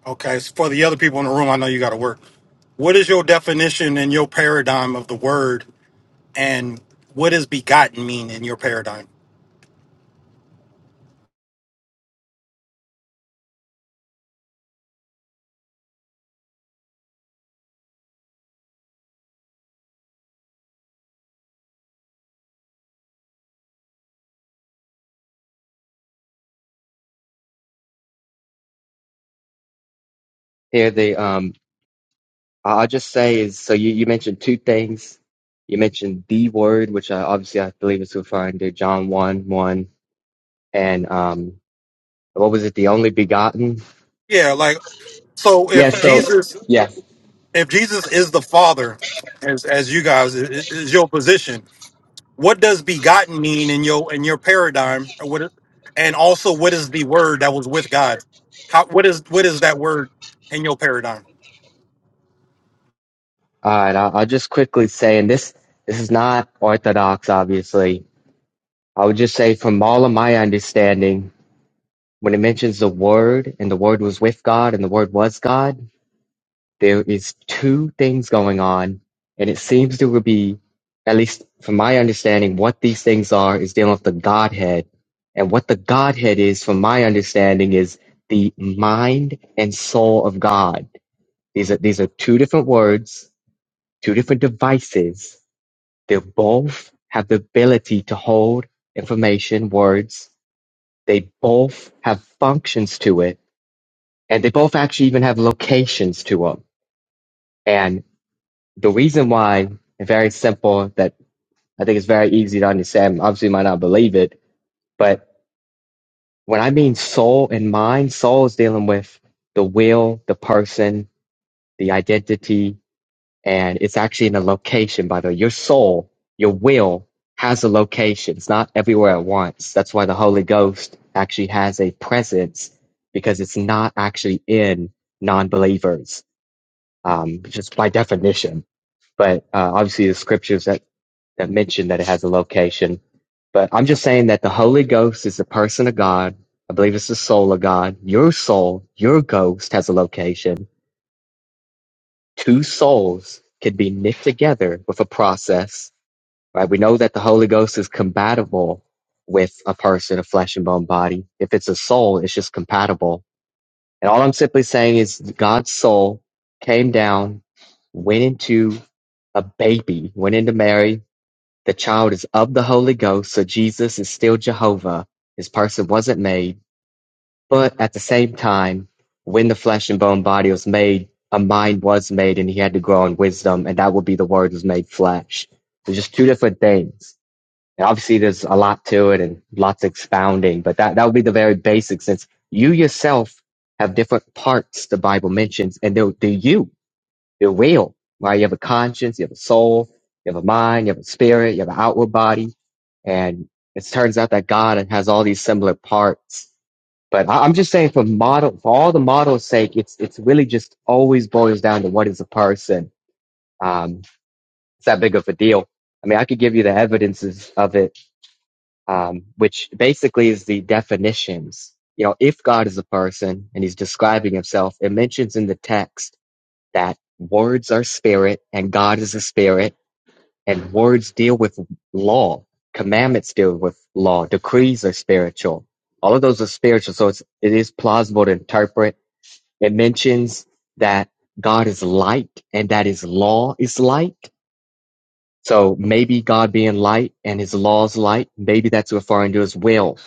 S5: Okay. So for the other people in the room, I know you got to work. What is your definition and your paradigm of the word, and what does begotten mean in your paradigm?
S4: Here, the um, I- I'll just say is so you you mentioned two things. You mentioned the word, which I, obviously I believe is referring to John one one, and um, what was it? The only begotten.
S5: Yeah, like so.
S4: Yeah.
S5: If
S4: So
S5: Jesus,
S4: yeah.
S5: if Jesus is the Father, as as you guys i- i- is your position, what does begotten mean in your in your paradigm or what and also what is the word that was with god how what is what is that word in your paradigm
S4: All right, I'll, I'll just quickly say, and this this is not orthodox, obviously. I would just say, from all of my understanding, when it mentions the Word and the Word was with God and the Word was God, there is two things going on, and it seems to be, at least from my understanding, what these things are is dealing with the Godhead, and what the Godhead is, from my understanding, is the mind and soul of God. These are these are two different words, two different devices They both have the ability to hold information, words. They both have functions to it. And they both actually even have locations to them. And the reason why, very simple, that I think it's very easy to understand. Obviously, you might not believe it, but when I mean soul and mind, soul is dealing with the will, the person, the identity, and it's actually in a location by the way your soul your will has a location it's not everywhere at once that's why the holy ghost actually has a presence because it's not actually in non-believers um, just by definition but uh, obviously the scriptures that, that mention that it has a location but i'm just saying that the holy ghost is the person of god i believe it's the soul of god your soul your ghost has a location two souls can be knit together with a process, right? We know that the Holy Ghost is compatible with a person, a flesh and bone body. If it's a soul, it's just compatible. And all I'm simply saying is God's soul came down, went into a baby, went into Mary. The child is of the Holy Ghost, so Jesus is still Jehovah. His person wasn't made. But at the same time, when the flesh and bone body was made, a mind was made and he had to grow in wisdom, and that would be the word was made flesh. There's just two different things. And obviously there's a lot to it and lots of expounding, but that, that would be the very basic since you yourself have different parts the Bible mentions, and they're, they're you. They're real, right? You have a conscience, you have a soul, you have a mind, you have a spirit, you have an outward body, and it turns out that God has all these similar parts but I, I'm just saying, for model, for all the model's sake, it's it's really just always boils down to what is a person. Um, it's that big of a deal. I mean, I could give you the evidences of it, um, which basically is the definitions. You know, if God is a person and He's describing Himself, it mentions in the text that words are spirit and God is a spirit, and words deal with law, commandments deal with law, decrees are spiritual. All of those are spiritual, so it's it is plausible to interpret it mentions that God is light and that his law is light. So maybe God being light and his laws light, maybe that's referring to his will.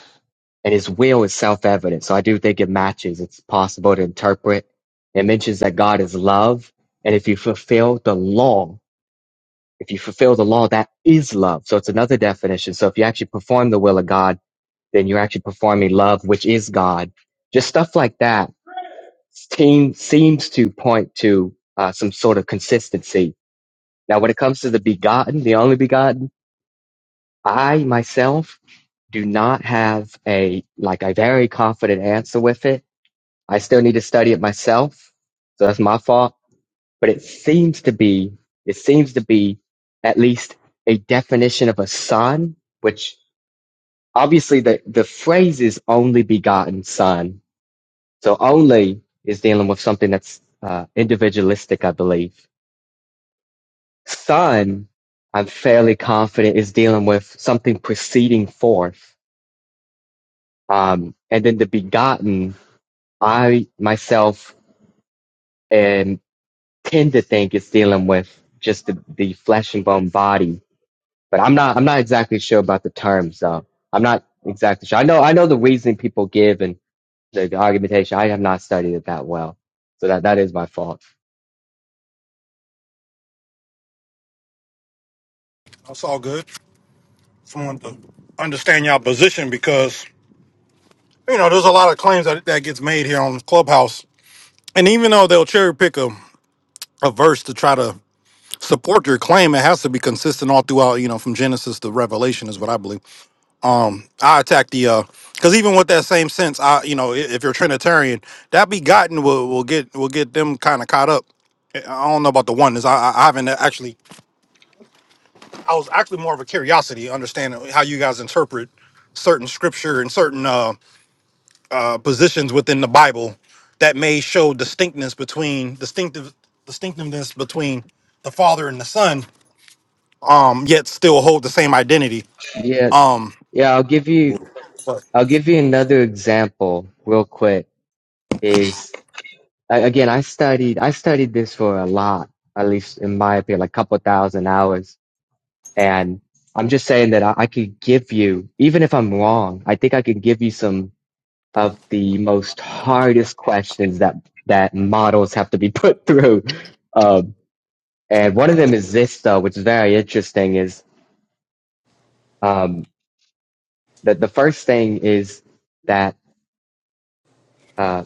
S4: And his will is self evident. So I do think it matches. It's possible to interpret. It mentions that God is love. And if you fulfill the law, if you fulfill the law, that is love. So it's another definition. So if you actually perform the will of God, then you're actually performing love, which is God. Just stuff like that seems seems to point to uh, some sort of consistency. Now, when it comes to the begotten, the only begotten, I myself do not have a like a very confident answer with it. I still need to study it myself, so that's my fault. But it seems to be it seems to be at least a definition of a son, which obviously the the phrase is only begotten son. So only is dealing with something that's uh, individualistic, I believe Sun, I'm fairly confident is dealing with something proceeding forth. Um, and then the begotten, I myself and tend to think it's dealing with just the, the flesh and bone body. But I'm not I'm not exactly sure about the terms though. I'm not exactly sure. I know I know the reasoning people give and the, the argumentation. I have not studied it that well. So that, that is my fault.
S5: that's all good just wanted to understand your position because you know there's a lot of claims that, that gets made here on clubhouse and even though they'll cherry pick a, a verse to try to support your claim it has to be consistent all throughout you know from genesis to revelation is what i believe I attack the uh because even with that same sense, I you know i- if you're Trinitarian, that begotten will will get will get them kind of caught up. I I don't know about the oneness. I, I I haven't actually. I was actually more of a curiosity, understanding how you guys interpret certain scripture and certain uh, uh positions within the Bible that may show distinctness between distinctive distinctiveness between the Father and the Son. Um, yet still hold the same identity.
S4: Yeah.
S5: Um,
S4: Yeah, I'll give you
S5: but
S4: I'll give you another example real quick Is I, again, I studied I studied this for a lot, at least in my opinion, like a couple thousand hours. And I'm just saying that I, I could give you, even if I'm wrong, I think I could give you some of the most hardest questions that that models have to be *laughs* put through. Um, and one of them is this though, which is very interesting. Is um, that the first thing is that uh,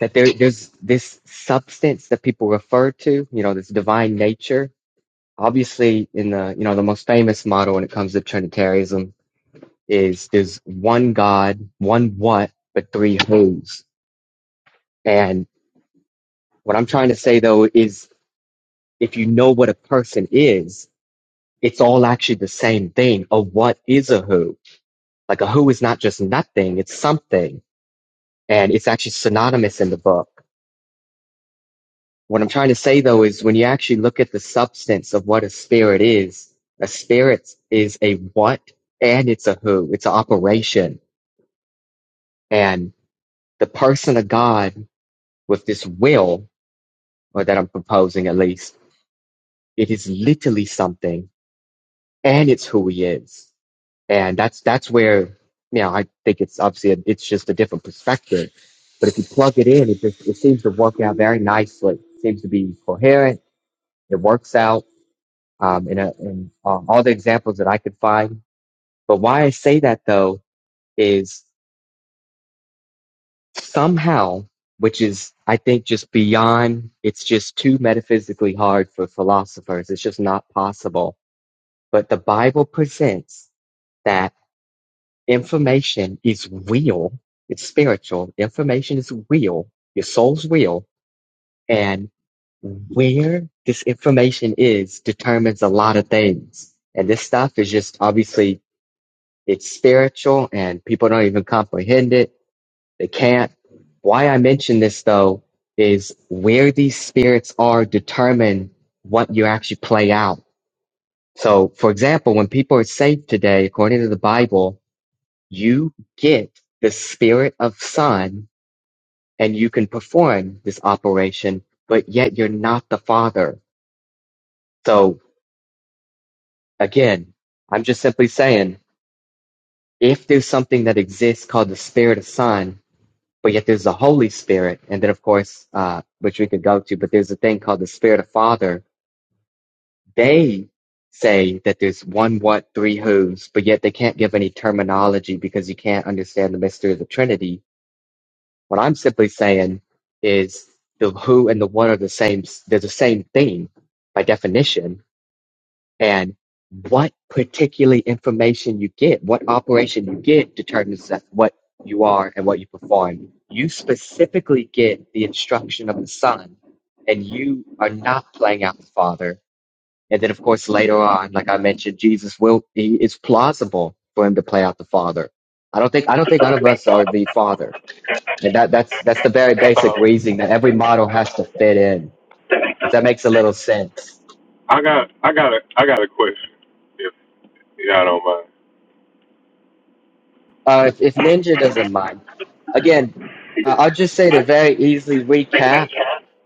S4: that there, there's this substance that people refer to, you know, this divine nature obviously in the you know the most famous model when it comes to trinitarianism is there's one god one what but three who's and what i'm trying to say though is if you know what a person is it's all actually the same thing a what is a who like a who is not just nothing it's something and it's actually synonymous in the book what i'm trying to say though is when you actually look at the substance of what a spirit is a spirit is a what and it's a who it's an operation And the person of God with this will, or that I'm proposing at least, it is literally something and it's who he is. And that's, that's where, you know, I think it's obviously, a, it's just a different perspective. But if you plug it in, it, just, it seems to work out very nicely. It seems to be coherent. It works out um, in, a, in um, all the examples that I could find. But why I say that though is somehow, which is, I think, just beyond, it's just too metaphysically hard for philosophers. It's just not possible. But the Bible presents that information is real, it's spiritual, information is real, your soul's real, and where this information is determines a lot of things. And this stuff is just obviously it's spiritual and people don't even comprehend it They can't. Why I mention this though is where these spirits are determine what you actually play out. So, for example, when people are saved today, according to the Bible, you get the spirit of son and you can perform this operation, but yet you're not the father. So again, I'm just simply saying if there's something that exists called the spirit of son but yet there's the Holy Spirit, and then of course, uh, which we could go to, but there's a thing called the Spirit of Father. They say that there's one what, three who's, but yet they can't give any terminology because you can't understand the mystery of the Trinity. What I'm simply saying is the who and the what are the same. They're the same thing by definition and what particularly information you get, what operation you get determines what you are and what you perform. You specifically get the instruction of the Son, and you are not playing out the Father. And then, of course, later on, like I mentioned, Jesus will. He, it's plausible for him to play out the Father. I don't think. I don't think none of us are the Father, and that, that's that's the very basic reasoning that every model has to fit in. If that makes a little sense.
S7: I got I got a I got a question, if y'all don't mind.
S4: Uh, if, if Ninja doesn't mind, again, uh, I'll just say to very easily recap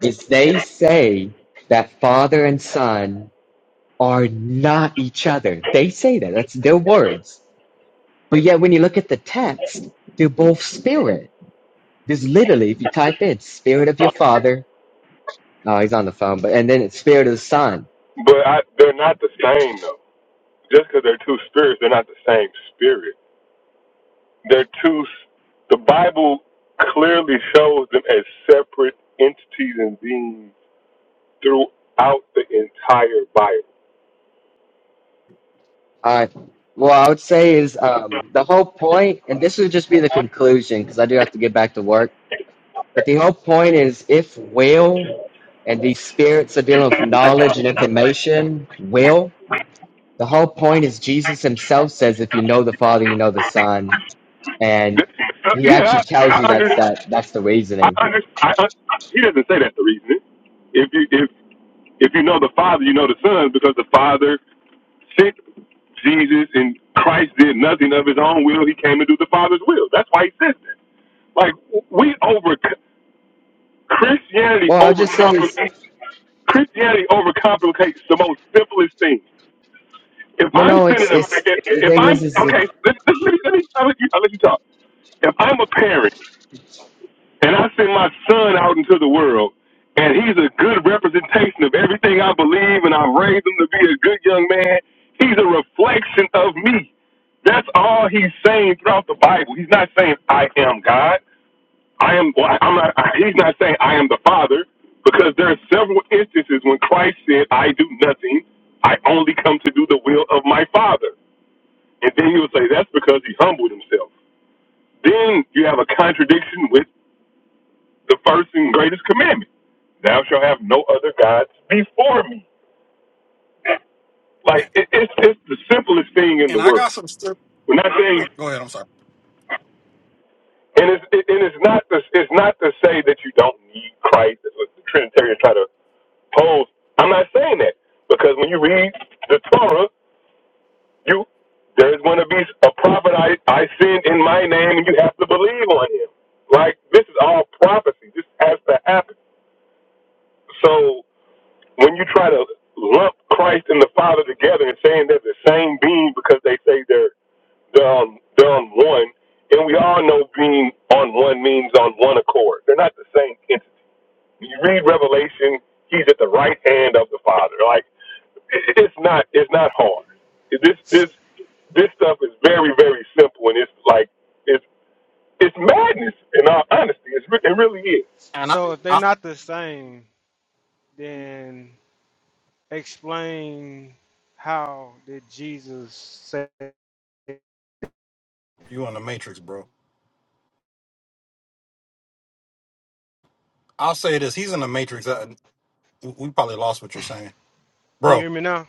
S4: is they say that father and son are not each other. They say that. That's their words. But yet, when you look at the text, they're both spirit. There's literally, if you type in spirit of your father, oh, he's on the phone, but and then it's spirit of the son.
S7: But I, they're not the same though. Just because they're two spirits, they're not the same spirit. They're two. s- The Bible clearly shows them as separate entities and beings throughout the entire Bible.
S4: All right. well, I would say is um, the whole point, and this would just be the conclusion because I do have to get back to work But the whole point is if will and these spirits are dealing with knowledge and information, will, the whole point is Jesus himself says, if you know the Father, you know the Son. And
S7: This- uh,
S4: he
S7: yeah,
S4: actually
S7: I,
S4: tells you
S7: I under
S4: that's that that's the
S7: I
S4: reasoning.
S7: under I, I, he doesn't say that's the reason. If you if If you know the Father, you know the Son because the Father sent Jesus and Christ did nothing of his own will. He came to do the Father's will. That's why he sent it. Like we over Christianity
S4: Well, I'll just say is
S7: overcomplicates Christianity overcomplicates the most simplest thing. If
S4: well
S7: I'm
S4: no,
S7: sending
S4: it's
S7: them,
S4: it's the
S7: if
S4: thing
S7: I'm
S4: is is if
S7: okay, let, let, let, me, let me I'll let you I'll let you talk. If I'm a parent and I send my son out into the world, and he's a good representation of everything I believe, and I've raised him to be a good young man. He's a reflection of me. That's all he's saying throughout the Bible. He's not saying I am God. I am. Well, I'm not. he's not saying I am the Father because there are several instances when Christ said, "I do nothing. I only come to do the will of my Father." And then you'll say that's because he humbled himself. Then you have a contradiction with the first and greatest commandment. Thou shalt have no other gods before me. Like
S5: and,
S7: it, it's it's the simplest thing in
S5: and
S7: the
S5: I got
S7: world.
S5: some. scrip-
S7: We're not saying,
S5: Oh, go ahead. I'm sorry.
S7: and it's it, and it's not to, it's not to say that you don't need Christ. That's what the Trinitarians try to pose. I'm not saying that because when you read the Torah, you there's going to be a prophet I I send in my name, and you have to believe on him. Like this is all prophecy. This has to happen. So when you try to lump Christ and the Father together and saying they're the same being because they say they're they're on, they're on one, and we all know being on one means on one accord. They're not the same entity. When you read Revelation, he's at the right hand of the Father. Like it- it's not it's not hard. This
S2: S-
S7: this this stuff is very very simple, and it's like it's it's madness. In all honesty, it's, re- it really is.
S5: And I,
S2: So if they're
S5: I
S2: not the same, then explain how did Jesus say? Can
S5: You in the matrix, bro. I'll say this. He's in the matrix. Uh, We probably lost what you're saying.
S2: you
S5: Bro,
S2: hear me now?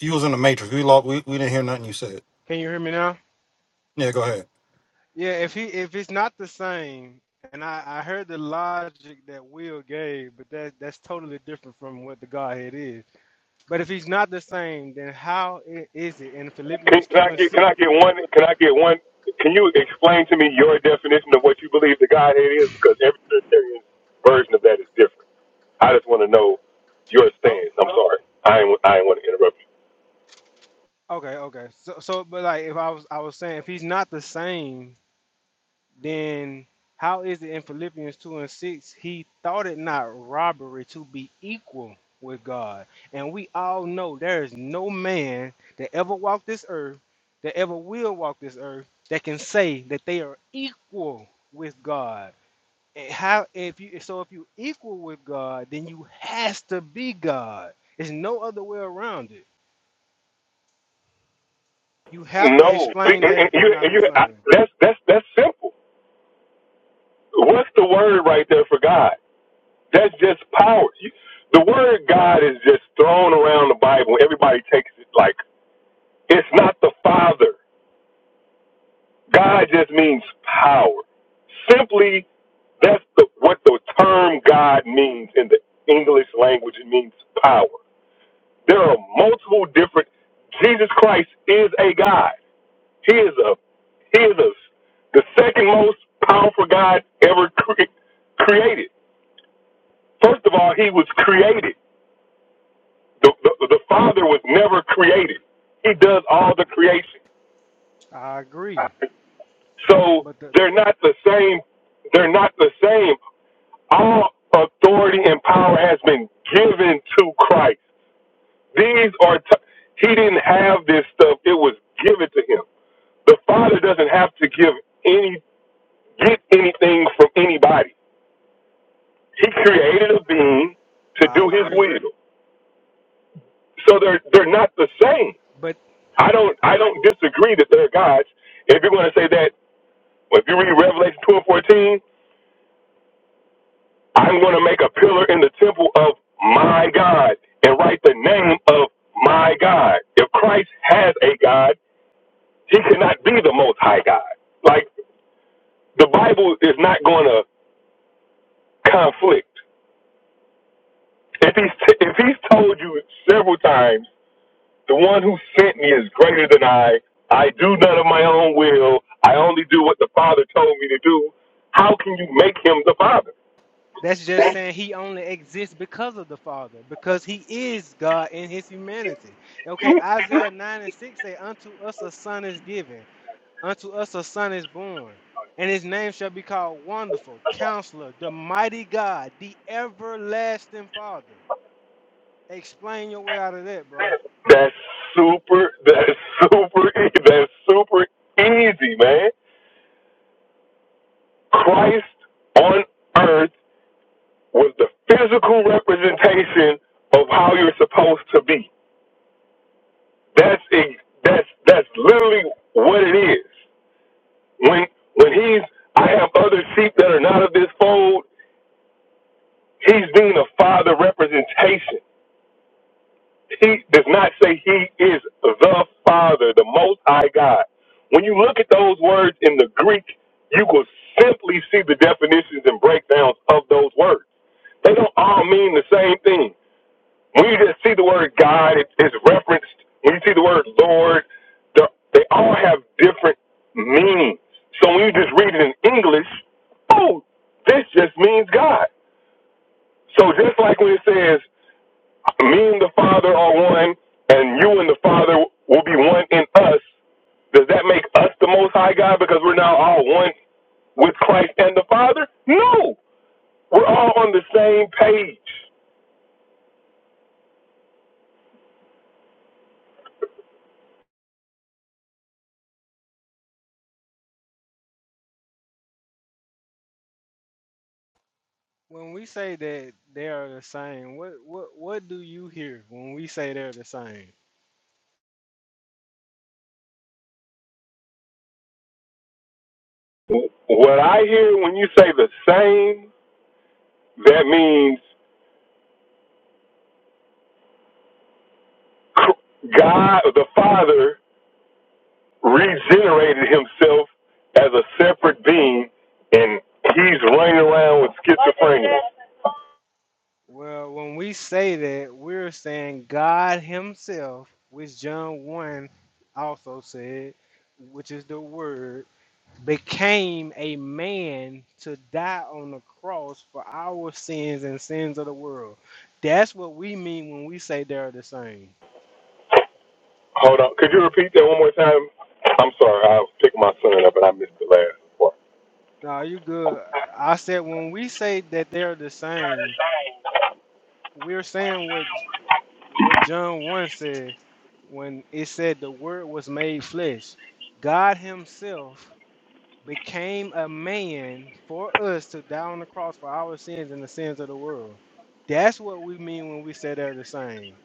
S5: you was in the matrix. We lost we, we didn't hear nothing you said.
S2: Can you hear me now?
S5: Yeah, go ahead.
S2: Yeah, if he if it's not the same, and I I heard the logic that Will gave, but that that's totally different from what the Godhead is. But if he's not the same, then how i- is it in
S7: Can,
S2: Philippians
S7: can
S2: two
S7: I
S2: and
S7: get can
S2: six?
S7: I get one can I get one can you explain to me your definition of what you believe the Godhead is? Because every Trinitarian's version of that is different. I just want to know your
S2: Oh,
S7: stance. I'm sorry. I ain't I ain't want to interrupt
S2: okay, okay. So so, but like if I was I was saying if he's not the same then how is it in Philippians 2 and 6? He thought it not robbery to be equal with God. And we all know there is no man that ever walked this earth, that ever will walk this earth, that can say that they are equal with God. And how if you so if you equal with God, then you has to be God. There's no other way around it. You
S7: you.
S2: have to
S7: No, see,
S2: explain
S7: and-
S2: that
S7: and
S2: if
S7: you,
S2: they're
S7: and
S2: not the
S7: you, I,
S2: same.
S7: that's that's that's simple. What's the word right there for God? That's just power. You, the word God is just thrown around the Bible. Everybody takes it like it's not the Father. God just means power. Simply, that's the, what the term God means in the English language. It means power. There are multiple different. Jesus Christ is a God. He is a he is a, the second most powerful God ever cre- created. First of all, he was created. The, the the Father was never created. He does all the creation.
S2: I agree.
S7: So
S2: But the
S7: they're not the same. They're not the same. All authority and power has been given to Christ. These are, t- he didn't have this stuff. It was given to him. The Father doesn't have to give any, get anything from anybody. He created a being to
S2: I
S7: do his
S2: agree.
S7: will. So they're, they're not the same.
S2: but.
S7: I don't, I don't disagree that they're gods. If you're going to say that, if you read Revelation 2 and 14, I'm going to make a pillar in the temple of my God and write the name of my God. If Christ has a God, he cannot be the most high God. Like the Bible is not going to conflict. If he's, if he's told you several times, the one who sent me is greater than I, I do none of my own will, I only do what the Father told me to do, how can you make him the Father?
S2: That's just saying he only exists because of the Father, because he is God in his humanity. Okay, Isaiah 9 and 6 say, Unto us a son is given, unto us a son is born, and his name shall be called Wonderful, Counselor, the Mighty God, the Everlasting Father. Explain your way out of that, bro.
S7: That's super. That's *laughs* super. e- That's super easy, man. Christ on earth was the physical representation of how you're supposed to be. That's ex- that's that's literally what it is. When when he's I have other sheep that are not of this fold. He's being a father representation. He does not say he is the Father, the Most High God. When you look at those words in the Greek, you will simply see the definitions and breakdowns of those words. They don't all mean the same thing. When you just see the word God, it- it's referenced. When you see the word Lord, the- they all have different meanings. So when you just read it in English, oh, this just means God. So just like when it says me and the Father are one, and you and the Father will be one in us. Does that make us the Most High God because we're now all one with Christ and the Father? No, we're all on the same page.
S2: When we say that they are the same, what what what do you hear when we say they're the same?
S7: What I hear when you say the same, that means God, the Father, regenerated Himself as a separate being, and He's running around with schizophrenia.
S2: Well, when we say that, we're saying God Himself, which John 1 also said, which is the Word, became a man to die on the cross for our sins and sins of the world. That's what we mean when we say they're the same.
S7: Hold on. Could you repeat that one more time? I'm sorry. I picked my son up and I missed the last part.
S2: Now, you good? I said when we say that they're the same, we're saying what what John 1 said when it said the Word was made flesh. God Himself became a man for us to die on the cross for our sins and the sins of the world. That's what we mean when we say they're the same.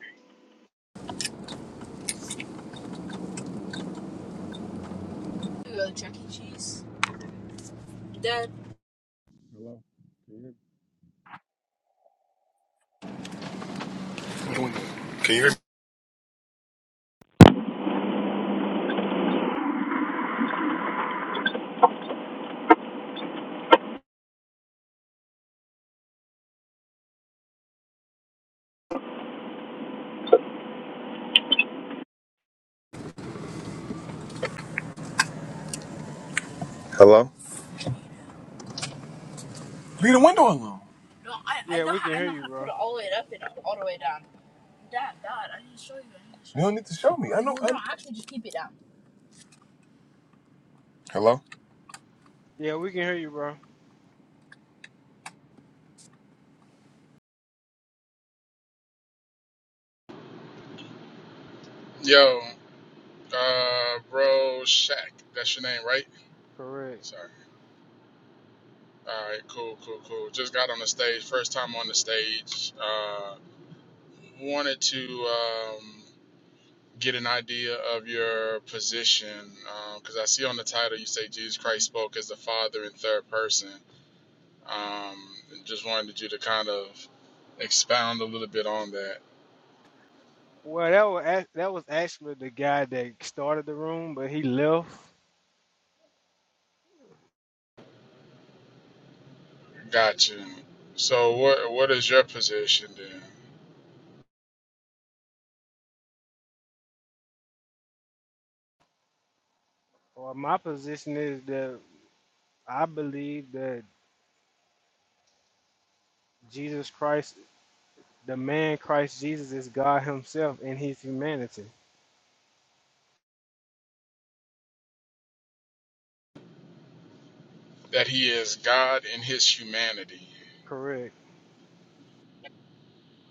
S7: Hello? Leave the window alone.
S2: Yeah, we can hear you, bro.
S7: You don't need to show me. I know. I No, I can just keep it down. Hello.
S2: Yeah, we can hear you, bro.
S8: Yo, uh, bro, Shaq. That's your name, right?
S2: Correct.
S8: Sorry. All right, cool, cool, cool. Just got on the stage. First time on the stage. Uh, wanted to um, get an idea of your position because I see on the title you say Jesus Christ spoke as the Father in third person. Um, just wanted you to kind of expound a little bit on that.
S2: Well, that was ac- that was actually the guy that started the room, but he left.
S8: Gotcha. So, what what is your position then?
S2: Or my position is that I believe that Jesus Christ, the man Christ Jesus, is God Himself in His humanity.
S8: That he is God in his humanity.
S2: Correct.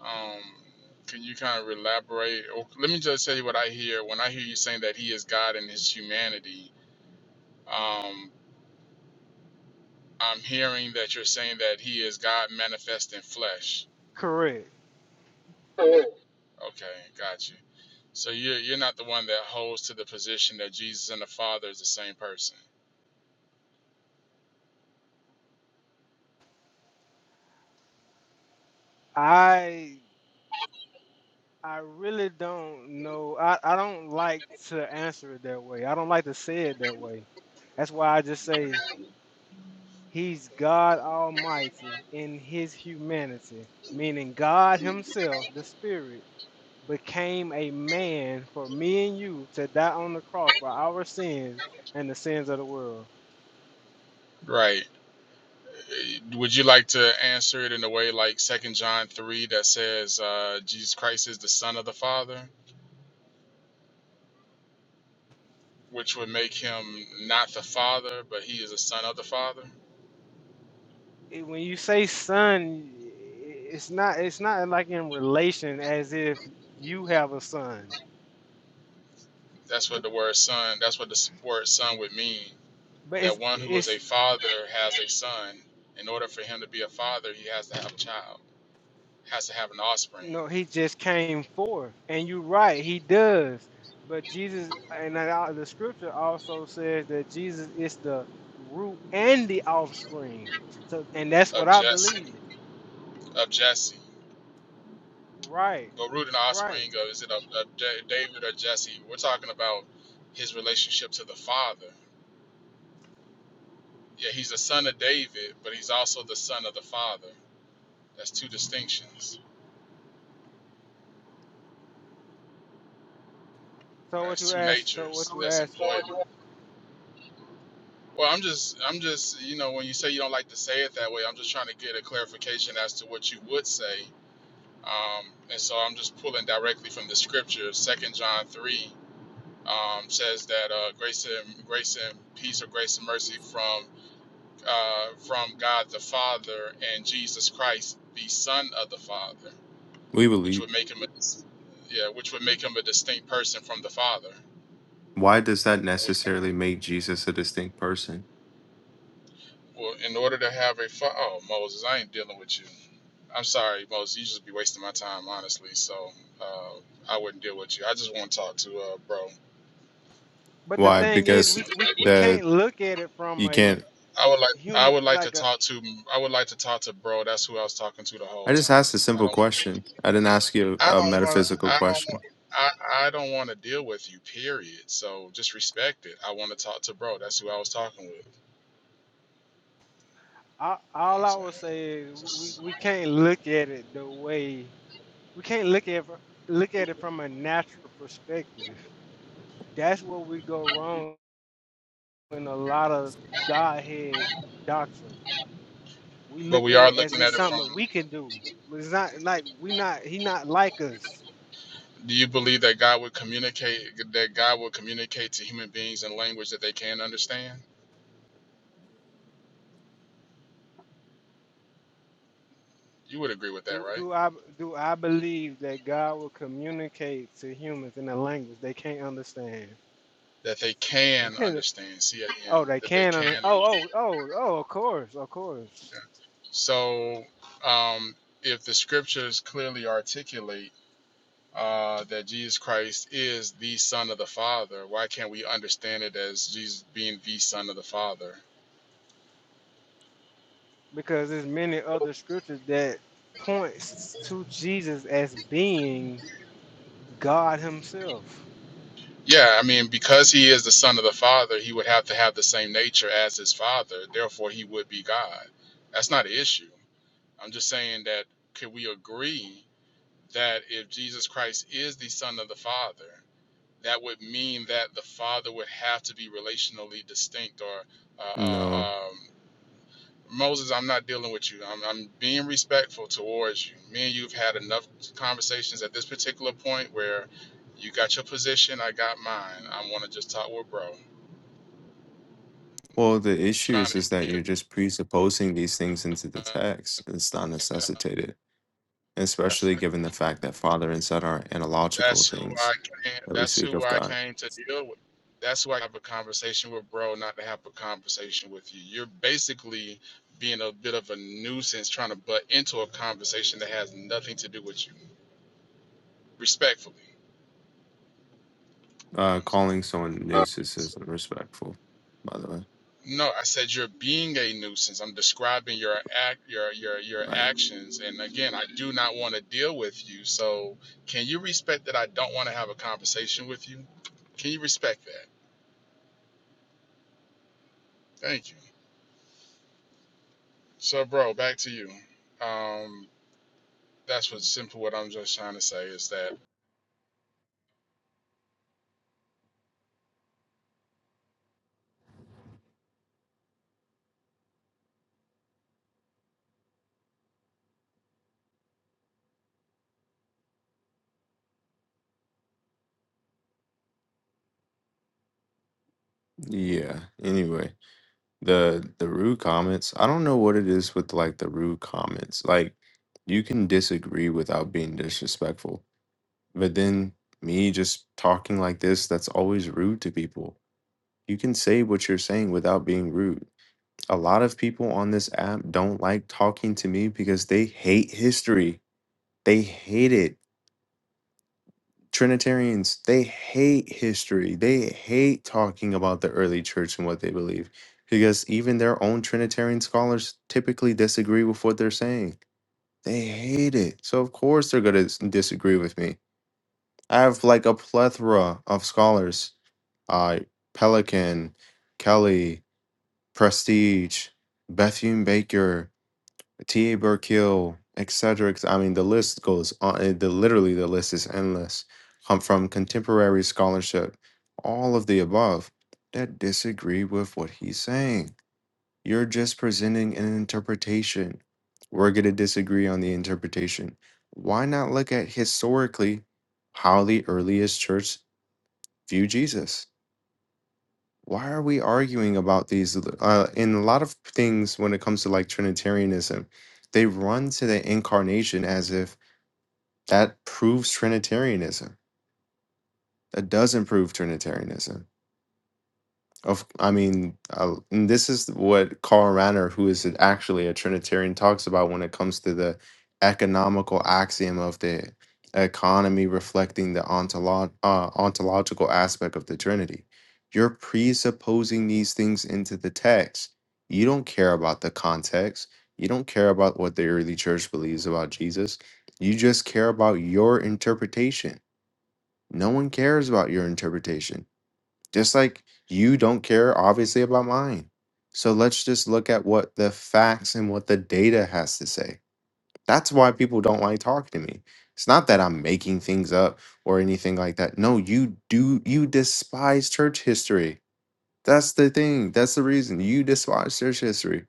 S8: Um, can you kind of elaborate? Or let me just tell you what I hear when I hear you saying that He is God in His humanity. Um, I'm hearing that you're saying that He is God manifest in flesh.
S2: Correct.
S8: Okay, got you. So you're you're not the one that holds to the position that Jesus and the Father is the same person.
S2: I I really don't know. I, I don't like to answer it that way. I don't like to say it that way. That's why I just say he's God Almighty in his humanity, meaning God himself, the Spirit, became a man for me and you to die on the cross for our sins and the sins of the world.
S8: Right. Would you like to answer it in a way like Second John three that says uh, Jesus Christ is the Son of the Father, which would make him not the Father, but he is a son of the Father?
S2: It- when you say son, it's not it's not like in relation as if you have a son.
S8: That's what the word son. That's what the s- word son would mean.
S2: But it's
S8: That one who is
S2: it's
S8: a father has a son. In order for him to be a father, he has to have a child. Has to have an offspring
S2: No, he just came forth. And you're right, he does. But Jesus, and that al- the scripture also says that Jesus is the root and the offspring. So, and that's what
S8: of
S2: I
S8: Jesse.
S2: believe.
S8: Of Jesse.
S2: Right,
S8: the root and
S2: right.
S8: offspring of is it a, a J- David or Jesse? We're talking about his relationship to the Father. Yeah, he's the son of David, but he's also the son of the Father. That's two distinctions.
S2: So what
S8: That's
S2: you
S8: two
S2: ask, so what
S8: natures
S2: you
S8: that's
S2: ask.
S8: employed. Well, I'm just, I'm just, you know, when you say you don't like to say it that way, I'm just trying to get a clarification as to what you would say. Um, and so I'm just pulling directly from the scripture. Second John three um, says that uh, grace and grace and peace or grace and mercy from uh, from God the Father and Jesus Christ, the Son of the Father,
S9: We
S8: which
S9: believe.
S8: would make him a, yeah, which would make him a distinct person from the Father.
S9: Why does that
S8: Which,
S9: necessarily make Jesus a distinct person?
S8: well, in order to have a fa- oh Moses, I ain't dealing with you. I'm sorry, Moses. You just be wasting my time, honestly. So uh, I wouldn't deal with you. I just want to talk to uh, bro.
S2: But the
S9: Why?
S2: thing is,
S8: You
S9: Because
S8: know,
S2: we we, we
S9: that
S2: can't look at it from
S9: you
S2: a
S9: can't.
S8: I would like I
S2: human
S8: would like to
S2: like a.
S8: talk to I would like to talk to bro. That's who I was talking to the
S9: I
S8: whole
S9: just
S8: time.
S9: asked a
S8: I
S9: simple
S8: don't. want to.
S9: question. I didn't ask you
S8: I
S9: a, a
S8: don't want.
S9: metaphysical
S8: I don't want.
S9: question.
S8: I, I don't want to deal with you. Period. So just respect it. I want to talk to bro. That's who I was talking with.
S2: I-
S8: You know what
S2: All
S8: I'm
S2: I would
S8: saying?
S2: say is we,
S8: Just-
S2: we can't look at it the way we can't look at it fr- look at it from a natural perspective That's where we go wrong in a lot of Godhead doctrine. We
S8: but
S2: look
S8: we
S2: at
S8: are
S2: it as
S8: looking
S2: it's
S8: at it
S2: something
S8: from.
S2: we can do. But It's not like we not he not like us.
S8: Do you believe that God would communicate? That God would communicate to human beings in language that they can understand? You would agree with that,
S2: Do
S8: right?
S2: do I do I believe that God will communicate to humans in a language they can't understand?
S8: That they can
S2: *laughs*
S8: understand. C A
S2: oh,
S8: N.
S2: they
S8: That they
S2: can
S8: can
S2: under, oh
S8: understand.
S2: oh oh oh of course, of course.
S8: So, um, if the scriptures clearly articulate uh, that Jesus Christ is the Son of the Father, why can't we understand it as Jesus being the Son of the Father?
S2: Because there's many other scriptures that points to Jesus as being God himself.
S8: Yeah, I mean, because he is the Son of the Father, he would have to have the same nature as his Father. Therefore, he would be God. That's not an issue. I'm just saying that could we agree that if Jesus Christ is the Son of the Father, that would mean that the father would have to be relationally distinct or uh,
S9: No.
S8: uh, um, moses i'm not dealing with you I'm, I'm being respectful towards you me and you've had enough conversations at this particular point where you got your position i got mine i want to just talk with bro
S9: Well, the issue
S8: trying
S9: is is
S8: to
S9: that you're
S8: get
S9: just presupposing these things into the text. It's not necessitated,
S8: that's
S9: especially given the fact that Father and Son are analogical
S8: That's who
S9: things
S8: I came.
S9: that we
S8: That's
S9: speak
S8: who
S9: of
S8: I
S9: God.
S8: came to deal with. That's who I have a conversation with, bro. Not to have a conversation with you. You're basically being a bit of a nuisance, trying to butt into a conversation that has nothing to do with you. Respectfully, you know
S9: Uh,
S8: what
S9: calling
S8: I'm
S9: someone nuisance
S8: saying.
S9: isn't respectful, by the way.
S8: No, I said you're being a nuisance. I'm describing your act, your your your
S9: Right.
S8: actions, and again, I do not want to deal with you. So, can you respect that I don't want to have a conversation with you? Can you respect that? Thank you. So, bro, back to you. Um, that's what simple. What I'm just trying to say is that
S9: Yeah. Anyway. the the rude comments i don't know what it is with like the rude comments like you can disagree without being disrespectful but then me just talking like this that's always rude to people you can say what you're saying without being rude a lot of people on this app don't like talking to me because they hate history they hate it Trinitarians, they hate history. They hate talking about the early church and what they believe because even their own Trinitarian scholars typically disagree with what they're saying. They hate it. So, of course, they're going to disagree with me. I have like a plethora of scholars uh, Pelican, Kelly, Prestige, Bethune Baker. T.A. Burkill, et cetera, et cetera. I mean, the list goes on. uh, The literally the list is endless. Come from contemporary scholarship, all of the above that disagree with what he's saying. You're just presenting an interpretation. We're going to disagree on the interpretation. Why not look at historically how the earliest church viewed Jesus? why are we arguing about these uh in a lot of things when it comes to like trinitarianism they run to the incarnation as if that proves trinitarianism that doesn't prove trinitarianism Of, I mean, uh, and this is what Karl Rahner, who is an- actually a Trinitarian, talks about when it comes to the economical axiom of the economy reflecting the ontolo- uh, ontological aspect of the Trinity. You're presupposing these things into the text. You don't care about the context. You don't care about what the early church believes about Jesus. You just care about your interpretation. No one cares about your interpretation just like you don't care, obviously, about mine. So let's just look at what the facts and what the data has to say. That's why people don't like talking to me. It's not that I'm making things up or anything like that. No, you do, you despise church history. That's the thing. That's the reason you despise church history.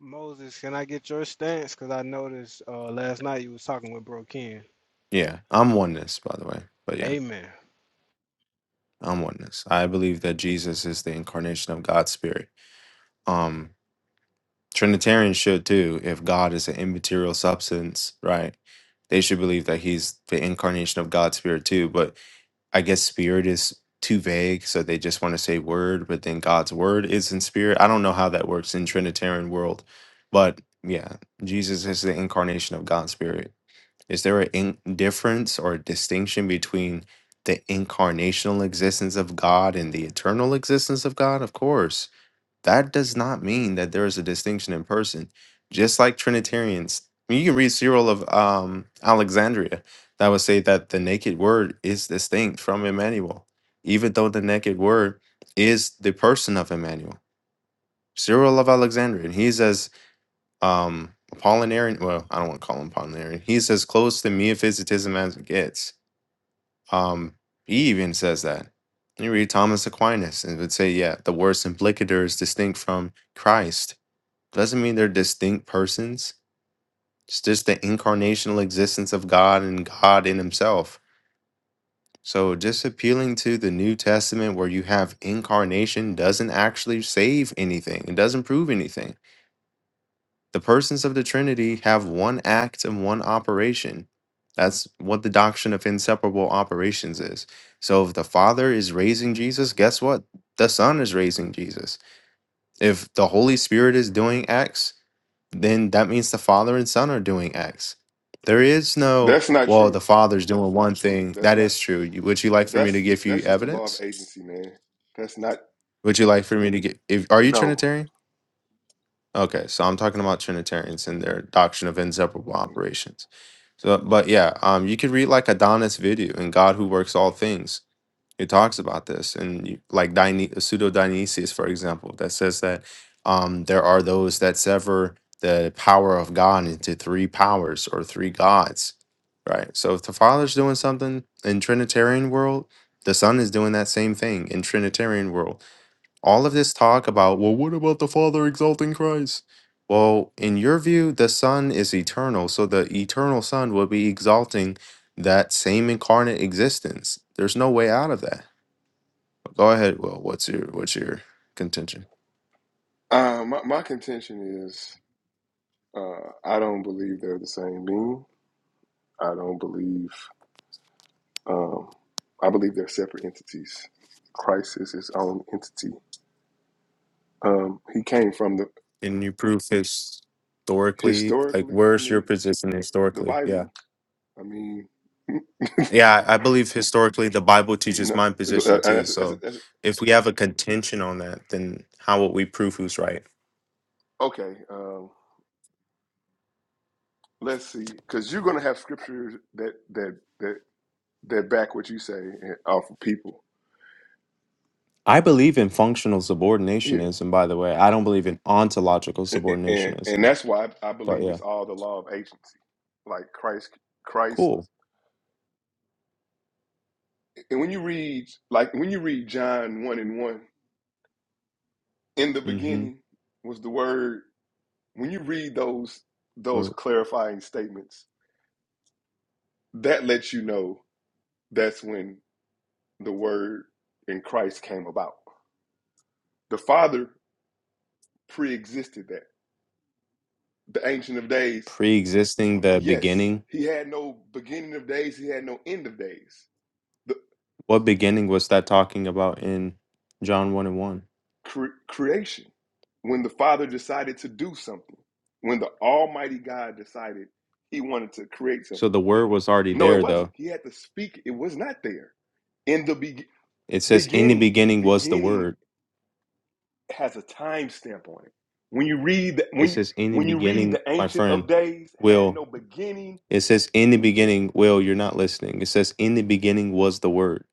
S2: Moses, can I get your stance? Because I noticed uh, last night you was talking with Bro Ken.
S9: Yeah, I'm oneness, by the way. But yeah,
S2: Amen.
S9: I'm oneness. I believe that Jesus is the incarnation of God's spirit. Um, Trinitarians should too. If God is an immaterial substance, right? They should believe that He's the incarnation of God's Spirit too. But I guess Spirit is too vague, so they just want to say Word. But then God's Word is in Spirit. I don't know how that works in Trinitarian world, but yeah, Jesus is the incarnation of God's Spirit. Is there a in- difference or a distinction between the incarnational existence of God and the eternal existence of God? Of course that does not mean that there is a distinction in person. Just like Trinitarians, I mean, you can read Cyril of um, Alexandria that would say that the naked word is distinct from Emmanuel, even though the naked word is the person of Emmanuel. Cyril of Alexandria, and he's as um, Apollinarian. Well, I don't want to call him Apollinarian. He's as close to Miaphysitism as it gets. Um, he even says that. You read Thomas Aquinas and would say, yeah, the word implicator is distinct from Christ doesn't mean they're distinct persons. It's just the incarnational existence of God and God in Himself. So just appealing to the New Testament where you have incarnation doesn't actually save anything. It doesn't prove anything. The persons of the Trinity have one act and one operation. That's what the doctrine of inseparable operations is. So if the Father is raising Jesus, guess what? The Son is raising Jesus. If the Holy Spirit is doing X, then that means the father and son are doing X. There is no, well, the father's doing one thing. That is true. You- Would you like for me to give you evidence? Would you like for me to get, if, are you Trinitarian? Okay, so I'm talking about Trinitarians and their doctrine of inseparable operations. So, but yeah, um, you could read like Adonis' video in God Who Works All Things It talks about this, and you, like Dione- pseudo Dionysius, for example, that says that um, there are those that sever the power of God into three powers or three gods, right? So if the Father's doing something in Trinitarian world, the Son is doing that same thing in Trinitarian world. All of this talk about well, what about the Father exalting Christ? Well, in your view, the Son is eternal, so the eternal Son will be exalting that same incarnate existence. There's no way out of that. Go ahead. Well, what's your what's your contention? Can you prove historically? Like, where's your position historically? Yeah, yeah. I I believe historically the Bible teaches my position too. So, if we have a contention on that, then how would we prove who's right? I believe in functional subordinationism. By the way, I don't believe in ontological subordinationism. But yeah, cool. Mm-hmm. We're pre-existing the beginning. What beginning was that talking about in John one and one? So the word was already there, though. It says, "In the beginning was the word." It says, "In the beginning, my friend, will." It says, "In the beginning, will." You're not listening. It says, "In the beginning was the word."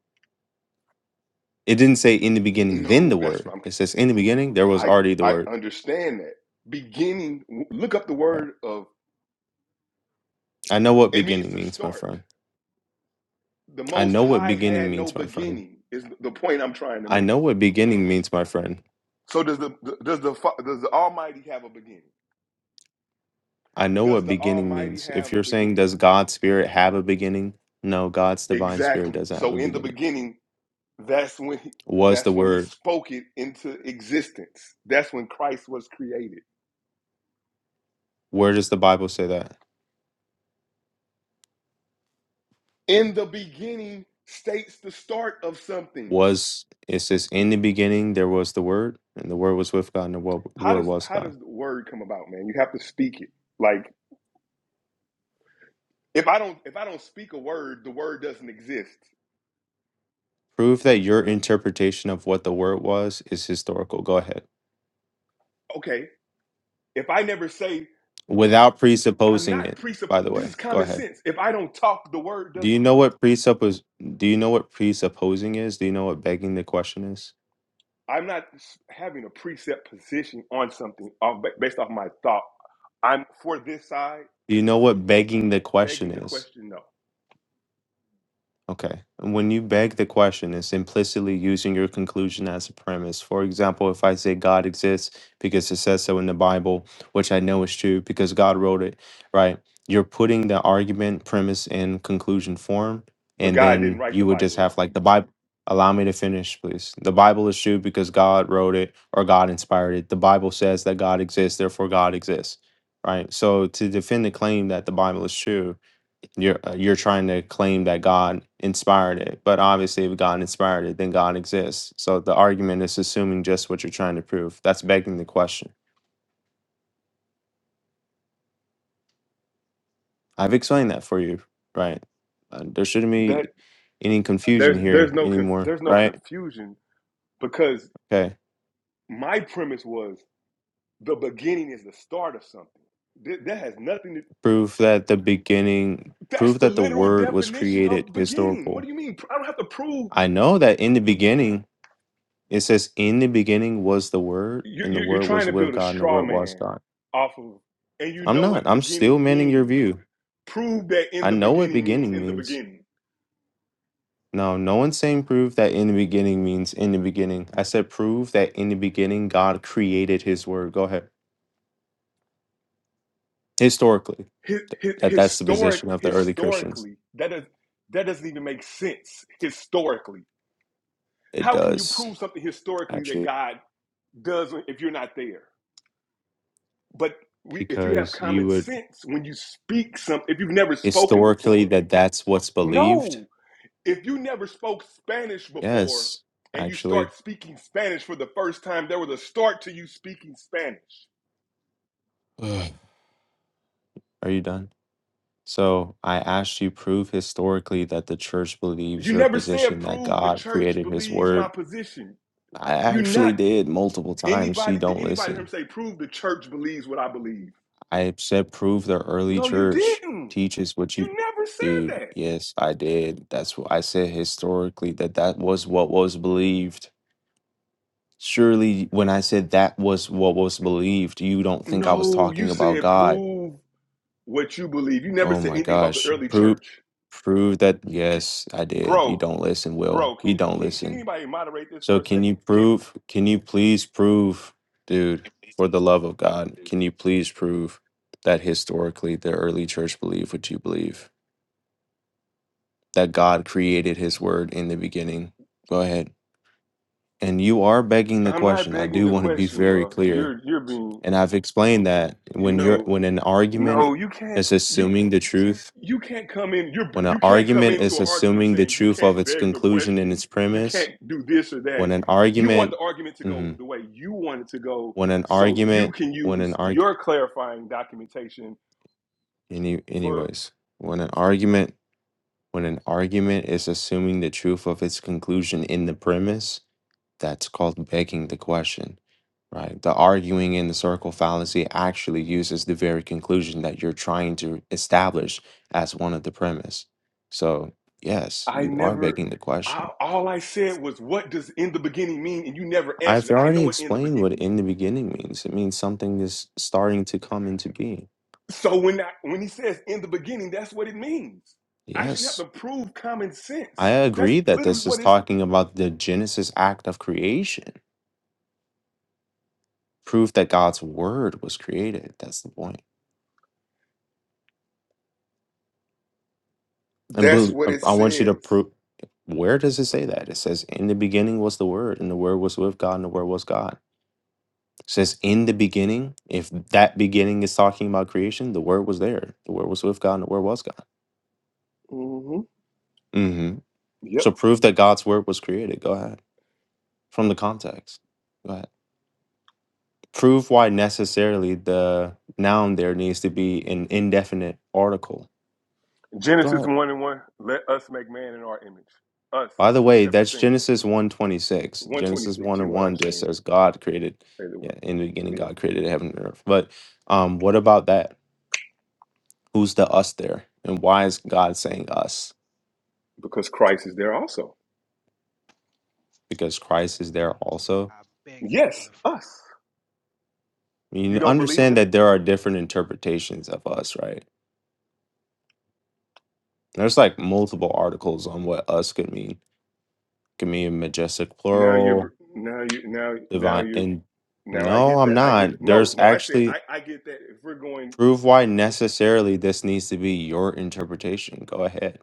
S9: It didn't say, "In the beginning, then the word." It says, "In the beginning, there was already the word." Right. I know what beginning means, my friend. I know what beginning means, my friend. I know what beginning means, my friend. I know what beginning means. If you're saying, "Does God's spirit have a beginning?" No, God's divine spirit doesn't have a beginning. Was the word Where does the Bible say that? Was it says in the beginning there was the word, and the word was with God, and the wo- word was God. Prove that your interpretation of what the word was is historical. Go ahead. Without presupposing it, by the way. Go ahead. Do you know what presuppos do you know what presupposing is? Do you know what begging the question is? Do you know what begging the question is? Okay. When you beg the question, it's implicitly using your conclusion as a premise. For example, if I say God exists because it says so in the Bible, which I know is true because God wrote it, right? You're putting the argument, premise, and conclusion form. And then you would just have like the Bible. Allow me to finish, please. The Bible is true because God wrote it or God inspired it. The Bible says that God exists, therefore God exists, right? So to defend the claim that the Bible is true, you're uh, you're trying to claim that God inspired it, but obviously, if God inspired it, then God exists. So the argument is assuming just what you're trying to prove. That's begging the question. I've explained that for you, right? Uh, there shouldn't be any confusion here anymore, right? Okay. Prove that the beginning, prove that the word was created historical. I know that in the beginning, it says, in the beginning was the word, and the word was with God, and the word was God. I'm not. I'm still manning your view. I know what beginning means. No, no one's saying prove that in the beginning means in the beginning. I said prove that in the beginning God created his word. Go ahead. Historically, th- that that's the position of the early Christians. It does actually because you would historically that that's what's believed. Yes, actually. Ugh. Are you done? So I asked you prove historically that the church believes your position that God created his word I actually did multiple times. She don't listen. I said, prove the early church teaches what you, dude. Yes, I did. That's what I said historically that that was what was believed. Surely, when I said that was what was believed, you don't think I was talking about God. Oh my gosh, prove, prove that. Yes, I did. You don't listen, Will. You don't listen. So can you prove? Can you please prove, dude? For the love of God,
S10: It's
S9: can you please prove that historically the early church believed what you believe? That God created His Word in the beginning. Go ahead. And you are begging the question. I do want to be very clear, and I've explained that when you're when an argument is assuming the truth, when an argument is assuming the truth of its conclusion and its premise, when an argument, mhm. when an argument when an arg Any, anyways, when an argument when an argument is assuming the truth of its conclusion in the premise, that's called begging the question, right? The arguing in the circle fallacy actually uses the very conclusion that you're trying to establish as one of the premise. So yes, you are begging the question. I've already explained what in the beginning means. It means something is starting to come into being. Yes, I agree that this is talking about the Genesis act of creation. prove that God's word was created. That's the point. And bel- I want you to prove where does it say that? It says, In the beginning was the word, and the word was with God, and the word was God. It says, In the beginning, if that beginning is talking about creation, the word was there. The word was with God, and the word was God. hmm So prove that God's word was created. Go ahead. From the context. Go ahead. Prove why necessarily the noun there needs to be an indefinite article. Go ahead. By the way, that's Genesis one twenty six. Genesis 1 and 1 just says God created, yeah, in the beginning God created heaven and earth. But um, what about that? Who's the us there? And why is God saying us? Because
S2: Oh,
S9: Christ is there also.
S2: I beg to differ.
S9: I mean, You understand that there are different interpretations of us, right? There's like multiple articles on what us could mean. Could mean majestic plural, divine and no, I'm not. There's actually Prove why necessarily this needs to be your interpretation. Go ahead.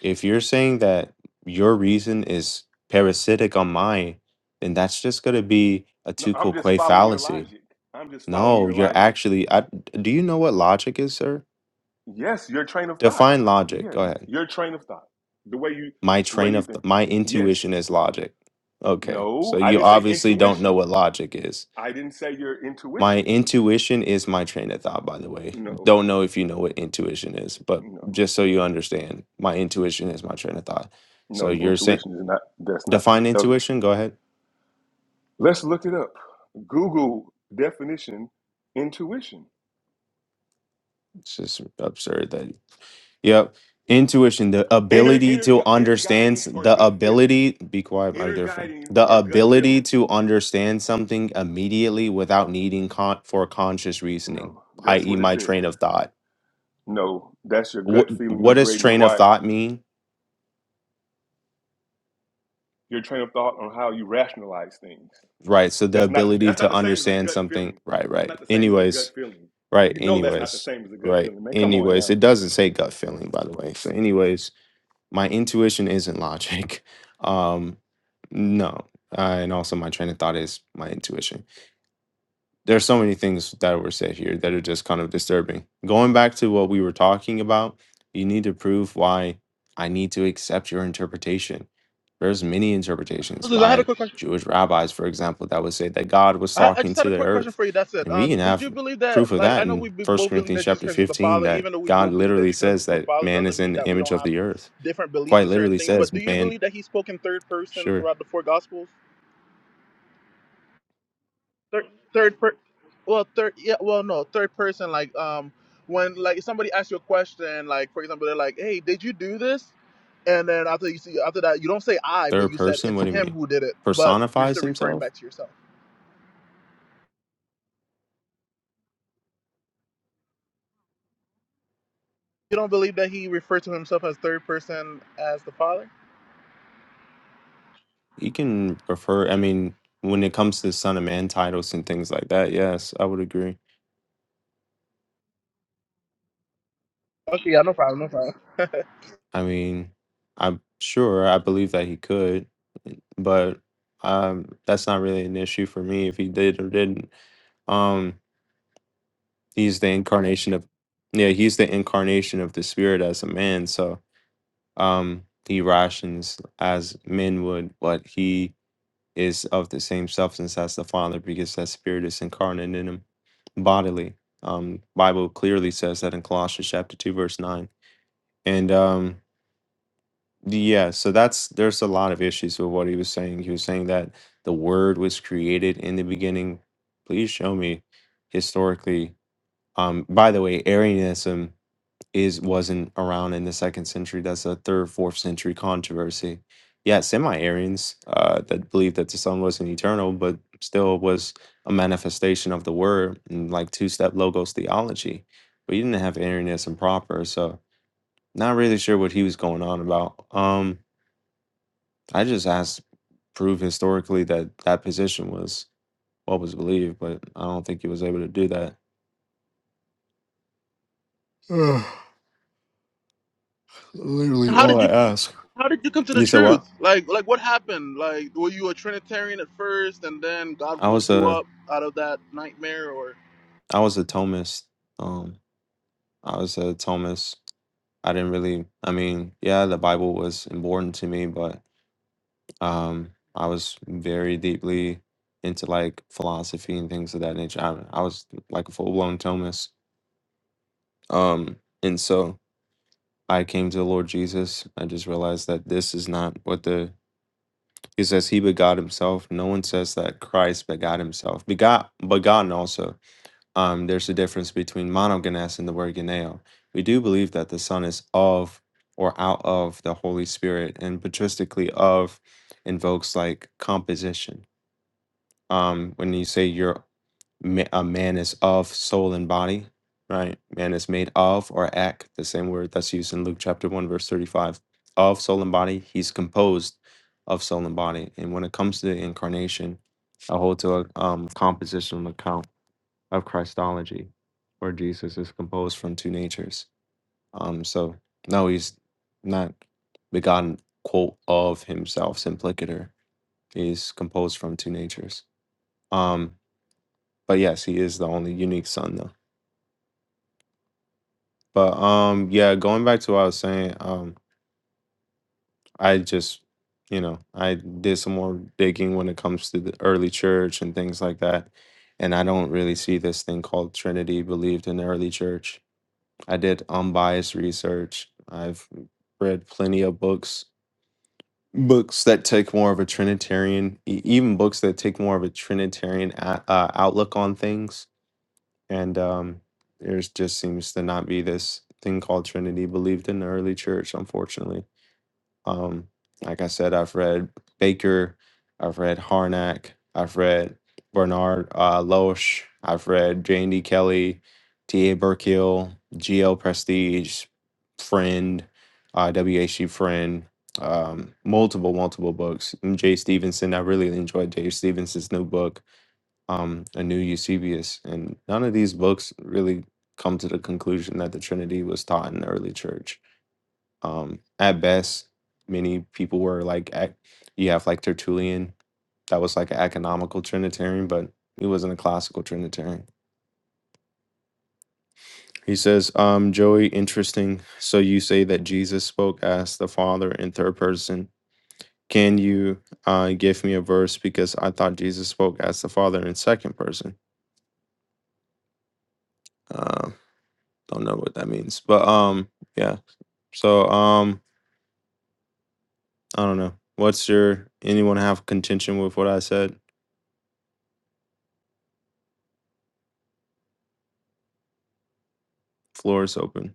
S9: If you're saying that your reason is parasitic on mine, then that's just going to be a Tukul Quay fallacy. No, you're actually. I, do you know what logic is, sir? Define logic. Go ahead. My train of th- my intuition is logic. Okay, so you obviously don't know what logic is. My intuition is my train of thought, by the way. Don't know if you know what intuition is, but just so you understand, my intuition is my train of thought. So you're saying define intuition? Go ahead. It's just absurd that. Yep. Intuition, the ability to understand, s- the ability, be quiet, my dear friend, the ability to understand something immediately without needing con- for conscious reasoning, i.e., my train of thought. What, what does train of thought mean? Right. So the ability to understand something. Right. Right. Anyways. Right. Anyways. Right. Anyways. It doesn't say gut feeling, by the way. So, anyways, my intuition isn't logic. *laughs* Um, no. Uh, and also, my train of thought is my intuition there's so many things that were said here that are just kind of disturbing. Going back to what we were talking about, you need to prove why I need to accept your interpretation. There's many interpretations by
S1: But
S9: Jewish rabbis, for example, that would say that God was
S1: I, I
S9: talking
S1: just had
S9: to
S1: a
S9: the
S1: quick question
S9: earth.
S1: for you. That's it.
S9: And we
S1: Um,
S9: can
S1: did
S9: have
S1: you believe that?
S9: proof of
S1: Like,
S9: that
S1: I know we
S9: in
S1: be-
S9: 1
S1: both believe
S9: Corinthians
S1: that Jesus
S9: chapter
S1: Christ is the
S9: 15
S1: Father.
S9: that
S1: Even though we
S9: God
S1: both believe that
S9: literally
S1: Jesus Christ
S9: says
S1: is the
S9: that
S1: Father,
S9: man
S1: doesn't
S9: is in
S1: mean
S9: the
S1: that we
S9: image
S1: don't
S9: of
S1: have
S9: the earth.
S1: different beliefs
S9: Quite
S1: in certain
S9: literally
S1: things.
S9: says
S1: But do you
S9: man,
S1: believe that He spoke in third person
S9: sure,
S1: throughout the four Gospels? Third, third per, well, third, yeah, well, no, third person. Like, um, when like somebody asks you a question, like for example, they're like, "Hey, did you do this?" And then after you see after that, you don't say "I," but
S9: third
S1: you said
S9: person,
S1: it's
S9: what do you
S1: Him
S9: mean?
S1: who did it. But you're
S9: Personifies
S1: still referring
S9: himself?
S1: back to yourself. You don't believe that he referred to himself as third person as the Father?
S9: You can refer, I mean, when it comes to Son of Man titles and things like that, yes, I would agree.
S1: Okay, yeah, no problem, no problem. *laughs*
S9: I mean, I'm sure I believe that he could, but um, that's not really an issue for me if he did or didn't. Um, he's the incarnation of, yeah, he's the incarnation of the spirit as a man. So um, he rations as men would, but he is of the same substance as the Father, because that Spirit is incarnate in him bodily. Um, Bible clearly says that in Colossians chapter two, verse nine. And um, yeah, so that's there's a lot of issues with what he was saying. He was saying that the Word was created in the beginning. Please show me historically. Um, by the way, Arianism is wasn't around in the second century. That's a third, fourth century controversy. Yeah, semi-Arians uh, that believed that the sun wasn't eternal, but still was a manifestation of the word and like two-step logos theology. But you didn't have Arianism proper, so not really sure what he was going on about. Um, I just asked, prove historically that that position was what was believed, but I don't think he was able to do that. *sighs* Literally
S1: And how
S9: all
S1: did
S9: I
S1: you
S9: ask.
S1: how did you come to the
S9: You said
S1: truth?
S9: what?
S1: Like like what happened? Like were you a Trinitarian at first and then God
S9: I
S1: woke
S9: was
S1: you
S9: uh
S1: up out of that nightmare or?
S9: I was a Thomist. Um, I was a Thomist. I didn't really. I mean, yeah, the Bible was important to me, but um, I was very deeply into like philosophy and things of that nature. I, I was like a full blown Thomist. Um, and so I came to the Lord Jesus. I just realized that this is not what the He says. He begot Himself. No one says that Christ begot Himself. Begot, begotten also. um, there's a difference between monogenes and the word geneo. We do believe that the Son is of or out of the Holy Spirit, and patristically of invokes like composition. Um, when you say you're ma- a man is of soul and body, right? Man is made of or ek, the same word that's used in Luke chapter 1, verse 35. Of soul and body, he's composed of soul and body. And when it comes to the incarnation, I hold to a um, compositional account of Christology, where Jesus is composed from two natures. Um, so no, he's not begotten quote of himself simpliciter. He's composed from two natures. Um, but yes, he is the only unique son though. But um, yeah, going back to what I was saying, um, I just you know I did some more digging when it comes to the early church and things like that, and I don't really see this thing called Trinity believed in the early church I did unbiased research. I've read plenty of books, books that take more of a Trinitarian, e- even books that take more of a Trinitarian a- uh, outlook on things. And um, there's just seems to not be this thing called Trinity believed in the early church, unfortunately. Um, like I said, I've read Baker, I've read Harnack, I've read Bernard uh, Loesch, I've read Jane D. Kelly, T.A. Burkill, G.L. Prestige, Friend, uh, W.H.G. Friend, um, multiple, multiple books. And Jay Stevenson, I really enjoyed Jay Stevenson's new book, um, A New Eusebius. And none of these books really come to the conclusion that the Trinity was taught in the early church um, at best, many people were like, ac- you have like Tertullian, that was like an economical Trinitarian, but he wasn't a classical Trinitarian. He says, um, Joey, interesting. So you say that Jesus spoke as the Father in third person. Can you uh, give me a verse? Because I thought Jesus spoke as the Father in second person. Uh, don't know what that means, but um, yeah. So um, I don't know. What's your anyone have contention with what I said? Floor is open.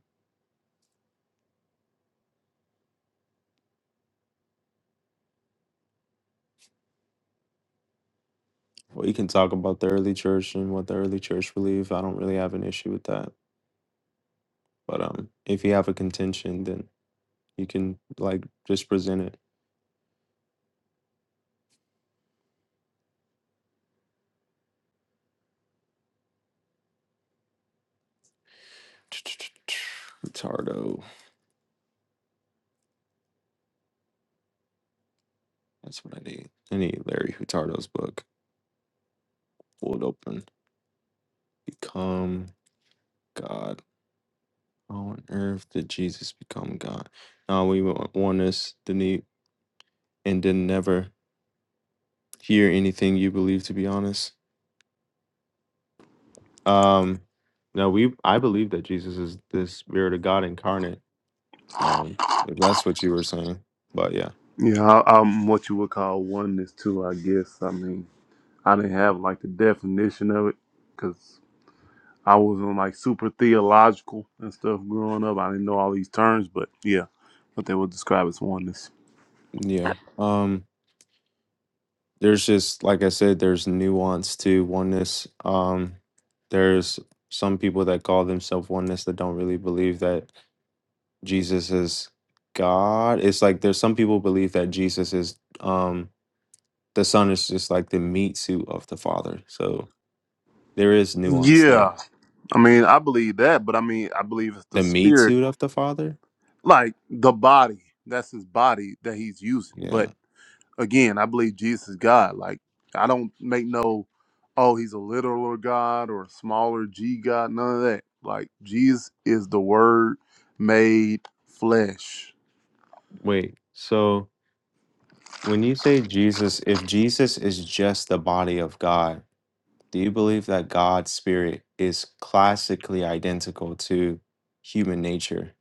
S9: We can talk about the early church and what the early church believe. I don't really have an issue with that. But um, if you have a contention, then you can like just present it. *tsk* Hutardo. That's what I need. I need Larry Hutardo's book. Pull it open. Become God. How on earth did Jesus become God? Now we wa- want this the need and then never hear anything you believe to be honest. Um no, we I believe that Jesus is the spirit of God incarnate. Um, if that's what you were saying, but yeah,
S11: Yeah, I, I'm what you would call oneness too. I guess. I mean, I didn't have like the definition of it because I wasn't like super theological and stuff growing up. I didn't know all these terms, but yeah, what they would describe as oneness.
S9: yeah. Um, there's just like I said, there's nuance to oneness. Um, there's some people that call themselves oneness that don't really believe that Jesus is God. It's like there's some people believe that Jesus is um the son is just like the meat suit of the father. So there is nuance
S11: Yeah,
S9: there.
S11: I mean, I believe that, but I mean, I believe it's the
S9: The meat
S11: spirit,
S9: suit of the father?
S11: like the body. That's his body that he's using, but
S9: Yeah.
S11: again, I believe Jesus is God. Like I don't make no, oh, he's a literal God or a smaller G God. None of that. Like Jesus is the Word made flesh.
S9: Wait. So when you say Jesus, if Jesus is just the body of God, do you believe that God's spirit is classically identical to human nature?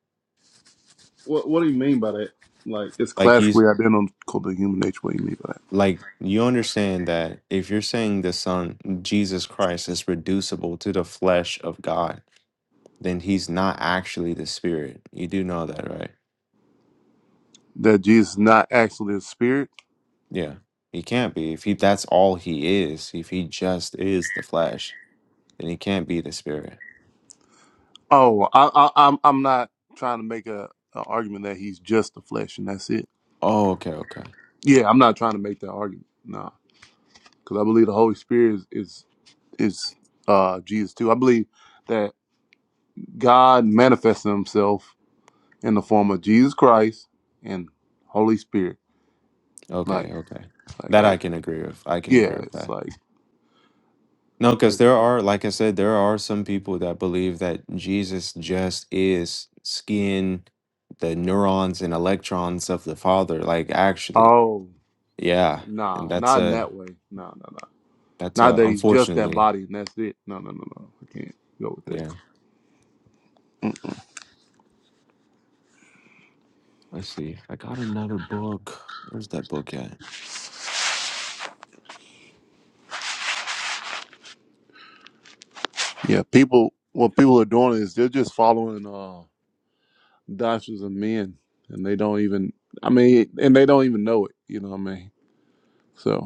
S11: What What do you mean by that? Like, It's
S9: Like you s-
S11: classically identical to human nature. What do you mean by that?
S9: like you understand that if you're saying the son Jesus Christ is reducible to the flesh of God, then he's not actually the spirit. You do know that, right?
S11: That Jesus is not actually a spirit.
S9: Yeah, he can't be. If he that's all he is, if he just is the flesh, then he can't be the spirit.
S11: Oh, I, I, I'm I'm not trying to make a, a argument that he's just the flesh and that's it.
S9: Oh, okay, okay,
S11: Yeah, I'm not trying to make that argument. No. because I believe the Holy Spirit is is, is uh, Jesus too. I believe that God manifested Himself in the form of Jesus Christ and Holy Spirit. Like,
S9: okay, okay.
S11: like,
S9: That
S11: I,
S9: I can agree with. I can agree
S11: yeah,
S9: with
S11: it's
S9: that.
S11: like,
S9: No, because there are, like I said, there are some people that believe that Jesus just is skin, the neurons and electrons of the Father. Like actually,
S11: oh,
S9: yeah, and
S11: nah,
S9: that's
S11: not in
S9: a
S11: that way. No, no, no.
S9: that's
S11: Not
S9: a
S11: that He's just that
S9: unfortunately,
S11: body and that's it. No, no, no, no. I can't go with that.
S9: yeah. Let's see. I got another book. Where's that book at?
S11: Yeah, people. What people are doing is they're just following uh, doctrines of men, and they don't even. I mean, and they don't even know it. You know what I mean? So.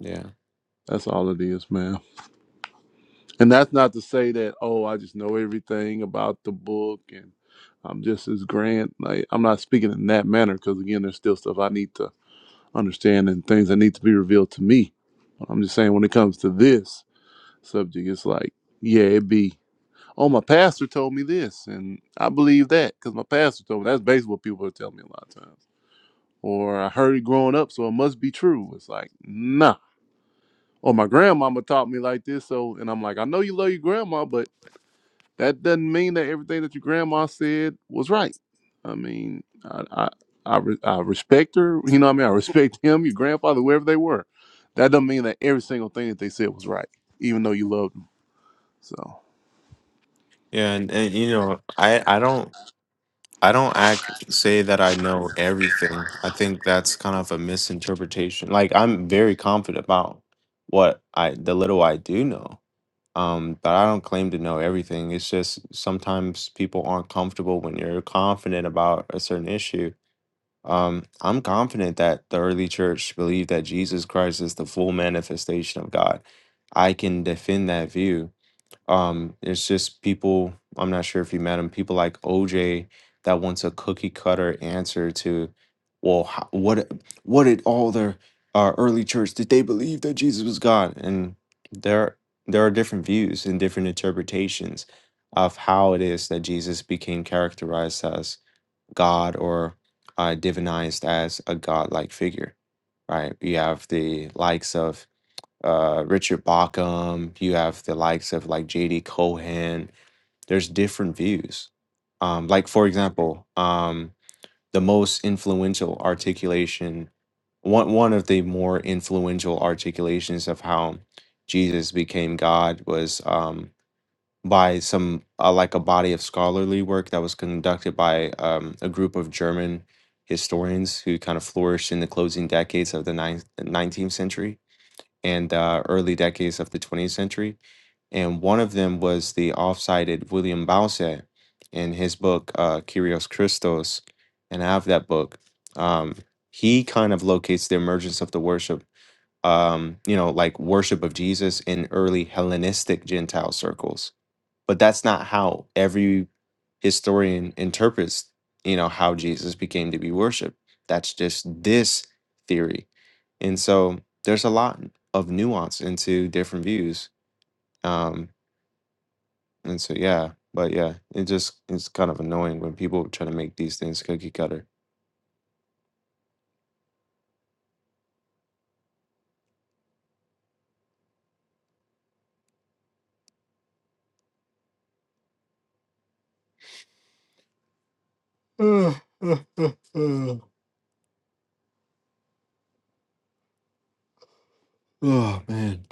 S9: Yeah.
S11: That's all it is, man. And that's not to say that, oh, I just know everything about the book and I'm just as grand. Like, I'm not speaking in that manner because, again, there's still stuff I need to understand and things that need to be revealed to me. I'm just saying, when it comes to this subject, it's like, yeah, it be, oh, my pastor told me this and I believe that because my pastor told me. That's basically what people are telling me a lot of times. Or I heard it growing up, so it must be true. It's like, nah or my grandmama taught me like this. So, and I'm like, I know you love your grandma, but that doesn't mean that everything that your grandma said was right. I mean, I, I, I, re- I respect her. You know what I mean? I respect *laughs* him, your grandfather, wherever they were. That doesn't mean that every single thing that they said was right, even though you loved them. So.
S9: Yeah, and, and you know, I I don't I don't act say that I know everything. I think that's kind of a misinterpretation. Like I'm very confident about what I the little I do know. Um, but I don't claim to know everything. It's just sometimes people aren't comfortable when you're confident about a certain issue. Um, I'm confident that the early church believed that Jesus Christ is the full manifestation of God. I can defend that view um, it's just people, I'm not sure if you met him, people like OJ that wants a cookie cutter answer to, well, how, what what did all the uh, early church did they believe that Jesus was God? And there there are different views and different interpretations of how it is that Jesus became characterized as God or uh, divinized as a godlike figure, right? You have the likes of uh, Richard Bauckham. You have the likes of like J.D. Cohen. There's different views. Um, like for example, um, the most influential articulation, one one of the more influential articulations of how Jesus became God was um, by some uh, like a body of scholarly work that was conducted by um, a group of German historians who kind of flourished in the closing decades of the ninth, 19th century and uh, early decades of the 20th century. And one of them was the oft-cited William Bowser in his book, uh, Kyrios Christos. And I have that book. Um, he kind of locates the emergence of the worship, um, you know, like worship of Jesus in early Hellenistic Gentile circles but that's not how every historian interprets you know how jesus became to be worshiped that's just this theory and so there's a lot of nuance into different views um and so yeah but yeah it just it's kind of annoying when people try to make these things cookie cutter *sighs* oh man